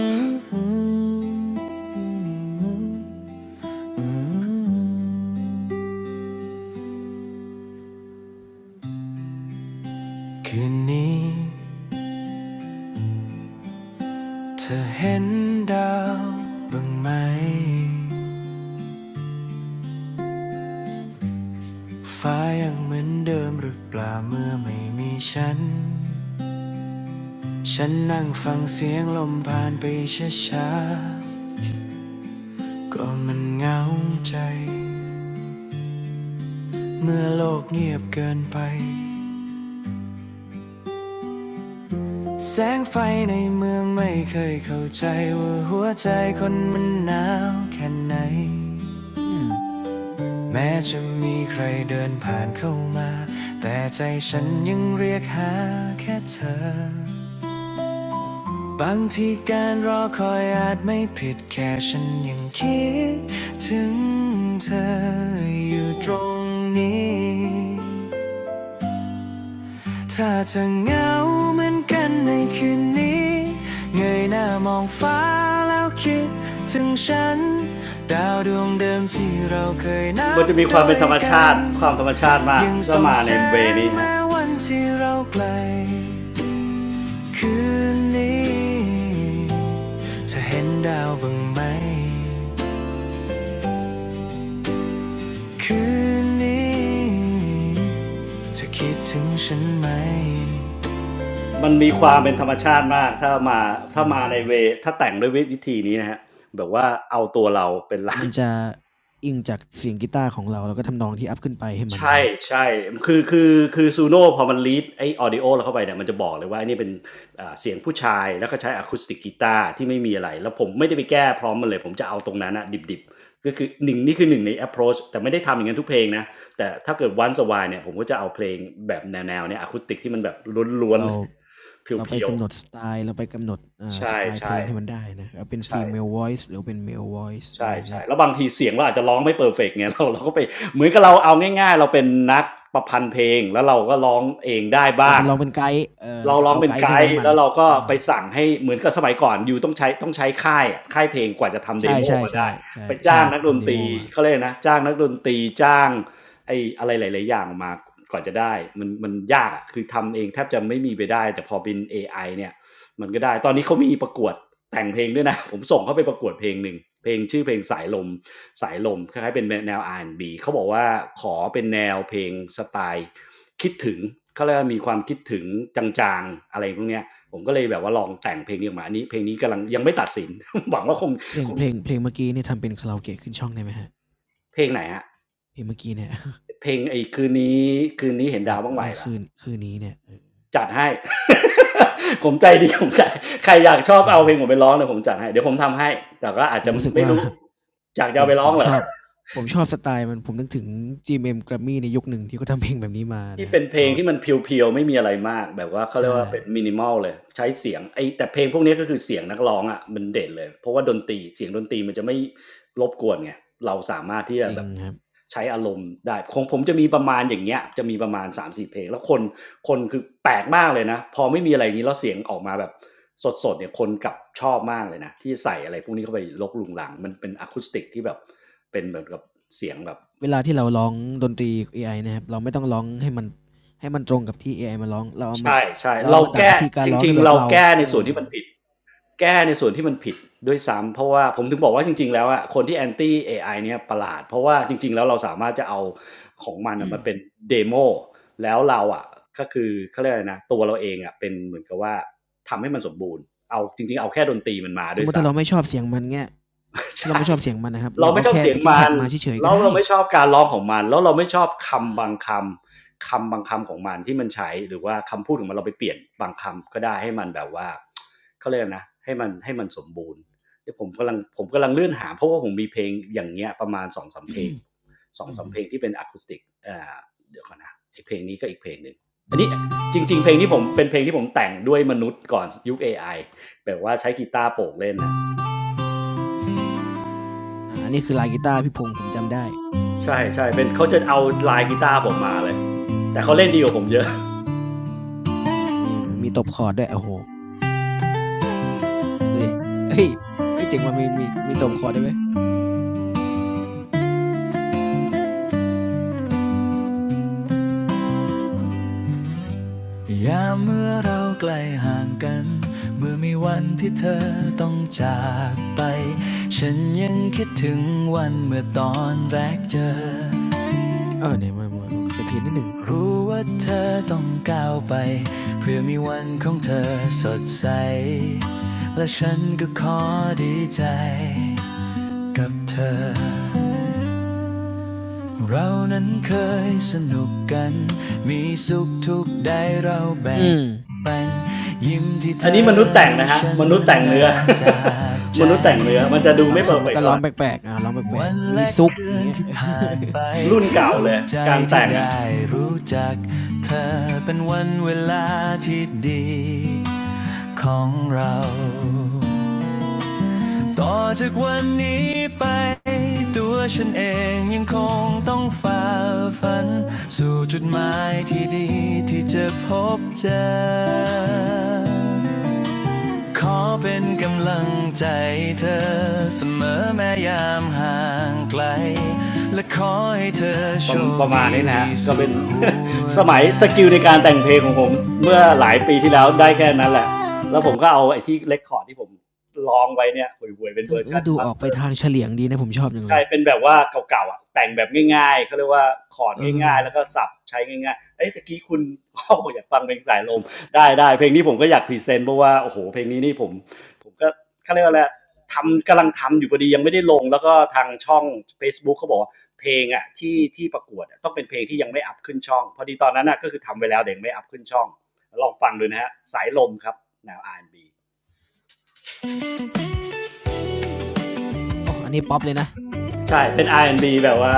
คืนนี้ เธอเห็นดาวบ้างไหมฟ้ายังเหมือนเดิมหรือเปล่าเมื่อไม่มีฉัน ฉันนั่งฟังเสียงลมผ่านไปช้าๆก็มันเหงาใจเมื่อโลกเงียบเกินไป แสงไฟในเมืองไม่เคยเข้าใจว่าหัวใจคนมันหนาวแค่ไหน อืมแม้จะมีใครเดินผ่านเข้ามาแต่ใจฉันยังเรียกหาแค่เธอโอ้บางทีการรอคอยอาจไม่ผิดแค่ฉันยังคิดถึงเธออยู่โอ้ตรงนี้ ถ้าจะเหงาเหมือนกันในคืนนี้เงยหน้ามองฟ้าแล้วคิดถึงฉันดาวดวงเดิมที่เราเคยนับมันจะมีความเป็นธรรมชาติดยกันความธรรมชาติมากก็มาในเวนี้นะวันที่เราไกลคืนนี้จะเห็นดาวบ้างไหมคืนนี้จะคิดถึงฉันไหม มันมีความเป็นธรรมชาติมากถ้ามาอืถ้ามามในเวถ้าแต่งด้วยวิวิธีนี้นะฮะแบบว่าเอาตัวเราเป็นหลัก มัน จะอิงจากเสียงกีตาร์ของเราแล้วก็ทำนองที่อัพขึ้นไปให้มันใช่นะฮะใช่คือคือคือซูโน่พอมันลีดไอออดิโอเราเข้าไปเนี่ยมันจะบอกเลยว่าไอ้นี่เป็นอ่าเสียงผู้ชายแล้วก็ใช้อะคูสติกกีตาร์ที่ไม่มีอะไรแล้วผมไม่ได้ไปแก้พร้อมมันเลยผมจะเอาตรงนั้นอะดิบๆก็คือหนึ่งนี่คือหนึ่งใน approach แต่ไม่ได้ทำอย่างนั้นทุกเพลงนะแต่ถ้าเกิดวันสวายเนี่ยผมก็จะเอาเพลงแบบแนวๆเนี่ยอะคูสติกที่มันแบบล้วนๆเรา เลย เเราไปพียวกำหนดสไตล์เราไปกำหนดๆอ่าสใช่ไตล์เพใช่ลงให้มันได้นะครับเป็น ใช่ female voice หรือเป็น male voice อะไรใช่อย่างเงี้ใช่ยแล้วบางทีเสียงเราอาจจะร้องไม่เปอร์เฟกต์ไง เราเราก็ไปเหมือนกับเราเอาง่ายๆเราเป็นนักประพันธ์เพลงแล้วเราก็ร้องเองได้เราบ้าไปงลองเป็นไกด์เออแล้เราวก็ร้องเอาเป็ไกนด์ไกขึ้นไปให้ด์มันแล้วเราก็เออไปสั่งให้เหมือนกับสมัยก่อนยูต้องใช้ต้องใช้ค่ายอะค่ายเพลงกว่าจะทำเดใช่โมอใช่อกมาใช่ได้ใช่ไปจ้าใช่งนักดทำนเดตโมรีมาเขาเรียกอะไรนะจ้างนักดนตรีจ้างไอ้อะไรหลายๆอย่างมากว่าจะได้มันมันยากอะคือทำเองแทบจะไม่มีไปได้แต่พอเป็นเอไอเนี่ยมันก็ได้ตอนนี้เขามีประกวด แต่งเพลงด้วยนะ ผมส่งเขาไปประกวดเพลงหนึ่งเพลงชื่อเพลงสายลมสายลมคล้ายๆเป็นแนวอาร์แอนด์บ b เขาบอกว่าขอเป็นแนวเพลงสไตล์คิดถึงเขาเรียกว่ามีความคิดถึงจางๆอะไรพวกเนี้ยผมก็เลยแบบว่าลองแต่งเพลงนี้ออกมาอันนี้เพลงนี้กำลังยังไม่ตัดสิน หวังว่าคงเพลงคงเพลงเพลงเมื่อกี้นี่ทำเป็นคาราโอเกะขึ้นช่องได้ไหมฮะเพลงไหนฮะเพลงเมื่อกี้เนี่ยเพลงไอ้คืนนี้คืนนี้เห็นเอดาอวบ้างไหเอมอล่ะคืนคืนนี้เนี่ยจัดให้ ผมใจดีผมใจใครอยากชอบโอ้เอาเพลงผมไปร้องเนี่ยผมจัดให้เดี๋ยวผมทำให้แต่ก็อาจผมจะรู้สึกไม่ว่ารู้อยากจะผเอามไปผร้องมเหรชอ อบผมชอบสไตล์มันผมนึกถึง GMM Grammy ในยุคหนึ่งที่เขาทำเพลงแบบนี้มาที่นะครับเป็นเพชลงอบที่มันเพียวๆไม่มีอะไรมากแบบว่าเขาเรียกใช่ว่าเป็น minimal เลยใช้เสียงไอ้แต่เพลงพวกนี้ยก็คือเสียงนักร้องอะมันเด่นเลยเพราะว่าดนตรีเสียงดนตรีมันจะไม่รบกวนไงเราสามารถที่จจะริงแบบครับ ใช้อารมณ์ได้ของผมจะมีประมาณอย่างเงี้ยจะมีประมาณสามสี่เพลงแล้วคนคนคือแปลกมากเลยนะพอไม่มีอะไรอย่างงี้แล้วเสียงออกมาแบบสดๆเนี่ยคนกลับชอบมากเลยนะที่ใส่อะไรพวกนี้เข้าไปรกรุงรังมันเป็นอะคูสติกที่แบบเป็นเหมือนกับเสียงแบบ เวลาที่เราร้องดนตรี a อไอนะครับเราไม่ต้องร้องให้มันให้มันตรงกับที่ AI มาร้องเราเอามาใช่ใช่เราเอาเรามาดัดแก้วิธีการจร้องริในงแบๆบเราเราแก้เอในส่วนอที่มันผิดแก้ในส่วนที่มันผิดด้วยซ้ำเพราะว่าผมถึงบอกว่าจริงๆแล้วอะคนที่แอนตี้ AI เนี่ยประหลาดเพราะว่าจริงๆแล้วเราสามารถจะเอาของมันน่ะมันเป็นเดโมแล้วเราอะก็คือเขาเรียกอะไรนะตัวเราเองอะเป็นเหมือนกับว่าทำให้มันสมบูรณ์เอาจริงๆเอาแค่ดนตรีมันมาสมด้วมยติถ้าเราซ้ำ ไม่ชอบเสียงมันเงี้ยถ้าเราไม่ชอบเสียงมันนะครับเราเราเอาไม่ชอบแค่ เสียง backing มั track นมาเฉยๆก็แล้วได้เราไม่ชอบการร้องของมันแล้วเราไม่ชอบเออคำบางคำคำบางคำของมันที่มันใช้หรือว่าคำพูดของมันเราไปเปลี่ยนบางคำก็ได้ให้มันแบบว่าเขาเรียกนะให้มันให้มันสมบูรณ์เดี๋ยวผมกำลังผมกำลังเลื่อนหาเพราะว่าผมมีเพลงอย่างเงี้ยประมาณสองถึงสามเพลงสอองถึงสามเพลงที่เป็นอะคูสติกอ่าเดี๋ยวก่อนนะไอเพลงนี้ก็อีกเพลงหนึ่งอันนี้จริงๆเพลงที่ผมเป็นเพลงที่ผมแต่งด้วยมนุษย์ก่อนยุคเอไอแบบว่าใช้กีตาร์โปกเล่นนะ ่าอันนี้คือลายกีตาร์พี่พงศ์ผมจำได้ใช่ใช่เป็นเขาจะเอาลายกีตาร์ผมมาเลยแต่เขาเล่นดีกว่าผมเยอะอ่ามีมีตบคอร์ดด้วยโอ้โหดูดิเอ้ยเอ้ยเจ๋งว่ะมีมีมีตบคอร์ดได้ไหมยามเมื่อเราใกล้ห่างกันเมื่อมีวันที่เธอต้องจากไปฉันยังคิดถึงวันเมื่อตอนแรกเจอเออไหนมามาจะเพี้ยนนิดนึงรู้อ่าว่าเธอต้องก้าวไปเพื่อมีวันของเธอสดใสและฉันก็ขอดีใจกับเธอ เรานั้นเคยสนุกกันมีสุขทุกข์ได้เราแบ่อืงมปันยิ้มที่เธอันนี้มนุษย์แต่งนะฮะัมนุษย์แต่งเนื้อ มนุษย์แต่งเนื้อมันจะอดูบางไม่เปท่ออนร์มัเฟนกก็เท่าร้อไหงร่แปลกๆอ่าร้องแปลวักนๆมีและซุกคือย่างนเงี้ย ที่ผ่านไปรุ่นเก่าเลยการแต่งได้รู้จักเธอเป็นวันเวลาที่ดีของเรา ต่อจากวันนี้ไปตัวฉันเองยังคงต้องฝ่าฝันสู่จุดหมายที่ดีที่จะพบเจอ ขอเป็นกำลังใจเธอเสมอแม้ยามห่างไกลและขอให้เธอโชปรประมาณนี้นะฮะก็สเป็นสมัยสกิลในการแต่งเพลงของผมเมื่อหลายปีที่แล้วได้แค่นั้นแหละแล้วผมก็เอาไอ้ที่เลคคอร์ดที่ผมลองไว้เนี่ยห่วยๆเป็นเอเวออร์เออชัน ดูออกไปทางเฉลียงดีนะผมชอบอย่างเลใช่ยเป็นแบบว่าเก่าๆอ่ะแต่งแบบง่ายๆเขาเรียกว่าคอร์ดเออง่ายๆแล้วก็สับใช้ง่ายๆเอ้ยตะกี้คุณ โอ้อยากฟังเพลงสายลมได้ได้เพลงนี้ผมก็อยากพรีเซนต์เพราะว่าโอ้โหเพลงนี้นี่ผมผมก็เขาเรียกว่าอะไรทำกำลังทำอยู่พอดียังไม่ได้ลงแล้วก็ทางช่อง Facebook เขาบอกว่าเพลงอ่ะที่ที่ประกวดต้องเป็นเพลงที่ยังไม่อัพขึ้นช่องพอดีตอนนั้นน่ะก็คือทำไปแล้วแต่ยังไม่อัพขึ้นช่องลองฟังดูนะฮะสายลมครับแนว R&B โอ้อันนี้ป๊อปเลยนะใช่เป็น R&B แอนด์บแบบว่า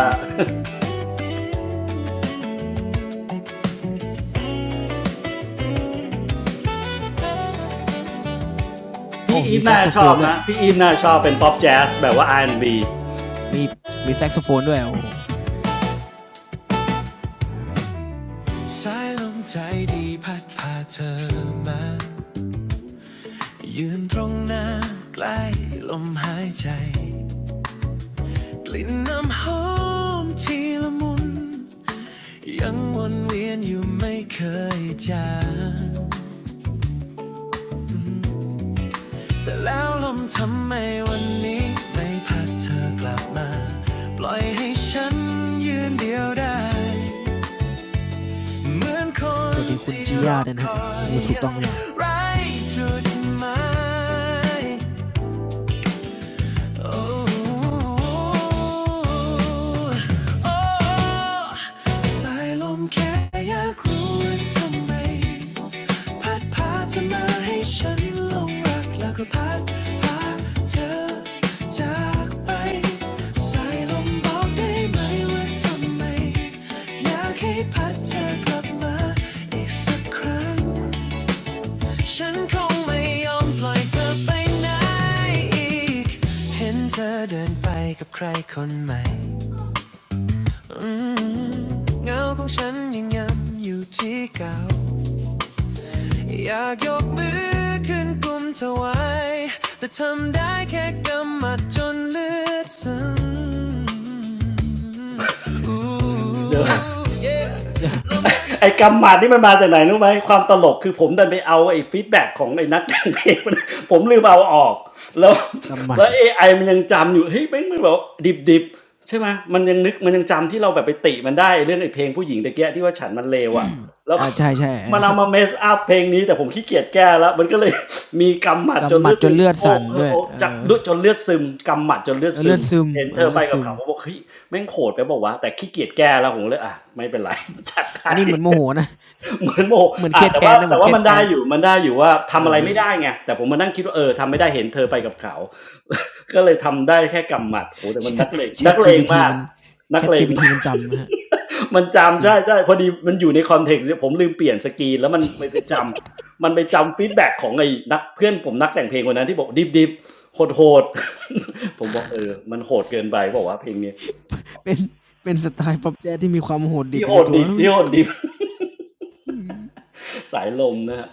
โอ้พี่อีมีฟแซกน่าโซชโฟอนบด้วยนะพี่อีฟน่าชอบเป็นป๊อปแจ๊สแบบว่า R&B มีมีแซกโซโฟนด้วยโอ้สายลมใจดีพัดพาเธอมายืนตรงหน้าใกล้ลมหายใจกลิ่นน้ำหอมทีละมุนยังวนเวียนอยู่ไม่เคยจางแต่แล้วลมทำไมวันนี้ไม่พัดเธอกลับมาปล่อยให้ฉันยืนเดียวได้ เหมือนคสนวัสดีคุณที่จีรย่าอด้วยคนะฮะอยดูถูกยัต้องงหรือเปล่าไร้จุดหมาย สายลมแค่อยากรู้ว่าทำไม พัดพาเธอมาให้ฉันลงรักแล้วก็พัดพาเธอจากไปสายลมบอกได้ไหมว่าทำไมอยากให้พัดเธอกลับมาอีกสักครั้ง ฉันคงไม่ยอมปล่อยเธอไปไหนอีก เห็นเธอเดินไปกับใครคนใหม่อืมเงาของฉันยังย้ำอยู่ที่เก่าอยากยกมือขึ้นกุมเธอไว้แต่ทำได้แค่กำมัดจนเลือดซึมโอ้ว เยไอ้กำหมัดนี่มันมาจากไหนรู้ไหมความตลกคือผมดันไปเอาไอ้ฟีดแบ็กของไอ้นักแต่งเพลง ผมลืมเอาออกแล้วกำหมัดแล้วเอไอมันยังจำอยู่เฮ้ยแม่งมันแบบดิบดิบๆใช่ไหมมันยังนึกมันยังจำที่เราแบบไปติมันได้เรื่องไอ้เพลงผู้หญิงตะเกียที่ว่าฉันมันเลวอะแล้ว อ่าใช่ใช่ มันเอามาเมสอัพเพลงนี้แต่ผมขี้เกียจแก้แล้วมันก็เลยมีกำหมั ดจกำนหมัเลืดอดจซึนมเลือดโอ้สั่นเออด้วยโอ้เอจัอเจนเลือดซึมกำหมัดจนเลือเอดอซึเลือมดซึมเห็นเอเธออเลืไปอดกัซึบมเขาผมบอกเฮ้ยแม่งโหดไปบอกว่าแต่ขี้เกียจแก้แล้วผมเลยอ่ะไม่เป็นไร จัดไป อันนี้เหมือนโมโหนะ เหมือนโมเหมือนเคอ่ะรียดแต่แค้ว่านนะ เหมืแต่อนเคว่ารียดมันแค้ได้นอยู่มันได้อยู่ว่าเอทำอะอไรไม่ได้ไงแต่ผมมานั่งคิดว่าเออทำไม่ได้เห็นเธอไปกับเขา ก็เลยทำได้แค่กำหมัดโอ้แต่แชมันนัทกเลงแชนัท กเลง GPT มากมันแชนักท เลง GPT มมันจำนะฮะัน จจำริง ใช่ใช่พอดีมันอยู่ในคอนเทกซ์ผมลืมเปลี่ยนสกรีนแล้วมันไปไปจำมันไปจำฟีดแบ็กของไอ้นักเพื่อนผมนักแต่งเพลงคนนั้นที่บอกดิบดิบโหดโหด ผมบอกเออมันโหดเกินไปบอกว่าเพลงนี้ เป็นเป็นสไตล์ป๊อปแจ๊สที่มีความโหดดิบที่อโหยู่ในดตัวดิบมัที่นโหก็ ดดิบ อืมสายลมนะฮะ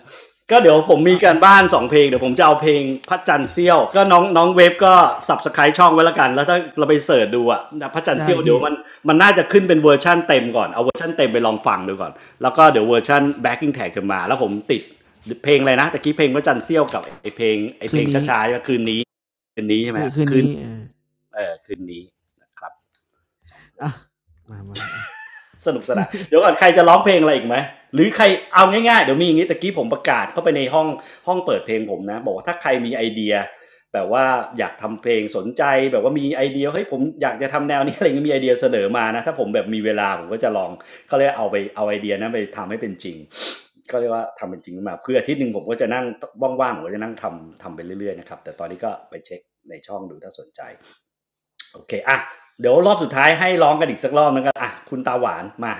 ก็เดี๋ยวผมอ่ะมีกาอ่ะรบ้าน2เพลงเดี๋ยวผมจะเอาเพลงพระจันทร์เซี่ยวก็น้องน้องเว็บก็สับสไครช่องไว้ละกันแล้วถ้าเราไปเสิร์ชดูอะพระจันทร์ได้เซี่ยวเดี๋ยวพี่มันมันน่าจะขึ้นเป็นเวอร์ชั่นเต็มก่อนเอาเวอร์ชั่นเต็มไปลองฟังดูก่อนแล้วก็เดี๋ยวเวอร์ชั่น backing tag จะมาแล้วผมติดเพลงอะไรนะตะกี้เพลงพระจันทร์เซี่ยวกับไอเพลงไอคืเพลนงนี้ช้าๆคืนนี้คืนนี้ใช่ไหมคืนฮคืนคืนนี้เออเออคืนนี้นะครับ อ่ะมามามา สนุกสนานเดี๋ยวก่อนใครจะร้องเพลงอะไรอีกไหมหรือใครเอาง่ายๆเดี๋ยวมีอย่างนี้ตะกี้ผมประกาศเข้าไปในห้องห้องเปิดเพลงผมนะบอกว่าถ้าใครมีไอเดียแบบว่าอยากทำเพลงสนใจแบบว่ามีไอเดียเฮ้ยผมอยากจะทำแนวนี้ อะไรเงี้ยมีไอเดียเสนอมานะถ้าผมแบบมีเวลาผมก็จะลองเขาเลยเอาไปเอาไอเดียนั้นไปทำให้เป็นจริงก็เรียกว่าทำเป็นจริงมาเพืออาทิตย์หนึ่งผมก็จะนั่งว่างๆผมก็จะนั่งทำทำไปเรื่อยๆนะครับแต่ตอนนี้ก็ไปเช็คในช่องดูถ้าสนใจโอเคอ่ะเดี๋ยวรอบสุดท้ายให้ร้องกันอีกสักรอบนึงก็อ่ะคุณตาหวานมา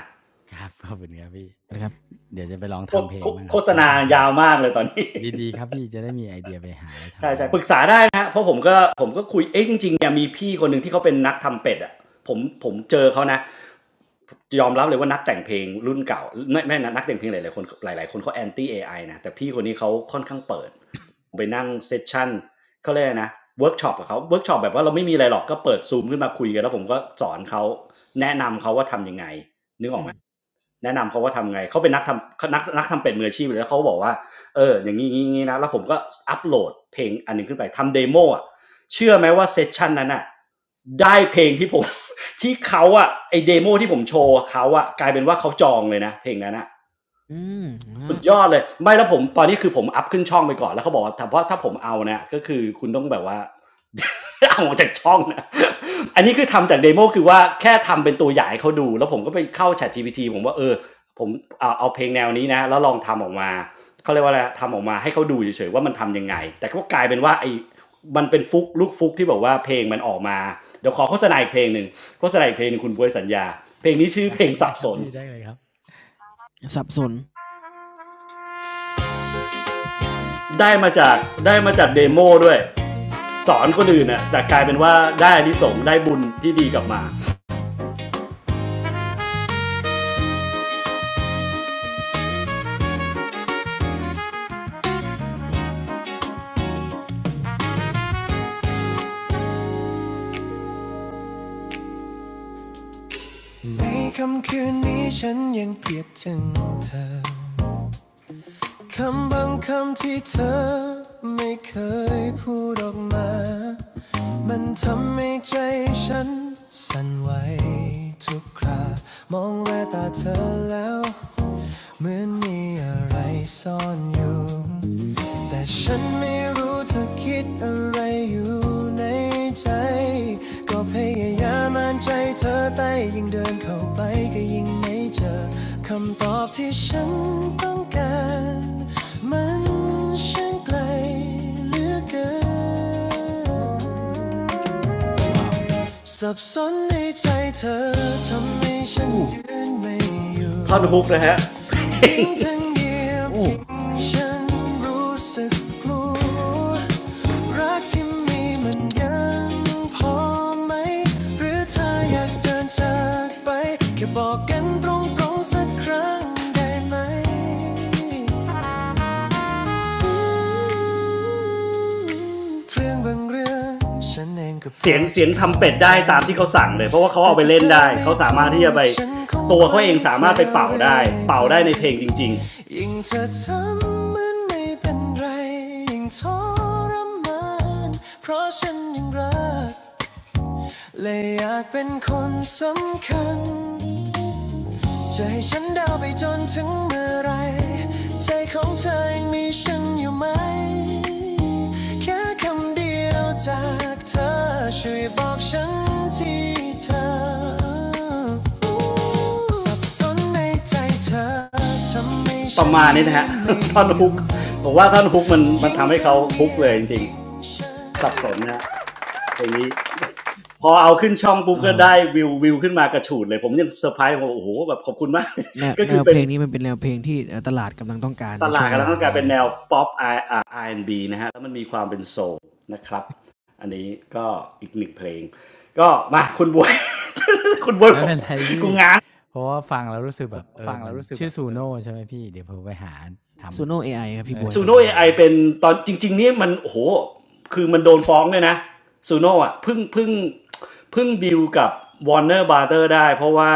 ครับขอบคุณครับพี่นะครับเดี๋ยวจะไปลองโฆษทำเพลงบ้างครับถ้าณาท่านสยานุวกมากเลยตอนนี้ ดีๆครับพี่จะได้มีไอเดียไปหาอะไร ใช่ทำใช่เล่นปรึกษาได้นะฮะเพราะผมก็ผมก็คุยเอ๊ะจริงๆเนี่ยมีพี่คนหนึ่งที่เขาเป็นนักทำเป็ดอ่ะผมผมเจอเขานะยอมรับเลยว่านักแต่งเพลงรุ่นเก่าไม่ไม่นักแต่งเพลงหลายๆคนหลายๆคนเขาแอนตี้เอไอนะแต่พี่คนนี้เขาค่อนข้างเปิดไปนั่งเซสชั่นเขาเรียกนะเวิร์กช็อปกับเขาเวิร์กช็อปแบบว่าเราไม่มีอะไรหรอกก็เปิดซูมขึ้นมาคุยกันแล้วผมก็สอนเขาแนะนำเขาว่าทำยังไง อืมแนะนำเขาว่าทำไง เขาเป็นนักทำเนักนักทำเป็ดมืออาชีพเลยแล้วเขาก็บอกว่าเอออย่างนี้งนี้นี้นะแล้วผมก็อัปโหลดเพลงอันหนึ่งขึ้นไปทำเดโมอ่ะเชื่อไหมว่าเซสชันนั้นอ่ะได้เพลงที่ผม ที่เขาอ่ะไอเดโมที่ผมโชว์เขาอ่ะกลายเป็นว่าเขาจองเลยนะเพลงนั้นอ่ะ อืมฮะสุดยอดเลยไม่แล้วผมตอนนี้คือผมอัพขึ้นช่องไปก่อนแล้วเขาบอกว่าแต่เพราะถ้าผมเอาเนี่ยก็คือคุณต้องแบบว่า เอาออกจากช่องนะ อันนี้คือทำจากเดโมคือว่าแค่ทำเป็นตัวอย่างให้เขาดูแล้วผมก็ไปเข้า Chat GPT ผมว่าเออผมเอาเอาเพลงแนวนี้นะแล้วลองทำออกมาเขาเรียกว่าอะไรทำออกมาให้เขาดูเฉยๆว่ามันทำยังไงแต่ก็กลายเป็นว่าไอ้มันเป็นฟุกลูกฟุกที่บอกว่าเพลงมันออกมาเดี๋ยวขอโฆษณาอีกเพลงหนึ่งโฆษณาอีกเพลงหนึ่งคุณบวยสัญญาเพลงนี้ชื่อเพได้ลงได้สับคสรับน พี่ได้เลยครับสับสนได้มาจากได้มาจากเดโมด้วยสอนคนอื่นน่ะแต่กลายเป็นว่าได้อานิสงส์ได้บุญที่ดีกลับมาในคำคืนนี้ฉันยังเพียบถึงเธอคำบางคำที่เธอไม่เคยพูดออกมามันทำให้ใจฉันสั่นไหวทุกครามองแววตาเธอแล้ว เหมือนมีอะไรซ่อนอยู่แต่ฉันไม่รู้เธอคิดอะไรอยู่ในใจก็พยายามอ่านใจเธอแต่ยิ่งเดินเข้าไปก็ยิ่งไม่เจอคำตอบที่ฉันต้องการมันช่างไกลเหลือเกินว้าวสับสนในใจเธอทำให้ฉันอู้ยืนไม่อยู่ท่อนฮุกนะฮะ ยิ่งเธอเงียบโอ้ยิ่งฉันรู้สึกกลัวรักที่มีมันยังพอไหมหรือเธออยากเดินจากไปแค่บอกกันตรงๆสักครั้งได้ไหม เรื่องบางเรื่องฉันเองสียงเสียงทำเป็ดได้ตามที่เขาสั่งเลยเพราะว่าเขาเอาไปเล่นได้เขาสามารถที่จะไปตัวเขาเองสามารถไปเป่าได้เป่าได้ในเพลงจริงๆ จะให้ฉันเดาไปจนถึงเมื่อไรใจของเธอยังมีฉันอยู่ไหมแค่คำเดียวจากเธอช่วยบอกฉันที่เธอสับสนในใจเธอทำให้ปฉันประมาณนี้นะฮะท่อนฮุกผมว่าท่อนฮุกมันมันทำให้เขาฮุกเลยจริงๆสับสนนะฮะเพลงนี้พอเอาขึ้นช่องปุ๊บเอก็อได้วิววิวขึ้นมากระฉูดเลยผมยังเซอร์ไพรส์ผมโอ้โหแบบขอบคุณมาก แนว ก็แนคือวเพเป็ลน งนี้มันเป็นแนวเพลงที่เอ่อตลาดกำลังต้องการตในช่ลาดวงเวกำลังลาต้องการนี้เป็นนะแนวฮะป๊อป R&B นด์บีนะฮะแล้วมันมีความเป็นโซลนะครับอันนี้ก็อีกหนึ่งเพลงก็มาคุณบวย คุณบวยไม่บอกเป็นไรกูพี่ง้าง เพราะว่าฟังแล้วรู้สึกแบบเออมันชื่อซูโน่ใช่ไหมพี่เดี๋ยวผมไปหาทซูโนเอไอครับำเอพี่บอวยซูผคมรับโน่ไปเอหาไอเป็นตอนจริงๆนี่มันโอ้โหคือมันโดนฟ้องเลยนะซูโน่อะเพึ่งเพึ่งเพึ่งดีลกับวอร์เนอร์บาร์เตอร์ได้เพราะว่า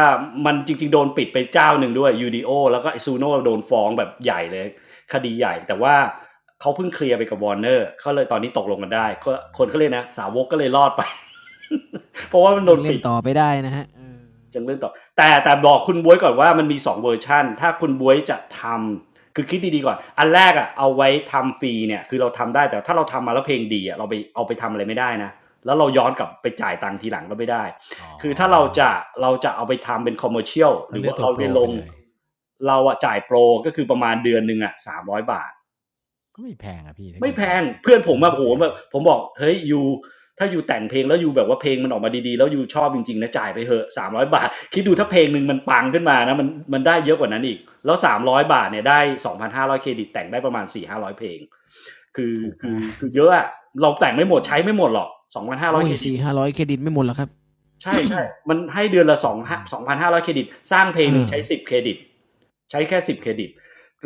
มันจริงๆโดนปิดไปเจ้าหนึ่งด้วยยูดีโอแล้วก็ซูโน่โดนฟ้องแบบใหญ่เลยคดีใหญ่แต่ว่าเขาเพิ่งเคลียร์ไปกับวอร์เนอร์เขาเลยตอนนี้ตกลงกันอ๋ได้อก็คนก็เลยนะสาวกก็เลยรอดไป อ๋ อเพราะว่ามันโดยังนเล่ปินด ต่อไปได้นะฮะเออจังเรื่องต่อแต่แต่บอกคุณบวยก่อนว่ามันมีสองเวอร์ชันถ้าคุณบวยจะทำคือคิดดีๆก่อนอันแรกอ่ะเอาไว้ทำฟรีเนี่ยคือเราทำได้แต่ถ้าเราทำมาแล้วเพลงดีอ่ะเราไปเอาไปทำอะไรไม่ได้นะแล้วเราย้อนกลับไปจ่ายตังค์ทีหลังก็ไม่ได้อ๋อคือถ้าเราจะเราจะเอาไปทำเป็นคอมเมอร์เชียลหต้อรืงอเลือว่ากตัเราวโปไปรลไปงเลยเราอะจ่ายโปรก็คือประมาณเดือนหนึ่งอะสามร้อยบาท ก็ไม่แพงอะพี่ถ้าไม่เกิดแพมันงเพื่อนผเอมอแบบไม่โหแพง แบบผมบอกเฮ้ยยูถ้ายูแต่งเพลงแล้วยูแบบว่าเพลงมันออกมาดีๆแล้วยูชอบจริงๆนะจ่ายไปเถอะสามร้อยบาท คิดดูถ้าโอ้เพลงหนึ่งมันปังขึ้นมานะมันมันได้เยอะกว่านั้นอีกแล้วสามร้อยบาทเนี่ยได้สองพันห้าร้อยเครดิตแต่งได้ประมาณสี่ถึงห้าร้อยเพลงคือถูกคืมาอก คือเยอะอะเราแต่งไม่หมดใช้ไม่หมดหรอกสองพันห้าร้อโอ้ยยเครดิตสี่ห้าร้อยเครดิตไม่หมดหรอกครับใช่ใช่มันให้เดือนละ สถูองกมากสองพันห้าร้อยเครดิตสร้างเพลงหนึ่งอ่าใช้สิบเครดิต ใช้แค่10เครดิต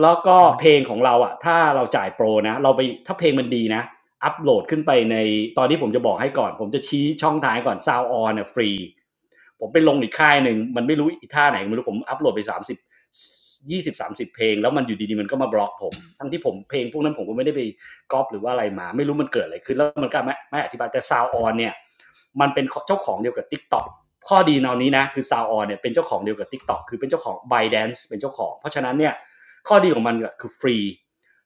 แล้วก็ทุกวันเพลงของเราอะถ้าเราจ่ายโปรนะเราไปถ้าเพลงมันดีนะ อัปโหลดขึ้นไปในตอนที่ผมจะบอกให้ก่อน ผมจะชี้ช่องทางให้ก่อนซาวออนเนี่ยฟรี ผมไปลงอีกค่ายหนึ่ง มันไม่รู้อีท่าไหนไม่รู้ผมอัปโหลดไปสามสิบ ยี่สิบสามสิบเพลงแล้วมันอยู่ดีๆมันก็มาบล็อกผมทั้งที่ผมเพลงพวกนั้นผมก็ไม่ได้ไปก๊อปหรือว่าอะไรมาไม่รู้มันเกิดอะไรขึ้นแล้วมันก็ไม่ไม่อธิบายแต่ซาวออนเนี่ยมันเป็นเจ้าของเดียวกับ Tik t o อกข้อดีตอนนี้นะคือซาวออนเนี่ยเป็นเจ้าของเดียวกับ Tik t o อกคือเป็นเจ้าของ b y d a n c e เป็นเจ้าของเพราะฉะนั้นเนี่ยข้อดีของมันก็คือฟรี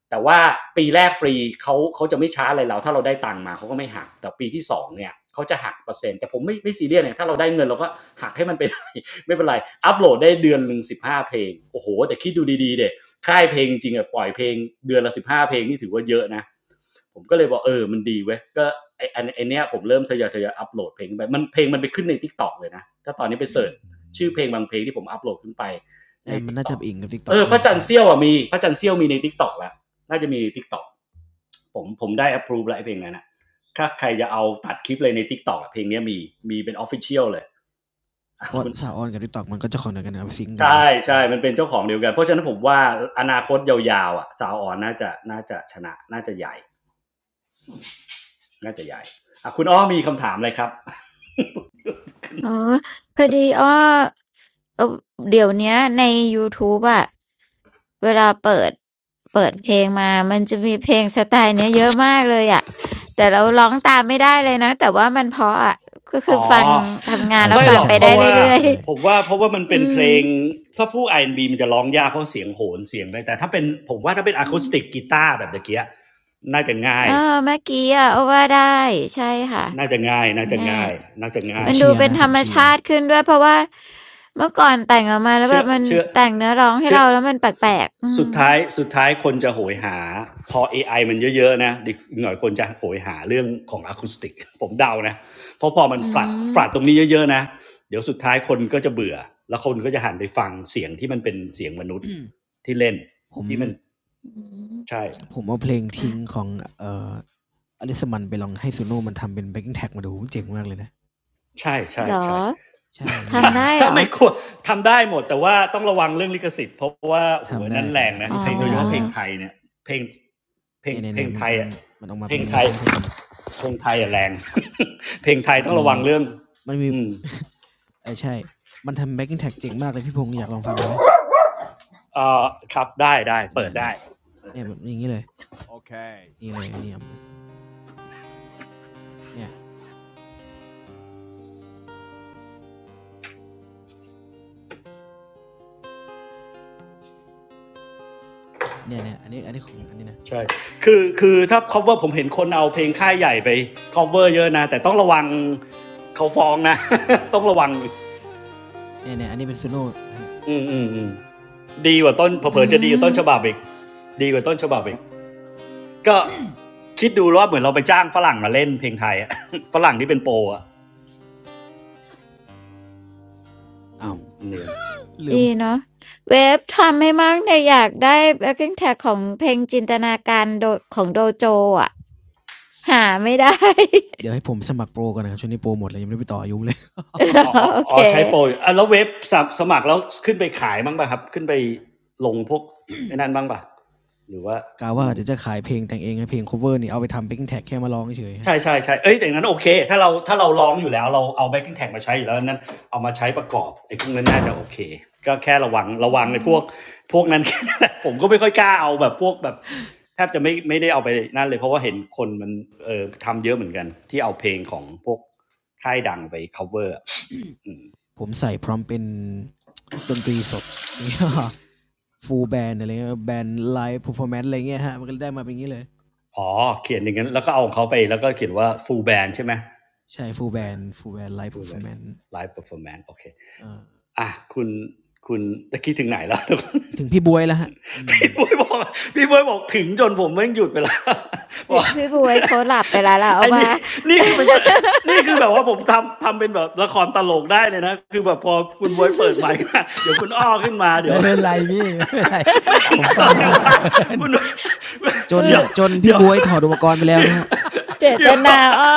แต่ว่าปีแรกฟรีเขาเขาจะไม่ช้าอะไรเราถ้าเราได้ตังค์มาเขาก็ไม่หักแต่ปีที่สองเนี่ยเขาจะหักเปอร์เซ็นต์แต่ผมไม่ไม่ซีเรียสเนี่ยถ้าเราได้เงินเราก็หักให้มันไปเลย ไม่เป็นไรอัปโหลดได้เดือนหนึ่งสิบห้าเพลงโอ้โหแต่คิดดูดีๆเด็กค่ายเพลงจริงอะปล่อยเพลงเดือนละสิบห้าเพลงนี่ถือว่าเยอะนะผมก็เลยบอกเออมันดีเว้ยก็ไอไอเนี้ยผมเริ่มทยอยทยอยอัปโหลดเพลงไปมันเพลงมันไปขึ้นในทิกตอกเลยนะถ้าตอนนี้ไปเสิร์ชอืชื่อมเพลงบางเพลงที่ผมอัปโหลดขึ้นไปในอ่ามันทิกน่าตจะอกอิงกับ t ิกตเออกอด้พวยระนะจัครันทบร์เสี้ยวอ่ะมีพระจันทร์เสี้ยวมีในทิกตอกแล้วน่าจะมีทิกตอกผมผมได้ approve แล้วไอเพลงนั้นนะถ้าใครจะเอาตัดคลิปเลยในทิกตอกเพลงนี้มีมีเป็น official เลยเพคุอืราะณ สาวม ออนกับ t ิกตอกมันก็จะคอนเนคกันนะซิงกกันใช่เนาะเอใช่ อ มันเป็นเจ้าของเดียวกัน เพราะฉะนั้นผมว่าอนาคตยาวๆอ่ะสาวอ่อนน่าจะน่าจะชนะน่าจะใหญ่น่าจะใหญ่อ่ะคุณอ้อมีคำถามอะไรครับ อ๋อพอดีอ้อเอ่อเดี๋ยวเนี้ยใน YouTube อะเวลาเปิด เปิดเพลงมามันจะมีเพลงสไตล์เนี้ยเยอะมากเลยอะแต่เราร้องตามไม่ได้เลยนะ แต่ว่ามันเพราะอะก็คืออ๋อฟังทำงาเอนอแล้วไม่ใช่ฟัหรงอกไปใช่เพได้ราะใช่ว่าใช่เรื่อยใช่ๆ ผมว่าเพราะว่ามัน อืเป็นเพมลงถ้าผู้อาร์แอนด์บีมันจะร้องยากเพราะเสียงโหนเสียงอะไรแต่ถ้าเป็นผมว่าถ้าเป็นอะอืคูสมติกกีตาร์แบบตะเกียน่าจะง่าเออยเมื่อกี้อะอ้อว่าได้ใช่ค่ะน่าจะง่ายน่าจะง่าง่ายยน่าจะผมง่ามัย นเชีดูยร์เป็นนะธผรมรมเชียชาร์ติขึ้นด้วยเพราะว่าเมื่อก่อนแต่งออกมาแล้วแบเชื่อบมันเชื่อแต่งเนื้อร้องให้เชื่อเราแล้วมันแปลสกๆอืมุดท้ายสุดท้ายคนจะโหยหาพอ AI มันเยอะๆนะอีกหน่อยคนจะโหยหาเรื่องของอะคูสติกผมเดานะเพราะพอมันอืฝรัดฝรัมดตรงนี้เยอะๆนะเดี๋ยวสุดท้ายคนก็จะเบื่อแล้วคนก็จะหันไปฟังเสียงที่มันเป็นเสียงมนุษย์ที่เล่นผมที่มันอืม ใช่ผมเอาเพลงทิ้งค่ะของเอ่ออลิสมันไปลองให้ซูโน่มันทำเป็นแบ็กกิ้งแท็กมาดูเจ๋งมากเลยนะใช่ใช่เหรอใช่ ใช่เนี่ ยถ้าเนี่ทำยเนี่ได้ยเหถ้ารอไม่ควรทำได้หมดแต่ว่าต้องระวังเรื่องลิขสิทธิ์เพราะว่าโหัวทำได้นั้นแรทำงได้อันะนอ๋อนี้เพลทำงโดไม่ยเฉนานพาะเพลแล้งวไทยเนี่ยเพลงเพลเนี่งยเนี่ยเพลเนี่ยงมันไทยเป็นอ่ะมันออกมาเพลเป็นงไทงี้ย ฮะทุกคนเพลงไทยอะแรง เพลงไทยมันต้องระมีวังเรื่องมันมี อืม เออใช่มันทำแบ็กกิ้งแท็กเจ๋งมากเลยพี่พงศ์อยากลองฟังดูไหมเอ่อครับได้ได้เปิเนี่ยดเนี่ยได้ เนี่ยมันอย่างนี้เลยนี่เลยอันนี้เอามาเนี่ยเนี่ยเนี่ยอันนี้อันนี้ของอันนี้นะใช่คือคือถ้า cover ผมเห็นคนเอาเพลงค่ายใหญ่ไป cover เยอะนะแต่ต้องระวังเขาฟ้องนะ ต้องระวังเนี่ยเนี่ยอันนี้เป็นซูโน่อืมอืมอืมดีกว่าต้นเผอืลอๆจะดีมกว่าต้นฉบับอีกดีกว่าต้นฉบับอีก ก็คิดดูว่าเหมือนเราไปจ้างฝรั่งมาเล่นเพลงไทยอะ ฝรั่งที่เป็นโปรอะอือ้าวมเนียน ลืดีม เนาะเว็บทำให้มั่งเนี่ยอยากได้แบ็คกิ้งแท็กของเพลงจินตนาการโดของโดโจอ่ะหาไม่ได้ เดี๋ยวให้ผมสมัครโปรก่อนนะครับช่วงนี้โปรหมดเลยยังไม่ได้ไปต่ออายุเลย เหรออ๋ออ๋อโอเคใช้โปรอยู่อ่ะแล้วเว็บสมัครแล้วขึ้นไปขายบ้างป่ะครับขึ้นไปลงพวกไอ้นั่นบ้างป่ะหรือว่า กะว่ายังไงเดี๋ยวจะขายเพลงแต่งเองให้เพลง cover นี่เอาไปทำ backing track แค่มาร้องเฉยฮะใช่ใช่ใช่เอ้ยแต่อย่างนั้นโอเคถ้าเราถ้าเราร้องอยู่แล้วเราเอาแบ็กกิ้งแท็กมาใช้อยู่แล้วนั้นเอามาใช้ประกอบไอ้พวกนั้นน่าจะโอเคก็แค่ระวังระอืวังในพมวกพวกนั้น แค่นั้นแหละผมก็ไม่ค่อยกล้าเอาแบบพวกแบบแทบจะไม่ไม่ได้เอาไปนั่นเลยเพราะว่าเห็นคนมันเออทำเยอะเหมือนกันที่เอาเพลงของพวกค่ายดังไป cover อม ผมใส่พร้อมเป็นดนตรีสดนี่ full band อะไรเงี้ยแบนไล v ์ performance อะไรเงี้ยฮะมันก็ได้มาเป็นอย่างนี้เลยอ๋อเขียนอย่างนั้นแล้วก็เอาของเขาไปแล้วก็เขียนว่า full band ใช่ไหม ใช่ full full band band full band live full band performance live performance โอเคอ่ะคุณคุณตะกี้ถึงไหนแล้ว ถึงพี่บวยแล้วฮะอืมพี่บุ้ยบอกพี่บุ้ยบอกถึงจนผมไม่งหยุดไปแล้ว บอพี่ก พี่บวยเขาหลับไปแล้วล่ะ เอาไอ้ว่า นี่นี่คือเป็นนี่คือแบบว่าผมทำทำเป็นแบบละครตลกได้เลยนะคือแบบพอคุณบวยเปิดไมค์ ขึ้นมาเดี๋ยวคุณอ้อขึ้นมา เดี๋ยว ไม่เป็น ไรพี่ไม่เป็นไรแม่งผมอะฟัไรงเวะพลินคุณ จคืน อเดี๋ยวจนพี่เดี๋ยว บวยถอดอุปกรณ์ไป แล้วพี่ นะฮะเจ พี่ตบอก นาอ้อ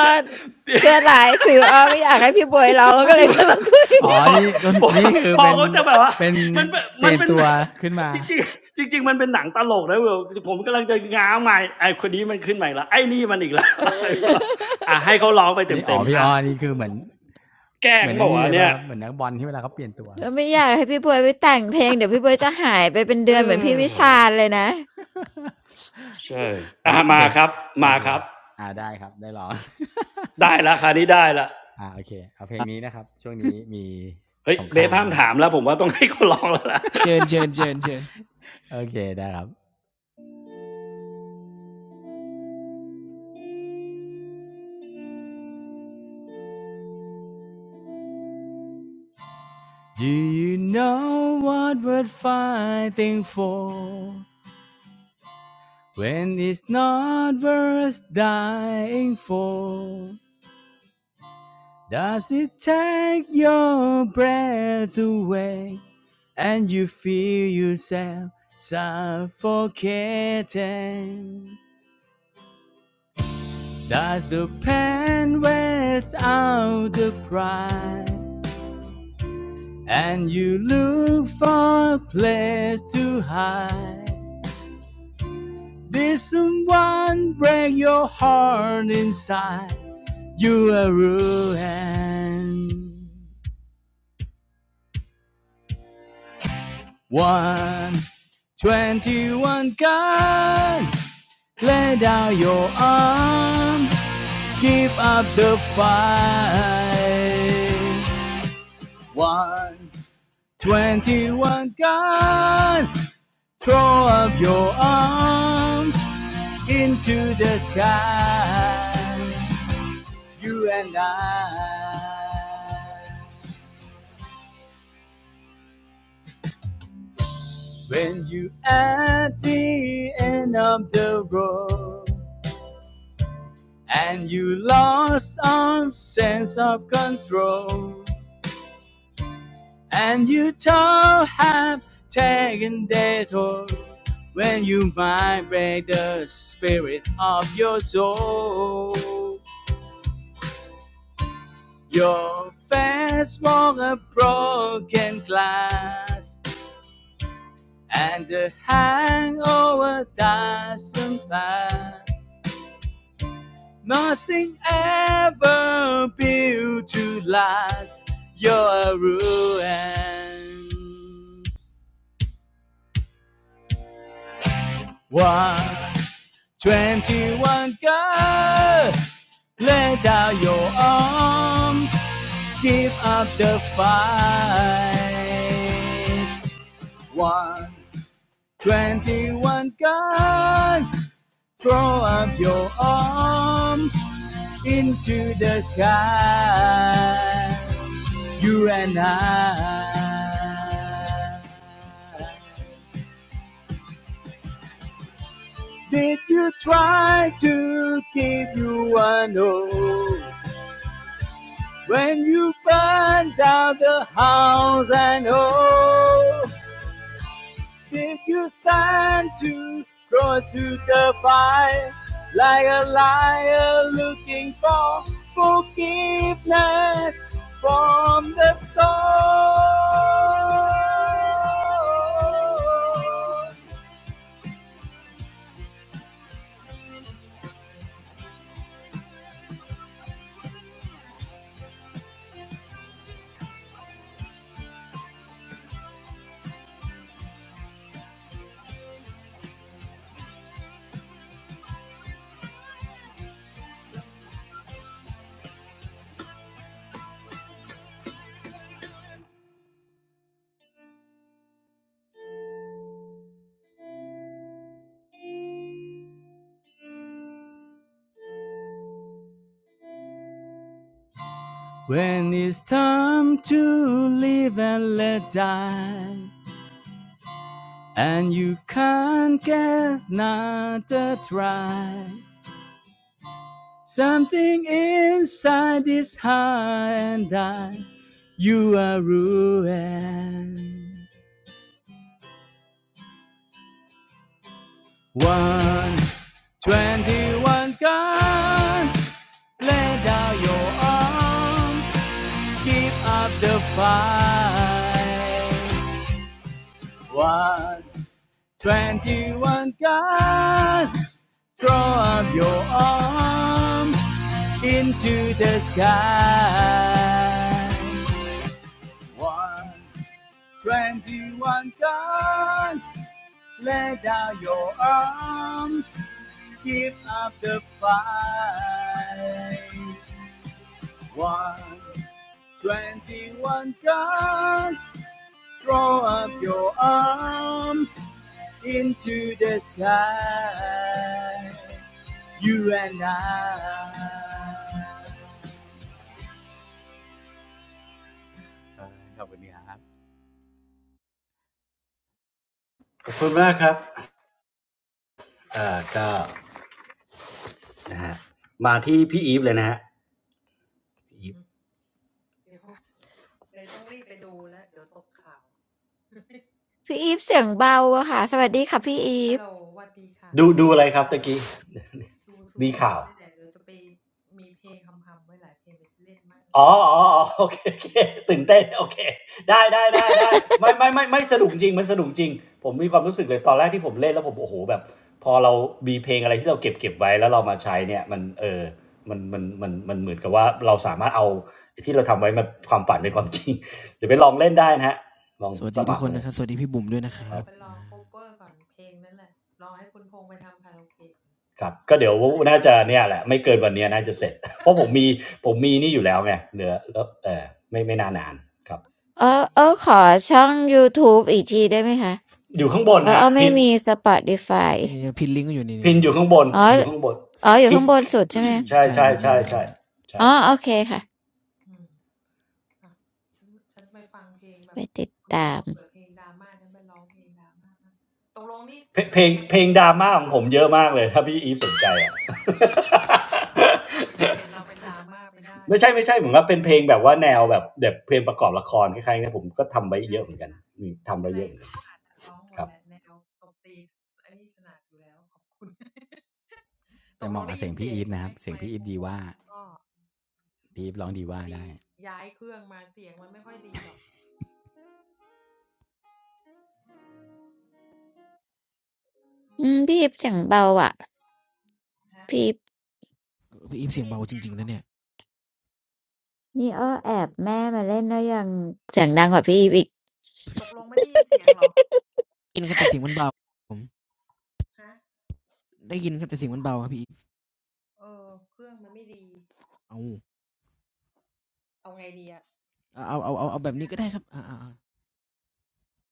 ชั่วร้ายคืออ้อไม่อยากให้พี่บวยร้องก็เลๆ พี่ ยขึ้นมาคุย บออ๋กอ บอกนี่จนบอนี่คือพอเป็นเขาจะแบบว่าเป็นมันเป็นเปมัลี่นยนเป็น ตัวขึ้นมา จริงๆจริงๆมันเป็นหนังตลกนะเวยผมกำลังจะง้างใหม่ไอ้คนนี้มันขึ้นใหม่ละไอ้นี่มันอีกแล้ว อะไ่ะให้เขาร้องไปนี่อ๋อเต็มๆพี่อ่ะอ้อนี่คือเหมือนแกล้เหงมือนบไอ้อกนี่ว่าเลยเนี่ป่ะยครับเหมือนนักบอลที่เวลาเขาเปลี่ยนตัว เราไม่อยากให้พี่บวยไปแต่งเพลงเดี๋ยวพี่บวยจะหายไปเป็นเอเดือนเหมือนพี่วิอชาญเลยนะ ใช่โออ่ะเคมาครับโอมาเคครับอ่าได้ครับได้ลอง ได้ละคราว นี้ได้ละอ่าโอเคเอาเพลงนี้นะครับช่วงนี้มีเฮ้ยสงเบคราฟมห้ามนะ ถามแล้วผมว่าต้องให้เขาร้องแล้วล่ะ เชิญเชิญเชิญเชิญ โอเคได้ครับ Do you know what we're fighting for when it's not worth dying for Does it take your breath away and you feel yourself suffocating Does the pain wear out the pride And you look for a place to hide. Did someone break your heart inside? You are ruined. One twenty-one gun. Lay down your arm. Give up the fight. One twenty-one guns. Throw up your arms. into the sky, you and I. When you at the end of the road and you lost all sense of control and you don't have taken that toll when you vibrate the spirit of your soul Your face wore a broken glass, and the hangover doesn't pass. Nothing ever built to last. You're a ruin. One 21 girl, let out your arms, give up the fight. One, 21 guns, throw up your arms into the sky. You and I. Did you try to give you one hope when you when it's time to live and let die and you can't get another try? Something inside is high and I, you are ruined. One twenty-one gone. Lay down your arm. Give up the fight. One twenty-one gone. Throw up your arms into the sky. One 21 guns, lay down your arms, give up the fight. One, 21 guns, throw up your arms into the sky. You and I. ขอบคุณครับขอบคุณมากครับอ่าก็มาที่พี่อีฟเลยนะฮะอีฟพี่อีฟเสียงเบาอะค่ะสวัสดีค่ะพี่อีฟดูดูอะไรครับตะกี้มีข่าว อ๋ออ๋ออ๋อโอเคโอเคตื่นเต้นโอเคได้ได้ได้ได้ไม่ไม่ไม่ไม่สนุกจริงมันสนุกจริงผมมีความรู้สึกเลยตอนแรกที่ผมเล่นแล้วผมโอ้โหแบบพอเรามีเพลงอะไรที่เราเก็บเก็บไว้แล้วเรามาใช้เนี่ยมันเออมันมันมันมันเหมือนกับว่าเราสามารถเอาไอ้ที่เราทำไว้มาความฝันเป็นความจริงเดี๋ยวไปลองเล่นได้นะฮะลองสวัสสดีทุกมัคครนเลยนะครับสวัสดีพี่บุ๋มด้วยนะคครัรับบครับก็เดี๋ยวน่าจะเนี่ยแหละไม่เกินวันเนี้ยน่าจะเสร็จเพราะผมมีผมมีนี่อยู่แล้วไงเหลือแล้วเออไม่ไม่นานานครับเออเออขอช่อง YouTube อีกทีได้ไหมคะอยู่ข้างบนเพราะเอฮะอไม่พิน มี Spotify นี่นพินลิงก์ก็อยู่นี่่พินนีอยู่ข้าง่ บนอ๋ออยู่ข้างบนอ๋ออคยู่ลิข้ากงบนสุดใช่ไหมใช่ ใช่ใช่บทเนี่ใช่ยเนี่ยใช่เนี่ยอ๋ใช่อโอใช่เคค่ะไปติดตามเพลงเพลงดราม่าของผมเยอะมากเลยถ้าพี่อีฟสนใจอ่ะไม่ใช่ไม่ใช่เหมือนว่าเป็นเพลงแบบว่าแนวแบบแบบเพลงประกอบละครคล้ายๆนีผมก็ทำไว้เยอะเหมือนกันทำไว้เยอะเหมือนกันครับแต่เหมาะกับเสียงพี่อีฟนะครับเสียงพี่อีฟดีว่าพี่อีฟร้องดีว่าได้อืมพี่อีฟเสียงเบาอ่ะพี่อฟพี่อีฟเสียงเบาจริงๆนะเนี่ยนี่อ้อแอบแม่มาเล่นแล้วยังเสียงดังกว่าพี่อีฟอีกได้ยินครับแต่เสียงมันเบาผมได้ยินครับแต่เสียงมันเบาครับพี่อีฟเอาเอาเอาเอาเอาแบบนี้ก็ได้ครับอ่า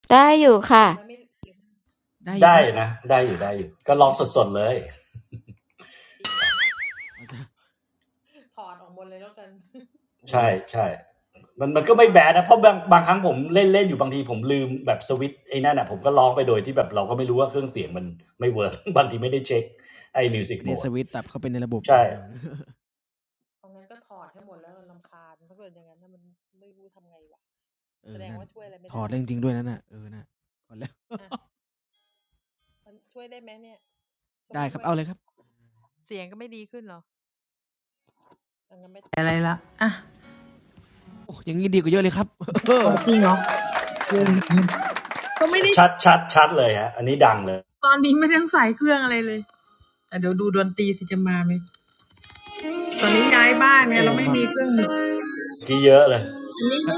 ได้อยู่ค่ะได้อยู่ได้ได้นะได้อยู่ได้อยู่ก็อลยู่องสดๆเลยครับเอาซะโอ้โหใช่ใช่มันมันก็ไม่แบดนะเพราะบางบางครั้งผมเล่นเล่นอยู่บางทีผมลืมแบบสวิตช์ไอ้นั่นอ่ะผมก็ร้องไปโดยที่แบบเราก็ไม่รู้ว่าเครื่องเสียงมันไม่เวิร์ก บางทีไม่ได้เช็คไอ้มิวสิกไม่โหมได้สด วิตช์ตับเข้าไปในระบบเอใช่อ เออนั่นถอดเรื่องจริงด้วยนั่นน่ะเออน่ะถอดแล้วได้ครับเอาเลยครับโอ้อย่างนี้ดีกว่าเยอะเลยครับ ใช่ชัดชัดชัดเลยฮะอันนี้ดังเลยโอ้มาอกีเยอะเลยครับ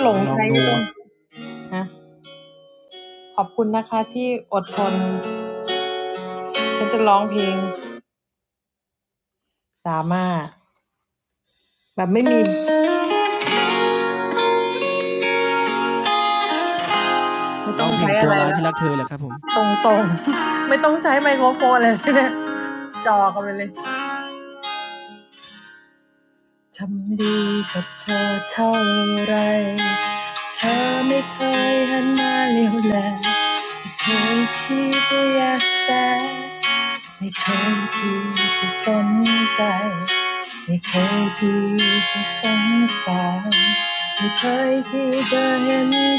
อ่าลองดูลองเพลงตัวร้ายที่รักเธอเหรครับผแมีจะสงสารยที่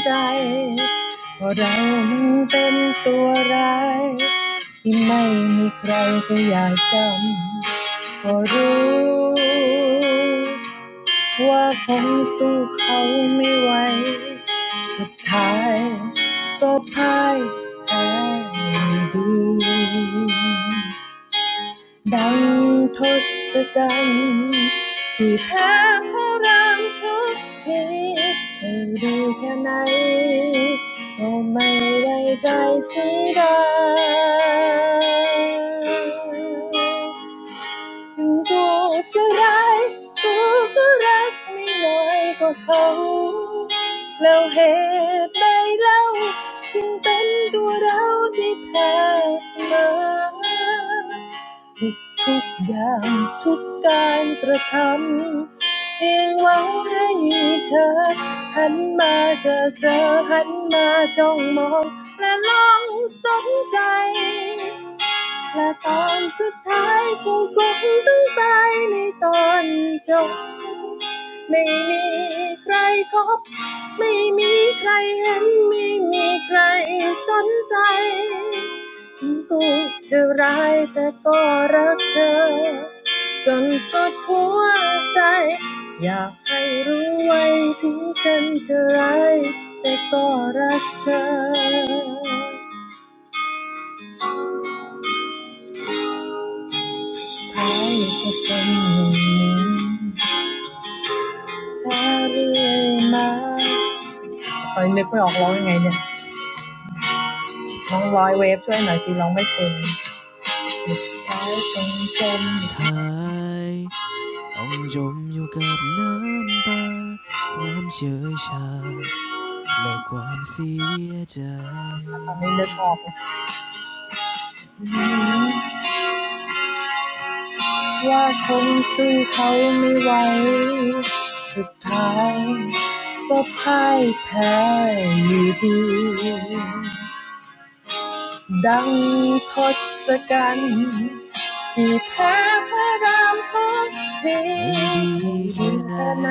จเรายัง็นัวร้ายท่จำก็รู ผมู้ขาไม่หสท้ายก็พ่ายแพ้อยู่ดี ดังทศกัณฐ์ที่แพ้พระรามทุกทีให้ดีแค่ไหนก็ไม่ได้ใจเสียดาย ถึงัูจะร้ายกูก็รักไม่น้อยกว่าเขาแล้วเหตุใดเล่าจึงเป็นตัวเราที่แพ้เสมอทุกทุกๆอย่างทุกการกระทำยังหวังให้เธอหันมาเจอเจอหันมาจ้องมองและลองสนใจ และตอนสุดท้ายกูคงต้องตายในตอนจบ ไม่มีใครคบไม่มีใครเห็น ไม่มีใครสนใจถึงกูจะร้ายแต่ก็รักเธอ จนสุดหัวใจให้รู้ไว้ถึงฉันจะร้ายแต่ก็รักเธอท้ายก็เป็นอย่างนี้ แพาเรื่อยมามใช่ ต้องจมอยู่กับน้ำตาความเฉยชาและความเสียใจุดท้ายก็พ่ายแพ้อยู่ดี ดังทศกัณฐ์ที่แพ้พระรามทุกทีให้ดีให้ดีแค่ไหนแค่ไหน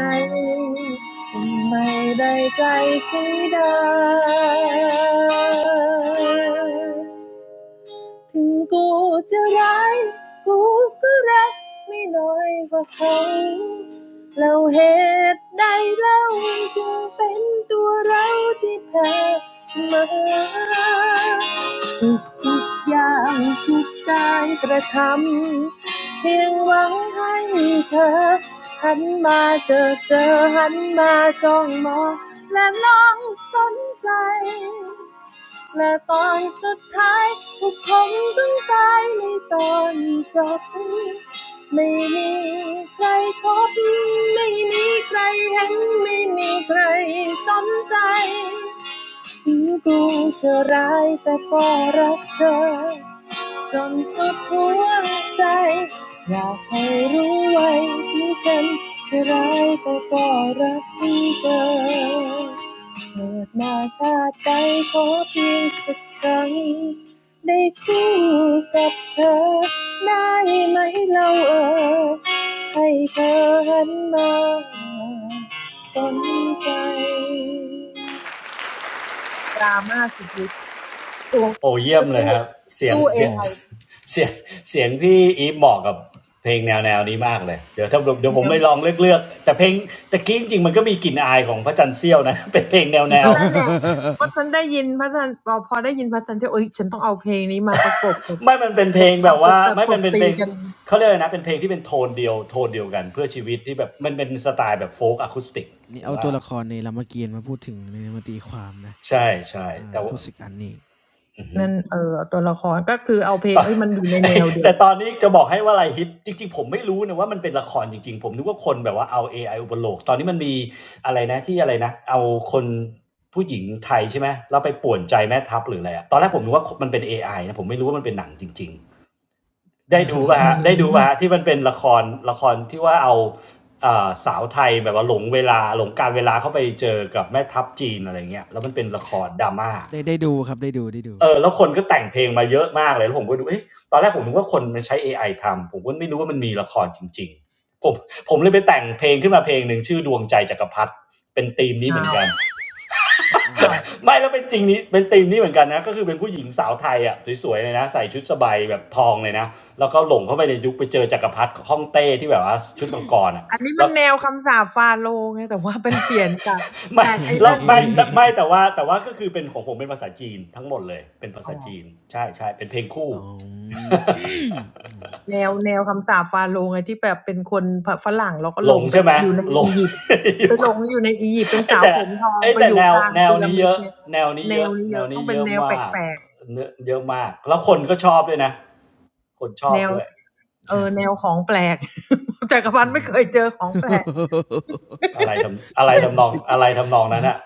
ไม่ได้ใจใช่ได้ ถึงกูจะร้ายกูก็รักไม่น้อยกว่าเขาแล้วเหตุใดเล่าจึงเป็นตัวเราที่แพ้เสมอทุกอย่างทุกการกระทำเพียงหวังให้เธอหันมาเจอเจอหันมาจ้องมองและลองสนใจ และตอนสุดท้ายทุกคนต้องตายในตอนจบไม่มีใครพบไม่มีใครเห็นไม่มีใครสนใจถึงกูจะร้ายแต่ก็รักเธอจนสุดหัวใจให้รู้ไว้ถึงฉันจะร้ายแต่ก็รักเธอ เกิดมาชาติใดขอเพียงสักครั้งได้คู่กับเธอได้ไหมเราเออให้เธอหันมาสนใจตัวโอ้เยี่ยจะมเลยสู้ครับเสียงสู้ AI โอ้เอเสีห ยง ไอ เสียงเสียงพี่อีฟเหมาะกับเพลงแนวแนวนี้มากเลยเดี๋ยวถ้าเดี๋ยวผมไปนะลองเลือกเลือกแต่เพลงตะกี้จริงๆมันก็มีกลิ่นอายของพระจันทร์เสี้ยวนะ เป็นเพลงแนวแนตอวนนั้นแหละพอฉั นได้ยินพระันพอได้ยินพสันทศโอ้ยฉันต้องเอาเพลงนี้มาประกบกับไม่มันเป็นเพละงแบบทำกัว่านบไม่ตเป็บนเป็นเพตีลงกันเขาเรียกนะเป็นเพลงที่เป็นโทนเดียวโทนเดียวกันเพื่อชีวิตที่แบบมันเป็นสไตล์แบบโฟล์กอะคูสติกนี่ผมเอาตัว่าวละครในรามเกียรติมาพูดถึงในนมาตีความนะใช่ใช่อ่าแต่ทว่า ศกัณฐ์นี่นั่นเออตัวละครก็คือเอาเพลตงอน เอ้ยมันอยู่ในแนว เดียวแต่ตอนนี้จะบอกให้ว่าอะไรฮิตจริงๆผมไม่รู้นะว่ามันเป็นละครจริงๆผมนึกว่าคนแบบว่าเอาเอไออุปโลกตอนนี้มันมีอะไรนะที่อะไรนะเอาคนผู้หญิงไทยใช่ไหมแล้วไปป่วนใจแม่ทัพหรืออะไรอะตอนแรกผมนึกว่ามันเป็น a อไอนะผมไม่รู้ว่ามันเป็นหนังจริงๆได้ดูป่ะฮะได้ดูป่ะฮะที่มันเป็นละครละครที่ว่าเอาสาวไทยแบบว่าหลงเวลาหลงการเวลาเข้าไปเจอกับแม่ทัพจีนอะไรเงี้ยแล้วมันเป็นละครดราม่า ได้ได้ดูครับได้ดูได้ดู เออแล้วคนก็แต่งเพลงมาเยอะมากเลยแล้วผมก็ดูเอ๊ะตอนแรกผมนึกว่าคนมันใช้เอไอทำผมก็ไม่รู้ว่ามันมีละครจริงๆผมผมเลยไปแต่งเพลงขึ้นมาเพลงหนึ่งชื่อดวงใจจักรพรรดิเป็นธีมนี้เหกัมือนน กันอ๋อ อ้าว ไม่แล้วเป็นจริงนี้เป็นธีมนี้เหมือนกันนะก็คือเป็นผู้หญิงสาวไทยอ่ะสวยๆเลยนะใส่ชุดสบายแบบทองเลยนะแล้วก็หลงเข้าไปในยุคไปเจอจักรพรรดิฮ่องเต้ที่แบบว่าชุดมังกรอ่ะอันนี้มัแล้นวแนวคำสาปฟาโรห์ไงแต่ว่าเป็นเปลี่ยนจากไม่เชจากไอ้แล้วนั่นเป็ไม่นไม่แต่ว่าแต่ว่าก็คือเป็นของผมเป็นภาษาจีนทั้งหมดเลยเป็นภาอ๋อษาจีนใช่ใช่เป็นเพลงคู่ อ๋อ อืมแนวแนวคำสาปฟาโรห์ไงที่แบบเป็นคนฝฝรั่งแล้วก็หลหลงงไปใช่ไหมอยู่ในหลงอียิปต์ไปหลงอยู่ในอียิปต์เป็นไอสาวแต่ผมทองไอไปแต่อยู่แนวกลางแนวพีระนี้มิเยดอะไงแนวนี้แนเยวอะนี้แนเยวอะต้นี้องเป็เยนอะแนวแปมากลกเนื้อเยอะมากแล้วคนก็ชอบด้วยนะคนชๆอแนบวด้วยคเอรัอบผแนม วของแปลก จักร พันอธ์ไม่เคยเจอของแปลก อะไรทำอะไรทำนองอะไรทำนองนั้นอะ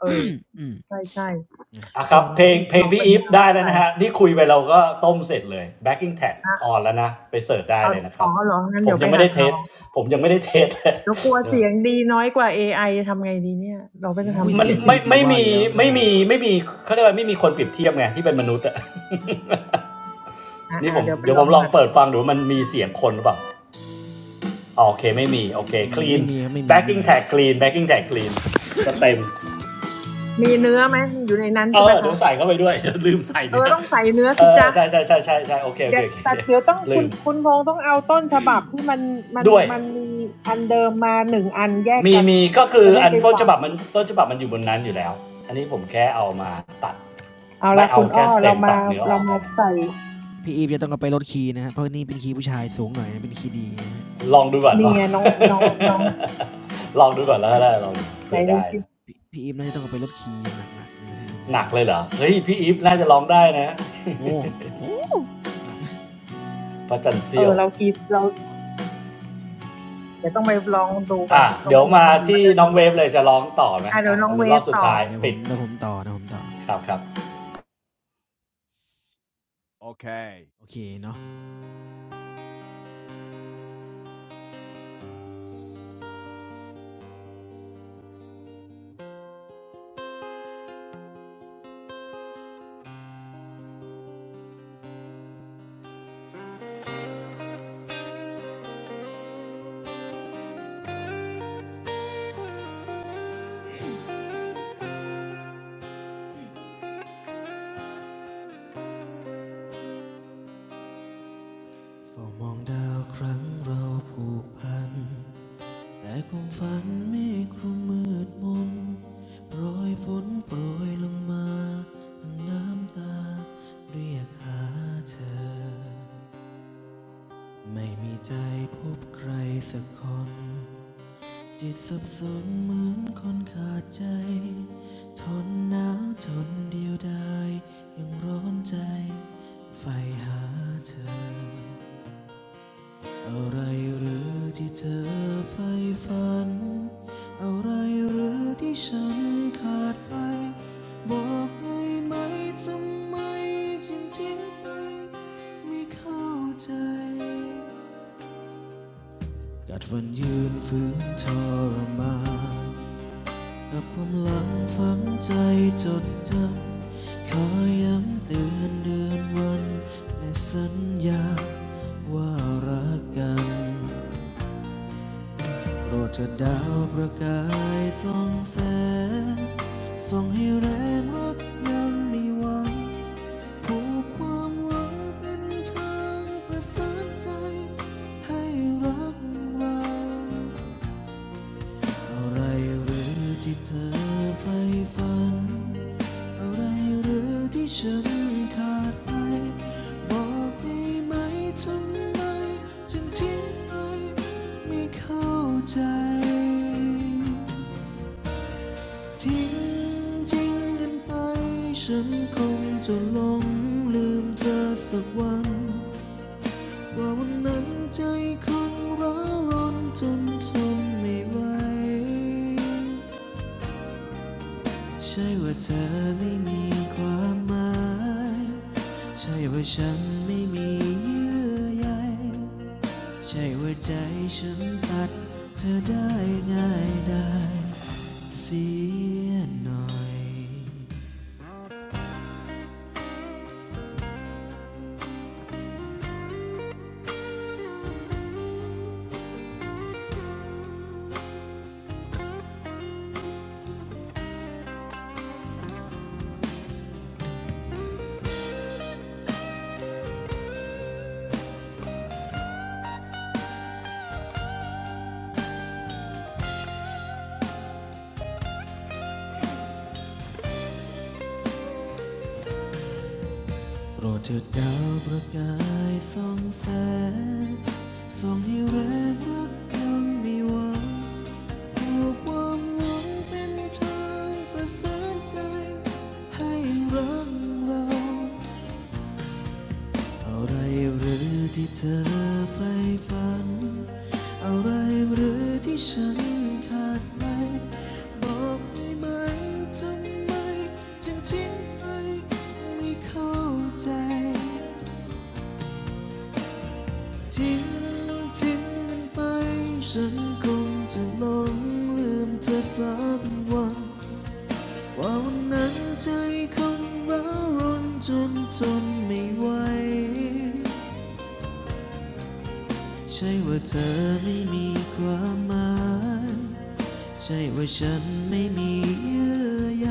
เอออืม ใ ช่นะ อ่ะๆคโอ้รับเพโฮเดี๋ลยวงต้องเพลลงองพี่เป็ นอีแนฟวได้แล้หวน่อยนะฮะที่คุยไปเราก็ต้มเสร็จเลย backing tag อาออนแล้วนะไปเสิร์ชได้เอาเลยนะครัอ๋อบเหรองั้นผเดี๋มยวไปยังไม่หัได้ดเทลอสง ผมยังไม่ได้เทส เรากลัว เนอเสียงดีน้อยกว่า AI จะทำไงดีเนี่ยเราก็จะอุ้ยทำมันเสีเสียยงงพี่ไม่อีฟดีไม่ว่าวอมียู่แล้วไม่ต้องไม่ห่วงมีไม่มีเขาเรียกว่าไม่มีคนเปรียบเทียบไงที่เป็นมนุษย์อะ นี่อ่าผๆมเดี๋ยวไปเดี๋ยวลผอมงลองหัดเปิดฟังดูว่ามันมีเสียงคนหรือเปล่าโอเคไม่มีโอเค ไม่มี clean ไม่มีครับไม่มีไม่ backing มี tag clean backing tag clean สเต็มมีเนื้อไหมอยู่ในนั้นเอใช่ไหมอเดี๋ยคะวใส่เข้าไปด้วย ลืมใส่เอเนี่อยต้องใส่เนื้อเอสิอจ๊ะใช่ใช่ใช่ใช่ใช่โอเคโอเดี๋ยเควโอเคแต่เดี๋ยวต้องลืคุณมคุณพงษ์ต้องเอาต้นฉบับที่มันมันด้วยมันมีอันเดิมมาหนึ่งอันแยกมีกันมีก็คือจะได้อันไปต้นฉฟังบับมันต้นฉบับมันอยู่บนนั้นอยู่แล้วอันนี้ผมแค่เอามาตัดเอาไม่ละเอาคุณอ้แค่อสเต็เรามมาตัดเนื้ออเราอกกัมานนใส่พี่อีฟจะต้องเอาไปลดคีย์นะฮะเพราะนี่เป็นคีย์ผู้ชายสูงหน่อยนะเป็นคีย์ดีนะฮะลองดูก่อนลนี่อง ไงน้องน้องน้อง ลองดูก่อนแล้วแล้วลองไหนเผื่อดูได้สิดพี่พีอีฟน่าจะต้องเอาไปลดคีย์อย่างหนักๆเลยนะฮะในงานหนักนี้เลยเหรอเฮ้ยพี่อีฟน่าจะลองได้นะโอ้โหหนักนะพระจันทร์เอเซี่ยอว เรากีเราเดี๋ยวต้องไปลองดูก่ออ่ะนต้องเดี๋ยไปวลอมางดูมาที่ได้น้องเวเนะฟเลยจะร้องต่อไหมอ่ะเดี๋ยอ่ะวน้เอองลเวยรอฟบสุดต่อใช่ท้ายเดี๋ยวผปิมดเดี๋ยวผมต่อนะผมต่อครับครับโอเคเนาะเฝ้ามองดาวครั้งเราผูกพันแต่ความฝันเมฆคลุมมืดมนโปรยฝนโปรยลงมาน้ำตาเรียกหาเธอ ไม่มีใจพบใครสักคนจิตสับสนเหมือนคนขาดใจทนหนาวทนเดียวดายยังร้อนใจไฟหาเธออะไรหรือที่เธอใฝ่ฝันอะไรหรือที่ฉันขาดไปบอกได้ไหมทำไมจึงทิ้งไปไม่เข้าใจ กัดฟันยืนฝืนทรมานกับความหลังฝังใจจดจำขอย้ำเตือนเดือนวันและสัญญาว่ารักกันโปรดเถิดดาวประกายส่องแสงส่องให้แรงรักยังในวันผูกความหวังเป็นทางประสานใจให้รักเรา อะไรหรือที่เธอใฝ่ฝันอะไรหรือที่ฉันขาดไป บอกได้ไหมทำไมจึงทิ้งไปไม่เข้าใจทิ้งทิ้งกันไปฉันคงจะหลงลืมเธอสักวัน ว่าวันนั้นใจคงร้อนรนจนทนไม่ไหว ใช่ว่าเธอไม่มีความหมาย ใช่ว่าฉันไม่มีเยื่อใยใช่ว่าใจฉันตัดเธอได้ง่ายได้เสียหน่อยโปรดเถิดดาวประกายส่องแสงส่องให้แรงรักยังมีหวังปลูกความหวังเป็นทางประสานใจให้รักเรา อะไรหรือที่เธอใฝ่ฝัน อะไรหรือที่ฉันขาดไปบอกได้ไหมทำไมจึงทิ้งไปไม่เข้าใจทิ้งทิ้งมันไปฉันคงจะหลงลืมเธอฝับวันว่าวันนั้นใจคงร้าวรนจนทนไม่ไหว ใช่ว่าเธอไม่มีความหมายใช่ว่าฉันไม่มีเยื่อใย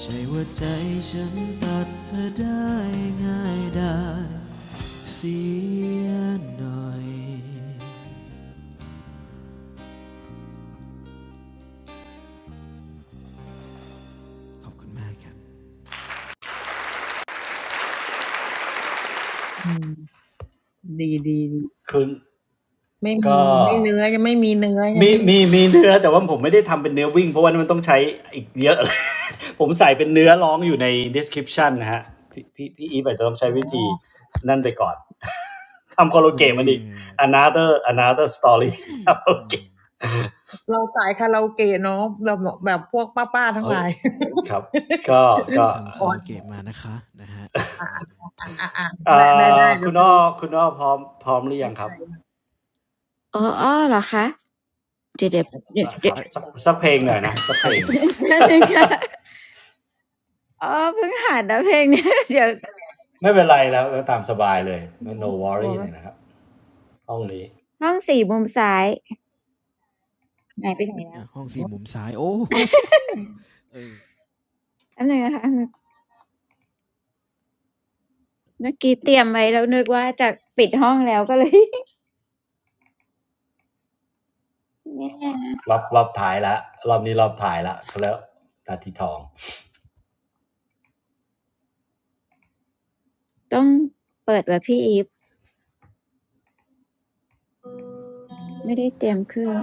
ใช่ว่าใจฉันตัดเธอได้ง่ายไดายเสียหน่อยขอบคุณมากครับคุณไม่ ก็มีมีมีเนื้อแต่ว่าผมไม่ได้ทำเป็นเนื้อวิ่งเพราะว่ามันต้องใช้อีกเยอะเลย ผมใส่เป็นเนื้อร้องอยู่ใน description นะฮะพี่พี่พี่อีฟอาจจะต้องใช้วิธีนั่นนะไปคก่อนทำคอโลมเกนตตมัรี นอีก another another story ทำคอ โลเกตเฮ้ยครับก็ต้อก็งทำคาราโอเกะมานะคะนะฮะอนี่นะฮะอ่าคุณอ้อคุณอ้อพร้อมพร้อมหรือยังครับอ๋ออ้อเหรอคะเดี๋ยวเดี๋ยวเดี๋ยวอ่ะคเดี๋ยรัวบสักสักเพลงหน่ใช่อยนะสักเพลใช่ง แป๊บนึงค่ะอ๋อเพิ่งหัดนะเพลงเนี้ยเดี๋ยวไม่เป็นไรแล้วก็ตามสบายเลย no ว worry งเลยนะครับห้องนี้ห้องสี่มุมซ้ายไหนไปไหนแล้ว ห้องสี่มุมซ้ายโอ้โเอออันไหนึงนะคะอันเมื่อกี้เตรียมไว้แล้วนึกว่าจะปิดห้องแล้วก็เลย แย่รอบรอบท้ายละรอบนี้รอบท้ายละเขาแล้วนาทีทองต้องเปิดแบบพี่อีฟไม่ได้เตรียมเครื่อง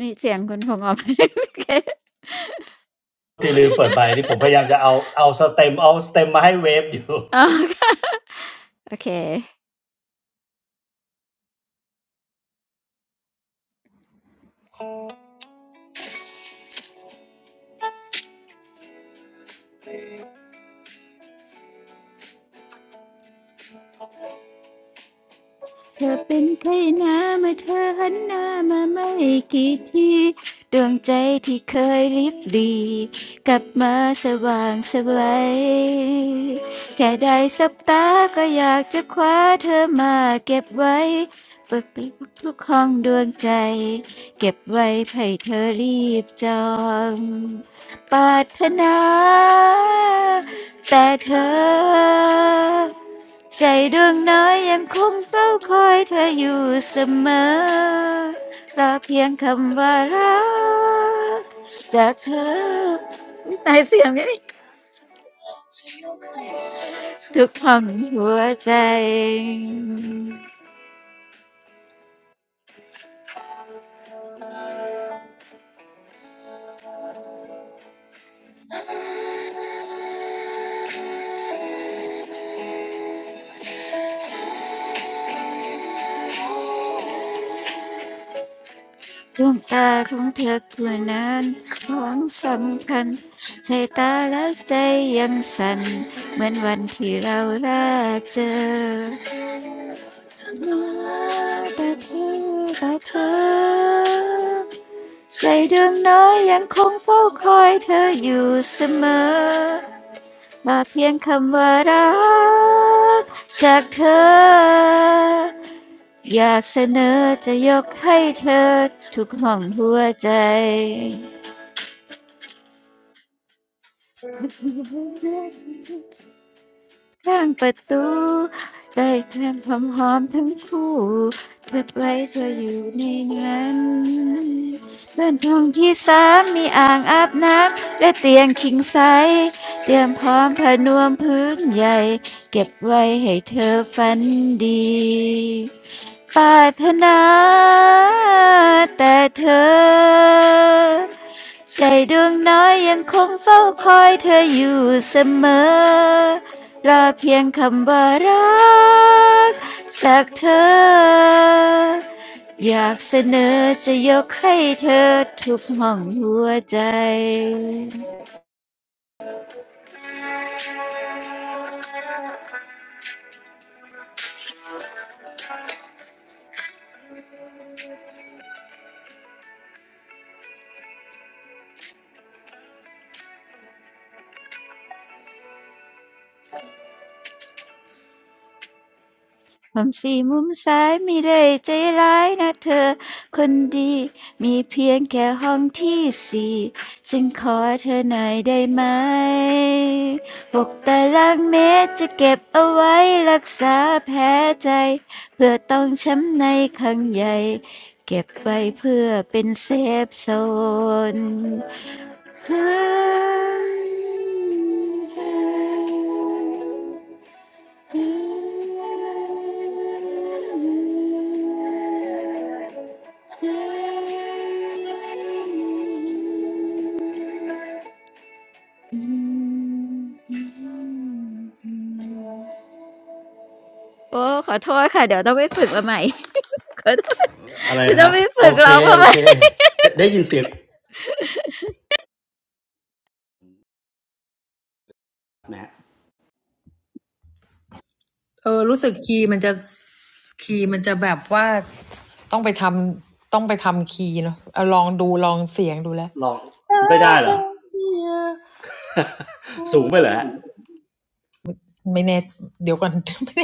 มีเสียงคุณพงษ์ออกมาโอเค ที่ลืมเปิดไปนี่ผมพยายามจะเอาเอาสเต็มเอาสเต็มมาให้เวฟอยู่ อ๋อค่ะโอเค เธอเป็นใครนะเมื่อเธอหันหน้ามาไม่กี่ทีดวงใจที่เคยริบหรีกลับมาสว่างสวัยแค่ได้สบตาก็อยากจะคว้าเธอมาเก็บไว้เปิดปลักทุกห้องดวงใจเก็บไว้ให้เธอรีบจองปรารถนาแต่เธอ ใจดวงน้อยยังคงเฝ้าคอยเธออยู่เสมอรอเพียงคำว่ารักจากเธอตายเสียงนี้ทุกห้องหัวใจดวงตาของเธอคือนั้นของสำคัญใจตาและใจยังสั่นเหมือนวันที่เราแรกเจอมาแต่เธอแต่เธอ ใจดวงน้อยยังคงเฝ้าคอยเธออยู่เสมอมาเพียงคำว่ารักจากเธอ อยากเสนอจะยกให้เธอทุกห้องหัวใจ ข้างประตูได้แคลมหอมหอมทั้งคู่เก็บไว้เธออยู่ในนั้นเลื่อนห้องที่สามมีอ่างอาบน้ำและเตียงคิงไซส์เตรียมพร้อมผ้านวมพื้นใหญ่เก็บไว้ให้เธอฝันดีปรารถนาแต่เธอ ใจดวงน้อยยังคงเฝ้าคอยเธออยู่เสมอรอเพียงคำว่ารักจากเธออยากเสนอจะยกให้เธอทุกห้องหัวใจ ความสี่มุมซ้ายไม่ได้ใจร้ายนะเธอคนดีมีเพียงแค่ห้องที่สี่ฉันขอเธอหน่อยได้ไหมหกตารางเมตรจะเก็บเอาไว้รักษาแผลใจเพื่อต้องช้ำในครั้งใหญ่เก็บไว้เพื่อเป็นเซฟโซน Hi, hi. โอ้ขอโทษค่ะเดี๋ยวต้องไปฝึกมาใหม่ขอโทษอะไรเดี๋ยวนะต้คองรับไปโอฝึกเคร้องมาโอใหม่เคได้ได้ยินเสียงเออรู้สึกคีย์มันจะคีย์มันจะแบบว่าลองไม่ได้เหรอสูงไปเหรอะ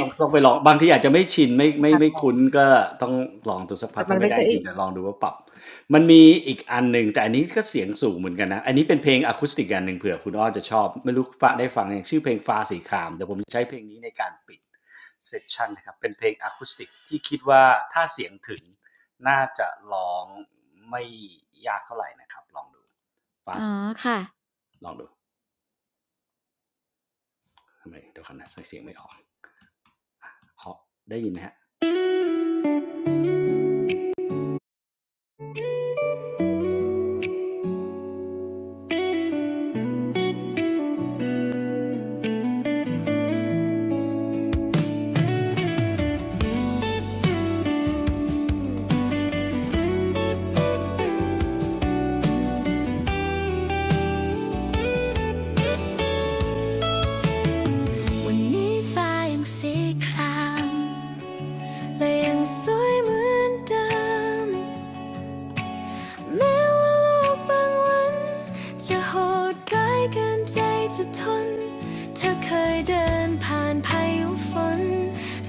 ต้องต้องไปลองบางทีอาจจะไม่ชินไม่ไม่ไม่คุ้นก็ต้องลองดูสักพักถ้าไม่ได้จริงเดี๋ยวลองดูว่าปรับมันมีอีกอันหนึ่งแต่อันนี้ก็เสียงสูงเหมือนกันนะอันนี้เป็นเพลงอะคูสติกอันหนึ่งเผื่อคุณอ้อจะชอบไม่รู้ฟ้าได้ฟังยังชื่อเพลงฟ้าสีครามเดี๋ยวผมจะใช้เพลงนี้ในการปิดเซสชันนะครับเป็นเพลงอะคูสติกที่คิดว่าถ้าเสียงถึงน่าจะร้องไม่ยากเท่าไหร่นะครับลองดูอ๋อค่ะลองดูทำไมเดี๋ยวขนะเสียงไม่ออกเอาได้ยินไหมฮะวันนี้ฟ้ายังสีคราม และยังสวยเหมือนเดิมแม้ว่าโลกบางวันจะโหดร้ายเกินใจจะทนเธอเคยเดินผ่านพายุฝน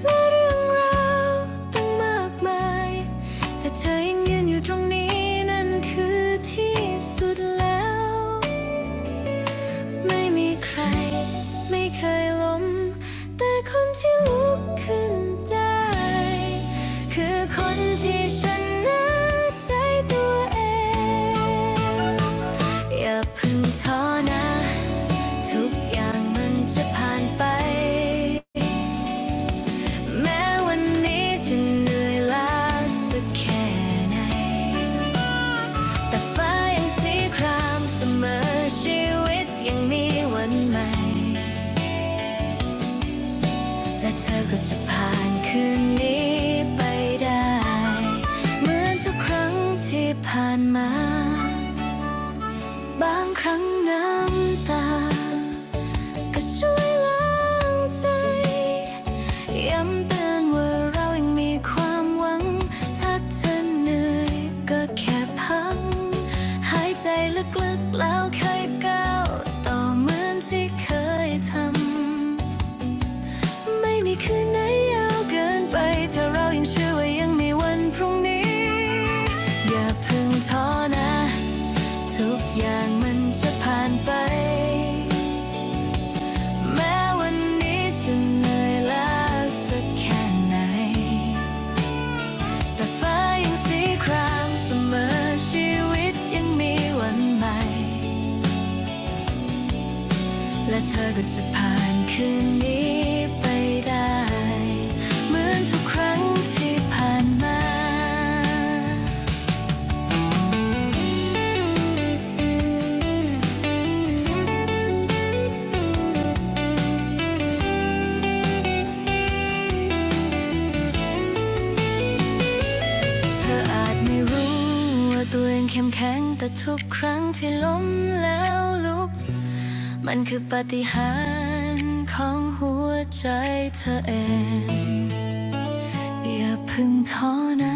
และเรื่องราวตั้งมากมายแต่เธอยังยืนอยู่ตรงนี้นั่นคือที่สุดแล้วไม่มีใครไม่เคยล้มแต่คนที่ลุกขึ้นได้ คือคนที่ชนะใจตัวเองอย่าเพึ่งท้อนะทุกอย่างมันจะผ่านไปแม้วันนี้จะเหนื่อยล้าสักแค่ไหนแต่ฟ้ายังสีครามเสมอชีวิตยังมีวันใหม่ และเธอก็จะผ่านคืนนี้ไปได้เหมือนทุกครั้งที่ผ่านมาบางครั้งน้ำตา ก็ช่วยล้างใจย้ำเตือนว่าเรายังมีความหวังถ้าเธอเหนื่อยก็แค่พักหายใจลึกๆแล้วค่อยก้าวต่อเหมือนที่เคยทำ ไม่มีคืนไหนยาวเกินไปถ้าเรายังเชื่อว่ายังมีวันพรุ่งนี้อย่าเพิ่งท้อนะทุกอย่างมันจะผ่านไป แม้วันนี้จะเหนื่อยล้าสักแค่ไหน แต่ฟ้ายังสีครามเสมอชีวิตยังมีวันใหม่ และเธอก็จะผ่านคืนนี้ไปได้ เหมือนทุกครั้งที่ผ่านมา เธออาจไม่รู้ว่าตัวเองเข้มแข็งแต่ทุกครั้งที่ล้มแล้วลุก มันคือปาฏิหาริย์ของหัวใจเธอเองอย่าเพึ่งท้อนะ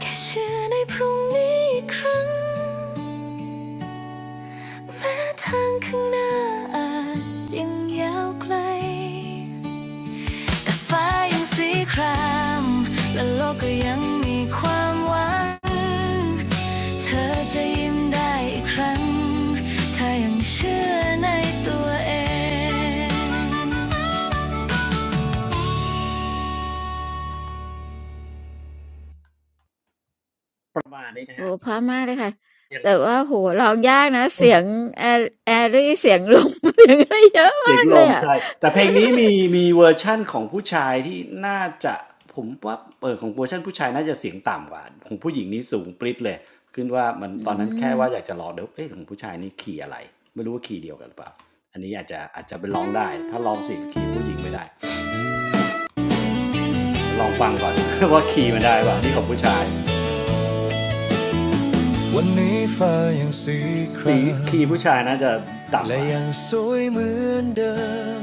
แค่เชื่อในพรุ่งนี้อีกครั้งแม้ทางข้างหน้าอาจยังยาวไกลแต่ฟ้ายังสีครามและโลกก็ยังมีความหวังเธอจะยิ้มได้อีกครั้งถ้ายังเชื่อในตัวเอง ประมาณนี้นะโอ้ฮะโฮเพราะมากเลยค่ะอย่างแต่ว่าโอ้โฮร้องยากนะเสียงแอแอรี่เสียงลมเสียงอะไรเยอะเสียมางกลเลยมอะ ใช่แต่เพลงนี้มี มีเวอร์ชั่นของผู้ชายที่น่าจะผมว่าเปิดของเวอร์ชันผู้ชายน่าจะเสียงต่ำกว่าของผู้หญิงนี่สูงปริ๊ดเลยขึ้นว่ามันอืตอนนั้นแค่มว่าอยากจะลองเดี๋ยวเอ๊ะของผู้ชายนี่ขี่อะไรไม่รู้ว่าขี่เดียวกันหรือเปล่าอันนี้อาจจะอาจจะไปลองได้ถ้าลองเสียงขี่ผู้หญิงไม่ได้ลองฟังก่อน ว่าขี่มันได้ป่ะนี่ของผู้ชายวันนี้ฟ้ายังสีครามขี่ผู้ชายน่าจะต่ำกและว่ายังสวยเหมือนเดิม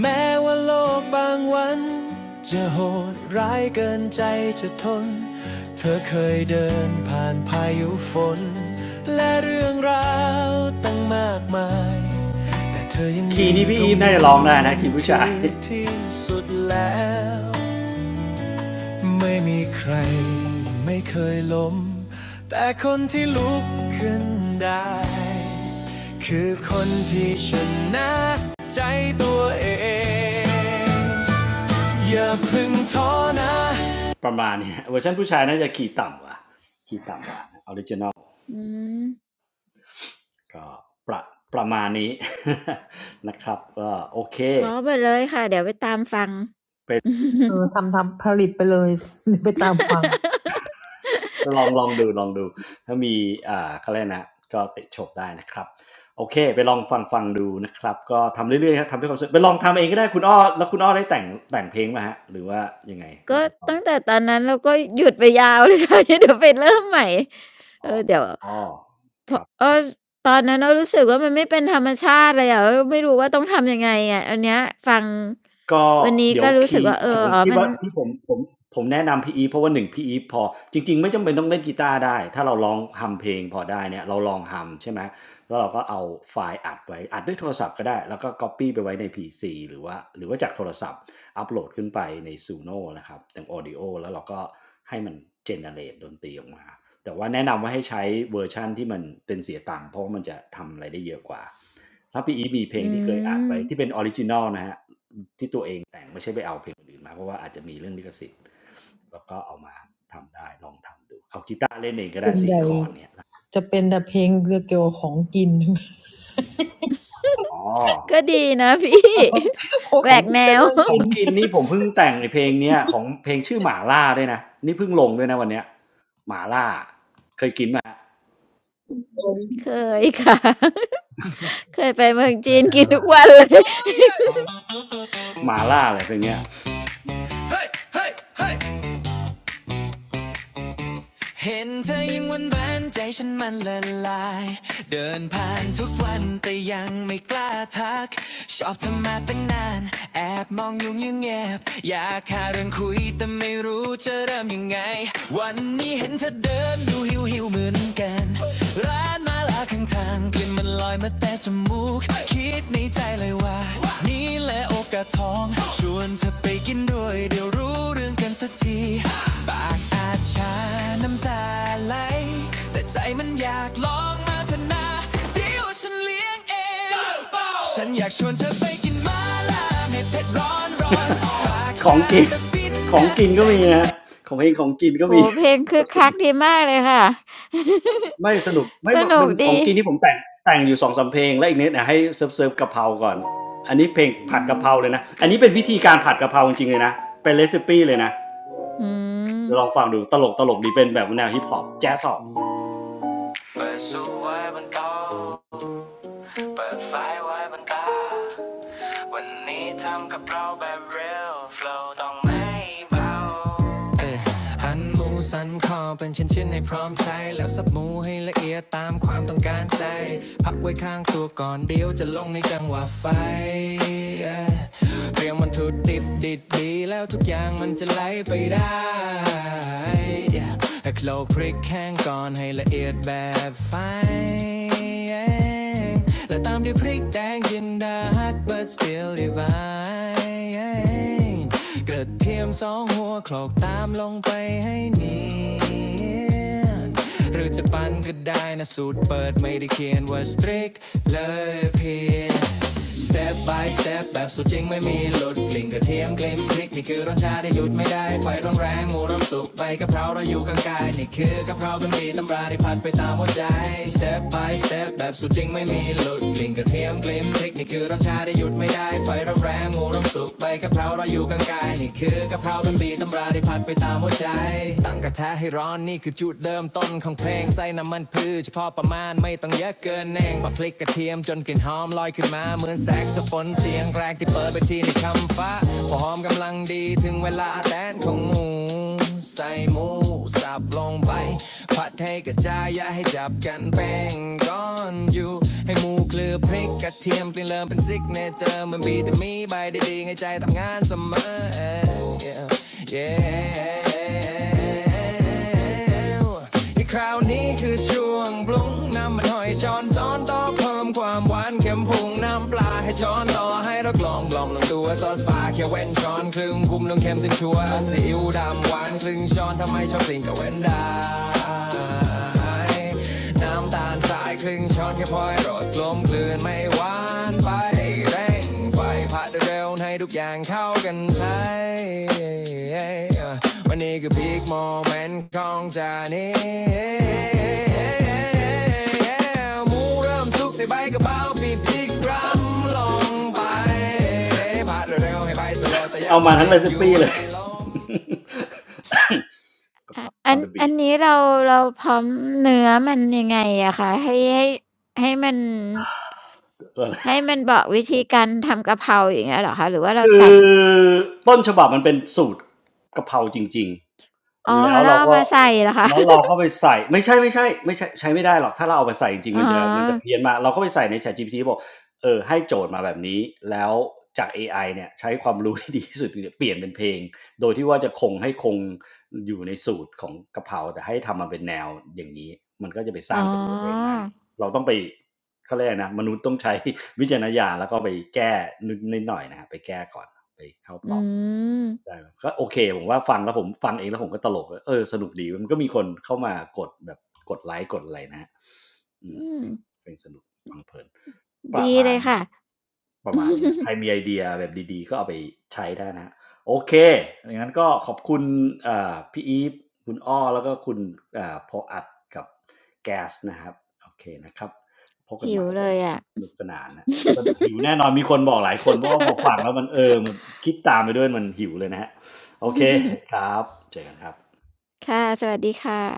แม้ว่าโลกบางวันจะโหดร้ายเกินใจจะทนเธอเคยเดินผ่านพายุฝนและเรื่องราวตั้งมากมายแต่เธอยังคีย์นี้พี่อีฟตรน่าจะร้องได้นะคีย์ผู้ชายที่สุดแล้ว ไม่มีใครไม่เคยล้มแต่คนที่ลุกขึ้นได้คือคนที่ชนะใจตัวเองอย่าพึ่งท้อนะประมาณนี้เวอร์ชันผู้ชายน่าจะขี่ต่ำว่ะขี่ต่ำว่ะอืมก็ประประมาณนี้ นะครับก็โอเคเพราะไปเลยค่ะเดี๋ยวไปตามฟัง เป็น ทำทำไปฟังลองลองดูลองดูถ้ามีอ่าเขาเรียกนะก็ติชมได้นะครับโอเคไปลองฟังฟังดูนะครับก็ทำเรื่อยๆครับทำด้วยความสนุกไปลองทำเองก็ได้คุณอ้อแล้วคุณอ้อได้แต่งแต่งเพลงมาฮะหรือว่ายังไงตั้ก็งแต่ตอนตั้งแต่ตอนนั้นเราก็หยุดไปยาวเลยค่ะ เดี๋ยวไปเริ่มใหม่เออเดี๋ยวอ๋อพครับ เออตอนนั้นเรารู้สึกว่ามันไม่เป็นธรรมชาติเลยอะอไม่รู้ว่าต้องทำยังไงอะอันเนี้ยฟังก็วันนี้เดี๋ยก็วรู้สึคีกย์ว่าเออ๋อที่ผมออ๋อคิดมันว่าที่ผมผมผมแนะนำพี่อีฟเพราะว่า1พี่อีฟพอจริงๆไม่จำเป็นต้องเล่นกีตาร์ได้ถ้าเราร้องฮำเพลงพอได้เนี่ยเราลองฮำใช่ไหมแล้วเราก็เอาไฟล์อัดไว้อัดด้วยโทรศัพท์ก็ได้แล้วก็ก๊อบปี้ไปไว้ใน PC หรือว่าหรือว่าจากโทรศัพท์อัปโหลดขึ้นไปใน Suno นะครับเป็น Audio แล้วเราก็ให้มันเจเนเรตดนตรีออกมาแต่ว่าแนะนำว่าให้ใช้เวอร์ชันที่มันเป็นเสียตังค์เพราะว่ามันจะทำอะไรได้เยอะกว่าถ้าพี่อีฟมีเพลงอืที่เคยอัดมไว้ที่เป็นออริจินัลนะครับ แต่งไม่ใช่ไปเอาเพลงอื่นมาเพราะว่าอาจจะมีเรื่องลิขสิทธิ์แล้วก็เอามาทำได้ลองทำดูเอากีตาร์เล่นเองก็ได้สี่คอร์ดเนี่ยอ๋อก็ดีนะ พี่แหขวองกแนว ของ กินนี่ผมเพิ่งแต่งในเพลงเนี้ยของเพลงชื่อหมาล่าด้วยนะนี่เพิ่งลงด้วยนะวันเนี้ยหมาล่าเคยค่ะ เคยไปเมืองจีนกินทุกวันเลย หมาล่าอะไรเพลงเนี้ย Hey, hey, hey, เห็นเธอยิ้มหวันแหวนใจฉันมันละลาย เดินผ่านทุกวันแต่ยังไม่กล้าทัก ชอบเธอมาตั้งนานแอบมองยุ่งยังแอบอยากหาเรื่องคุยแต่ไม่รู้จะเริ่มยังไง วันนี้เห็นเธอเดินดูหิวหิวเหมือนกัน ร้านมา ละข้างทางกลิ่นมันลอยมาแต่จมูกคิดในใจเลยว่านี่แหละโอกาสทองชวนเธอไปกินด้วยเดี๋ยวรู้เรื่องกันสักทีปากอาจชาน้ำตาไหลแต่ใจมันอยากลองมาทนาเดี๋ยวฉันเลี้ยงเองฉันอยากชวนเธอไปกินมาล่าให้เผ็ดร้อนร้อนของกินของกินก็มีนะของเองของกินก็โอ้มี โฮเพลงคึกคักดีมากเลยค่ะ ไม่สนุกไม่ สนุเป็กนขอดีงกินที่ผมแต่งแต่งอยู่สองสามเพลงและอีกนิดนะให้เซิร์ฟเซิร์ฟกะเพราก่อนอันนี้เพลงอืผัดกะม เพราเลยนะอันนี้เป็นวิธีการผัดกะเพราจริงๆเลยนะเป็นเรซิปี้เลยนะอืมเดี๋ยวลองฟังดูตลกตลกดีเป็นแบบแนวฮิปฮอปแจ๊สซอลเปิดสูบไว้บนโต๊ะเปิดไฟไว้บนตาวันนี้ทำกับเพราแบบ real flow ต้องไม่เบา เอ้ยหั่นหมูสันคอเป็นชิ้นๆให้พร้อมใช้แล้วสับหมูให้ละเอียดตามความต้องการใจพักไว้ข้างตัวก่อนเดี๋ยวจะลงในจังหวะไฟเตรียมมันถุดิบดิดดีแล้วทุกอย่างมันจะไหลไปได้ Yeah. ให้โคลกพริกแห้งก่อนให้ละเอียดแบบไฟและตามด้วยพริกแดงจินดาฮัด but still divine กระเทียมสองหัวโคลอกตามลงไปให้เนียน หรือจะปั้นก็ได้นะสูตรเปิดไม่ได้เขียนว่า strict เลยเพียง step by step แบบสุดจริงไม่มีหลุดกลิ่นกระเทียมกลิ่นพริกนี่คือรสชาติที่หยุดไม่ได้ ไฟร้อนแรงหมูร้อนสุกใบกะเพราเราอยู่กลางกายนี่คือกะเพราเป็นมีตำราที่ผัดไปตามหัวใจ step by step แบบสุดจริงไม่มีหลุดกลิ่นกระเทียมกลิ่นพริกนี่คือรสชา ชาได้หยุดไม่ได้ไฟร้อนแรงหมูร้อนสุกใบกะเพราเราอยู่กลางกายนี่คือกะเพราเป็นบีตำราได้พัดไปตามหัวใจตั้งกระทะให้ร้อนนี่คือจุดเริ่มต้นของเพลงใส่น้ำมันพืชเฉพาะประมาณไม่ต้องเยอะเกินเองปะพลิกกระเทียมจนกลิ่นหอมลอยขึ้นมาเหมือนแซกโซโฟนเสียงแรกที่เปิดไปทีในคำฟ้าพอหอมกำลังดีถึงเวลาแดนของหมูใส่หมูสับลงไป ผัดให้กระจายอย่าให้จับกันแป้งก้อนอยู่ ให้หมูเคลือพริกกระเทียมเปลี่ยนเริ่มเป็นซิกเนเจอร์มันบีแต่มีใบดีๆให้ใจทำงานเสมอ Yeah, yeah ที่คราวนี้คือช่วงปรุงน้ำมันหอยช้อนซ้อนต่อเพิ่มความหวานเค็มพุงน้ำปลาให้ช้อนต่อให้เรากลอมกล่อมลงตัวซอสฟ้าเขียวเว้นช้อนครึ่งคุมลงเค็มสิ้นชัวร์ซีอิ๊วดำหวานครึ่งช้อนทำไม ไม่ชอบกลิ่นก็เว้นได้น้ำตาลสายครึ่งช้อนแค่พอให้รสกลมกลืนไม่หวานไปเร่งไฟผัดเร็วให้ทุกอย่างเข้ากันไทยวันนี้คือพีคโมเมนต์ของจานี้หมูเริ่มสุกใส่ใบกระเป๋าฟีฟิกปีกรัมลงไปผัดเร็วให้ไปสลดแต่อยงเอามาทั้งเรซิปปี้เลย กระเพอะราอัอันนเดอะอับีนทนี้เราเราพร้อมเนื้อมันยังไงอะคะให้ให้ให้มันอะไร ให้มันบอกวิธีการทำกะเพราอย่างเงี้ยเหรอคะหรือว่าเราคือแต่งต้นฉบับมันเป็นสูตรกะเพราจริง อ๋อแล้วแล้วเราเอาก็มาใส่เหรอคะ แล้วเรา ก็ไปใส่ไม่ใช่ไม่ใช่ไม่ใช่ใช้ไม่ได้หรอกถ้าเราเอาไปใส่จริงอ๋ๆอมันจะมันจะเพี้ยนมากเราก็ไปใส่ใน ChatGPT บอกเออให้โจทย์มาแบบนี้แล้วจาก AI เนี่ยใช้ความรู้ที่ดีที่สุดเนี่ยเปลี่ยนเป็นเพลงโดยที่ว่าจะคงให้คงอยู่ในสูตรของกะเพราแต่ให้ทำมาเป็นแนวอย่างนี้มันก็จะไปสอ๋อร้างเป็นเนื้อเพลงได้เราต้องไปเขาเรียกอะไรนะมนุษย์ต้องใช้วิจารณญาณแล้วก็ไปแก้นิดหน่อยนะฮะไปแก้ก่อนไป อืมได้ก็โอเคผมว่าฟังแล้วผมฟังเองแล้วผมก็ตลกเออสนุกดีมันก็มีคนเข้ามากดแบบกดไลค์กดอะไรนะอืมอืมเป็นสนุกฟังเพลินประดีมาเลณยนะค่ะ ฮประมาณนี้นะใคร มีไอเดียแบบดีๆก็เอาไปใช้ได้นะฮะโอเคอย่างนั้นก็ขอบคุณพี่อีฟคุณอ้อแล้วก็คุณพออัดกับแก๊สนะครับโอเคนะครับพบกันหิใหวม่เลนะครัยบอะ สนุกสนานนะ หิวแน่นอนมีคนบอกหลายคนเพราะว่าพอฟังแล้วมันเออมันคิดตามไปด้วยมันหิวเลยนะฮะโอเค ครับเจอกันครับค่ะสวัสดีค่ะ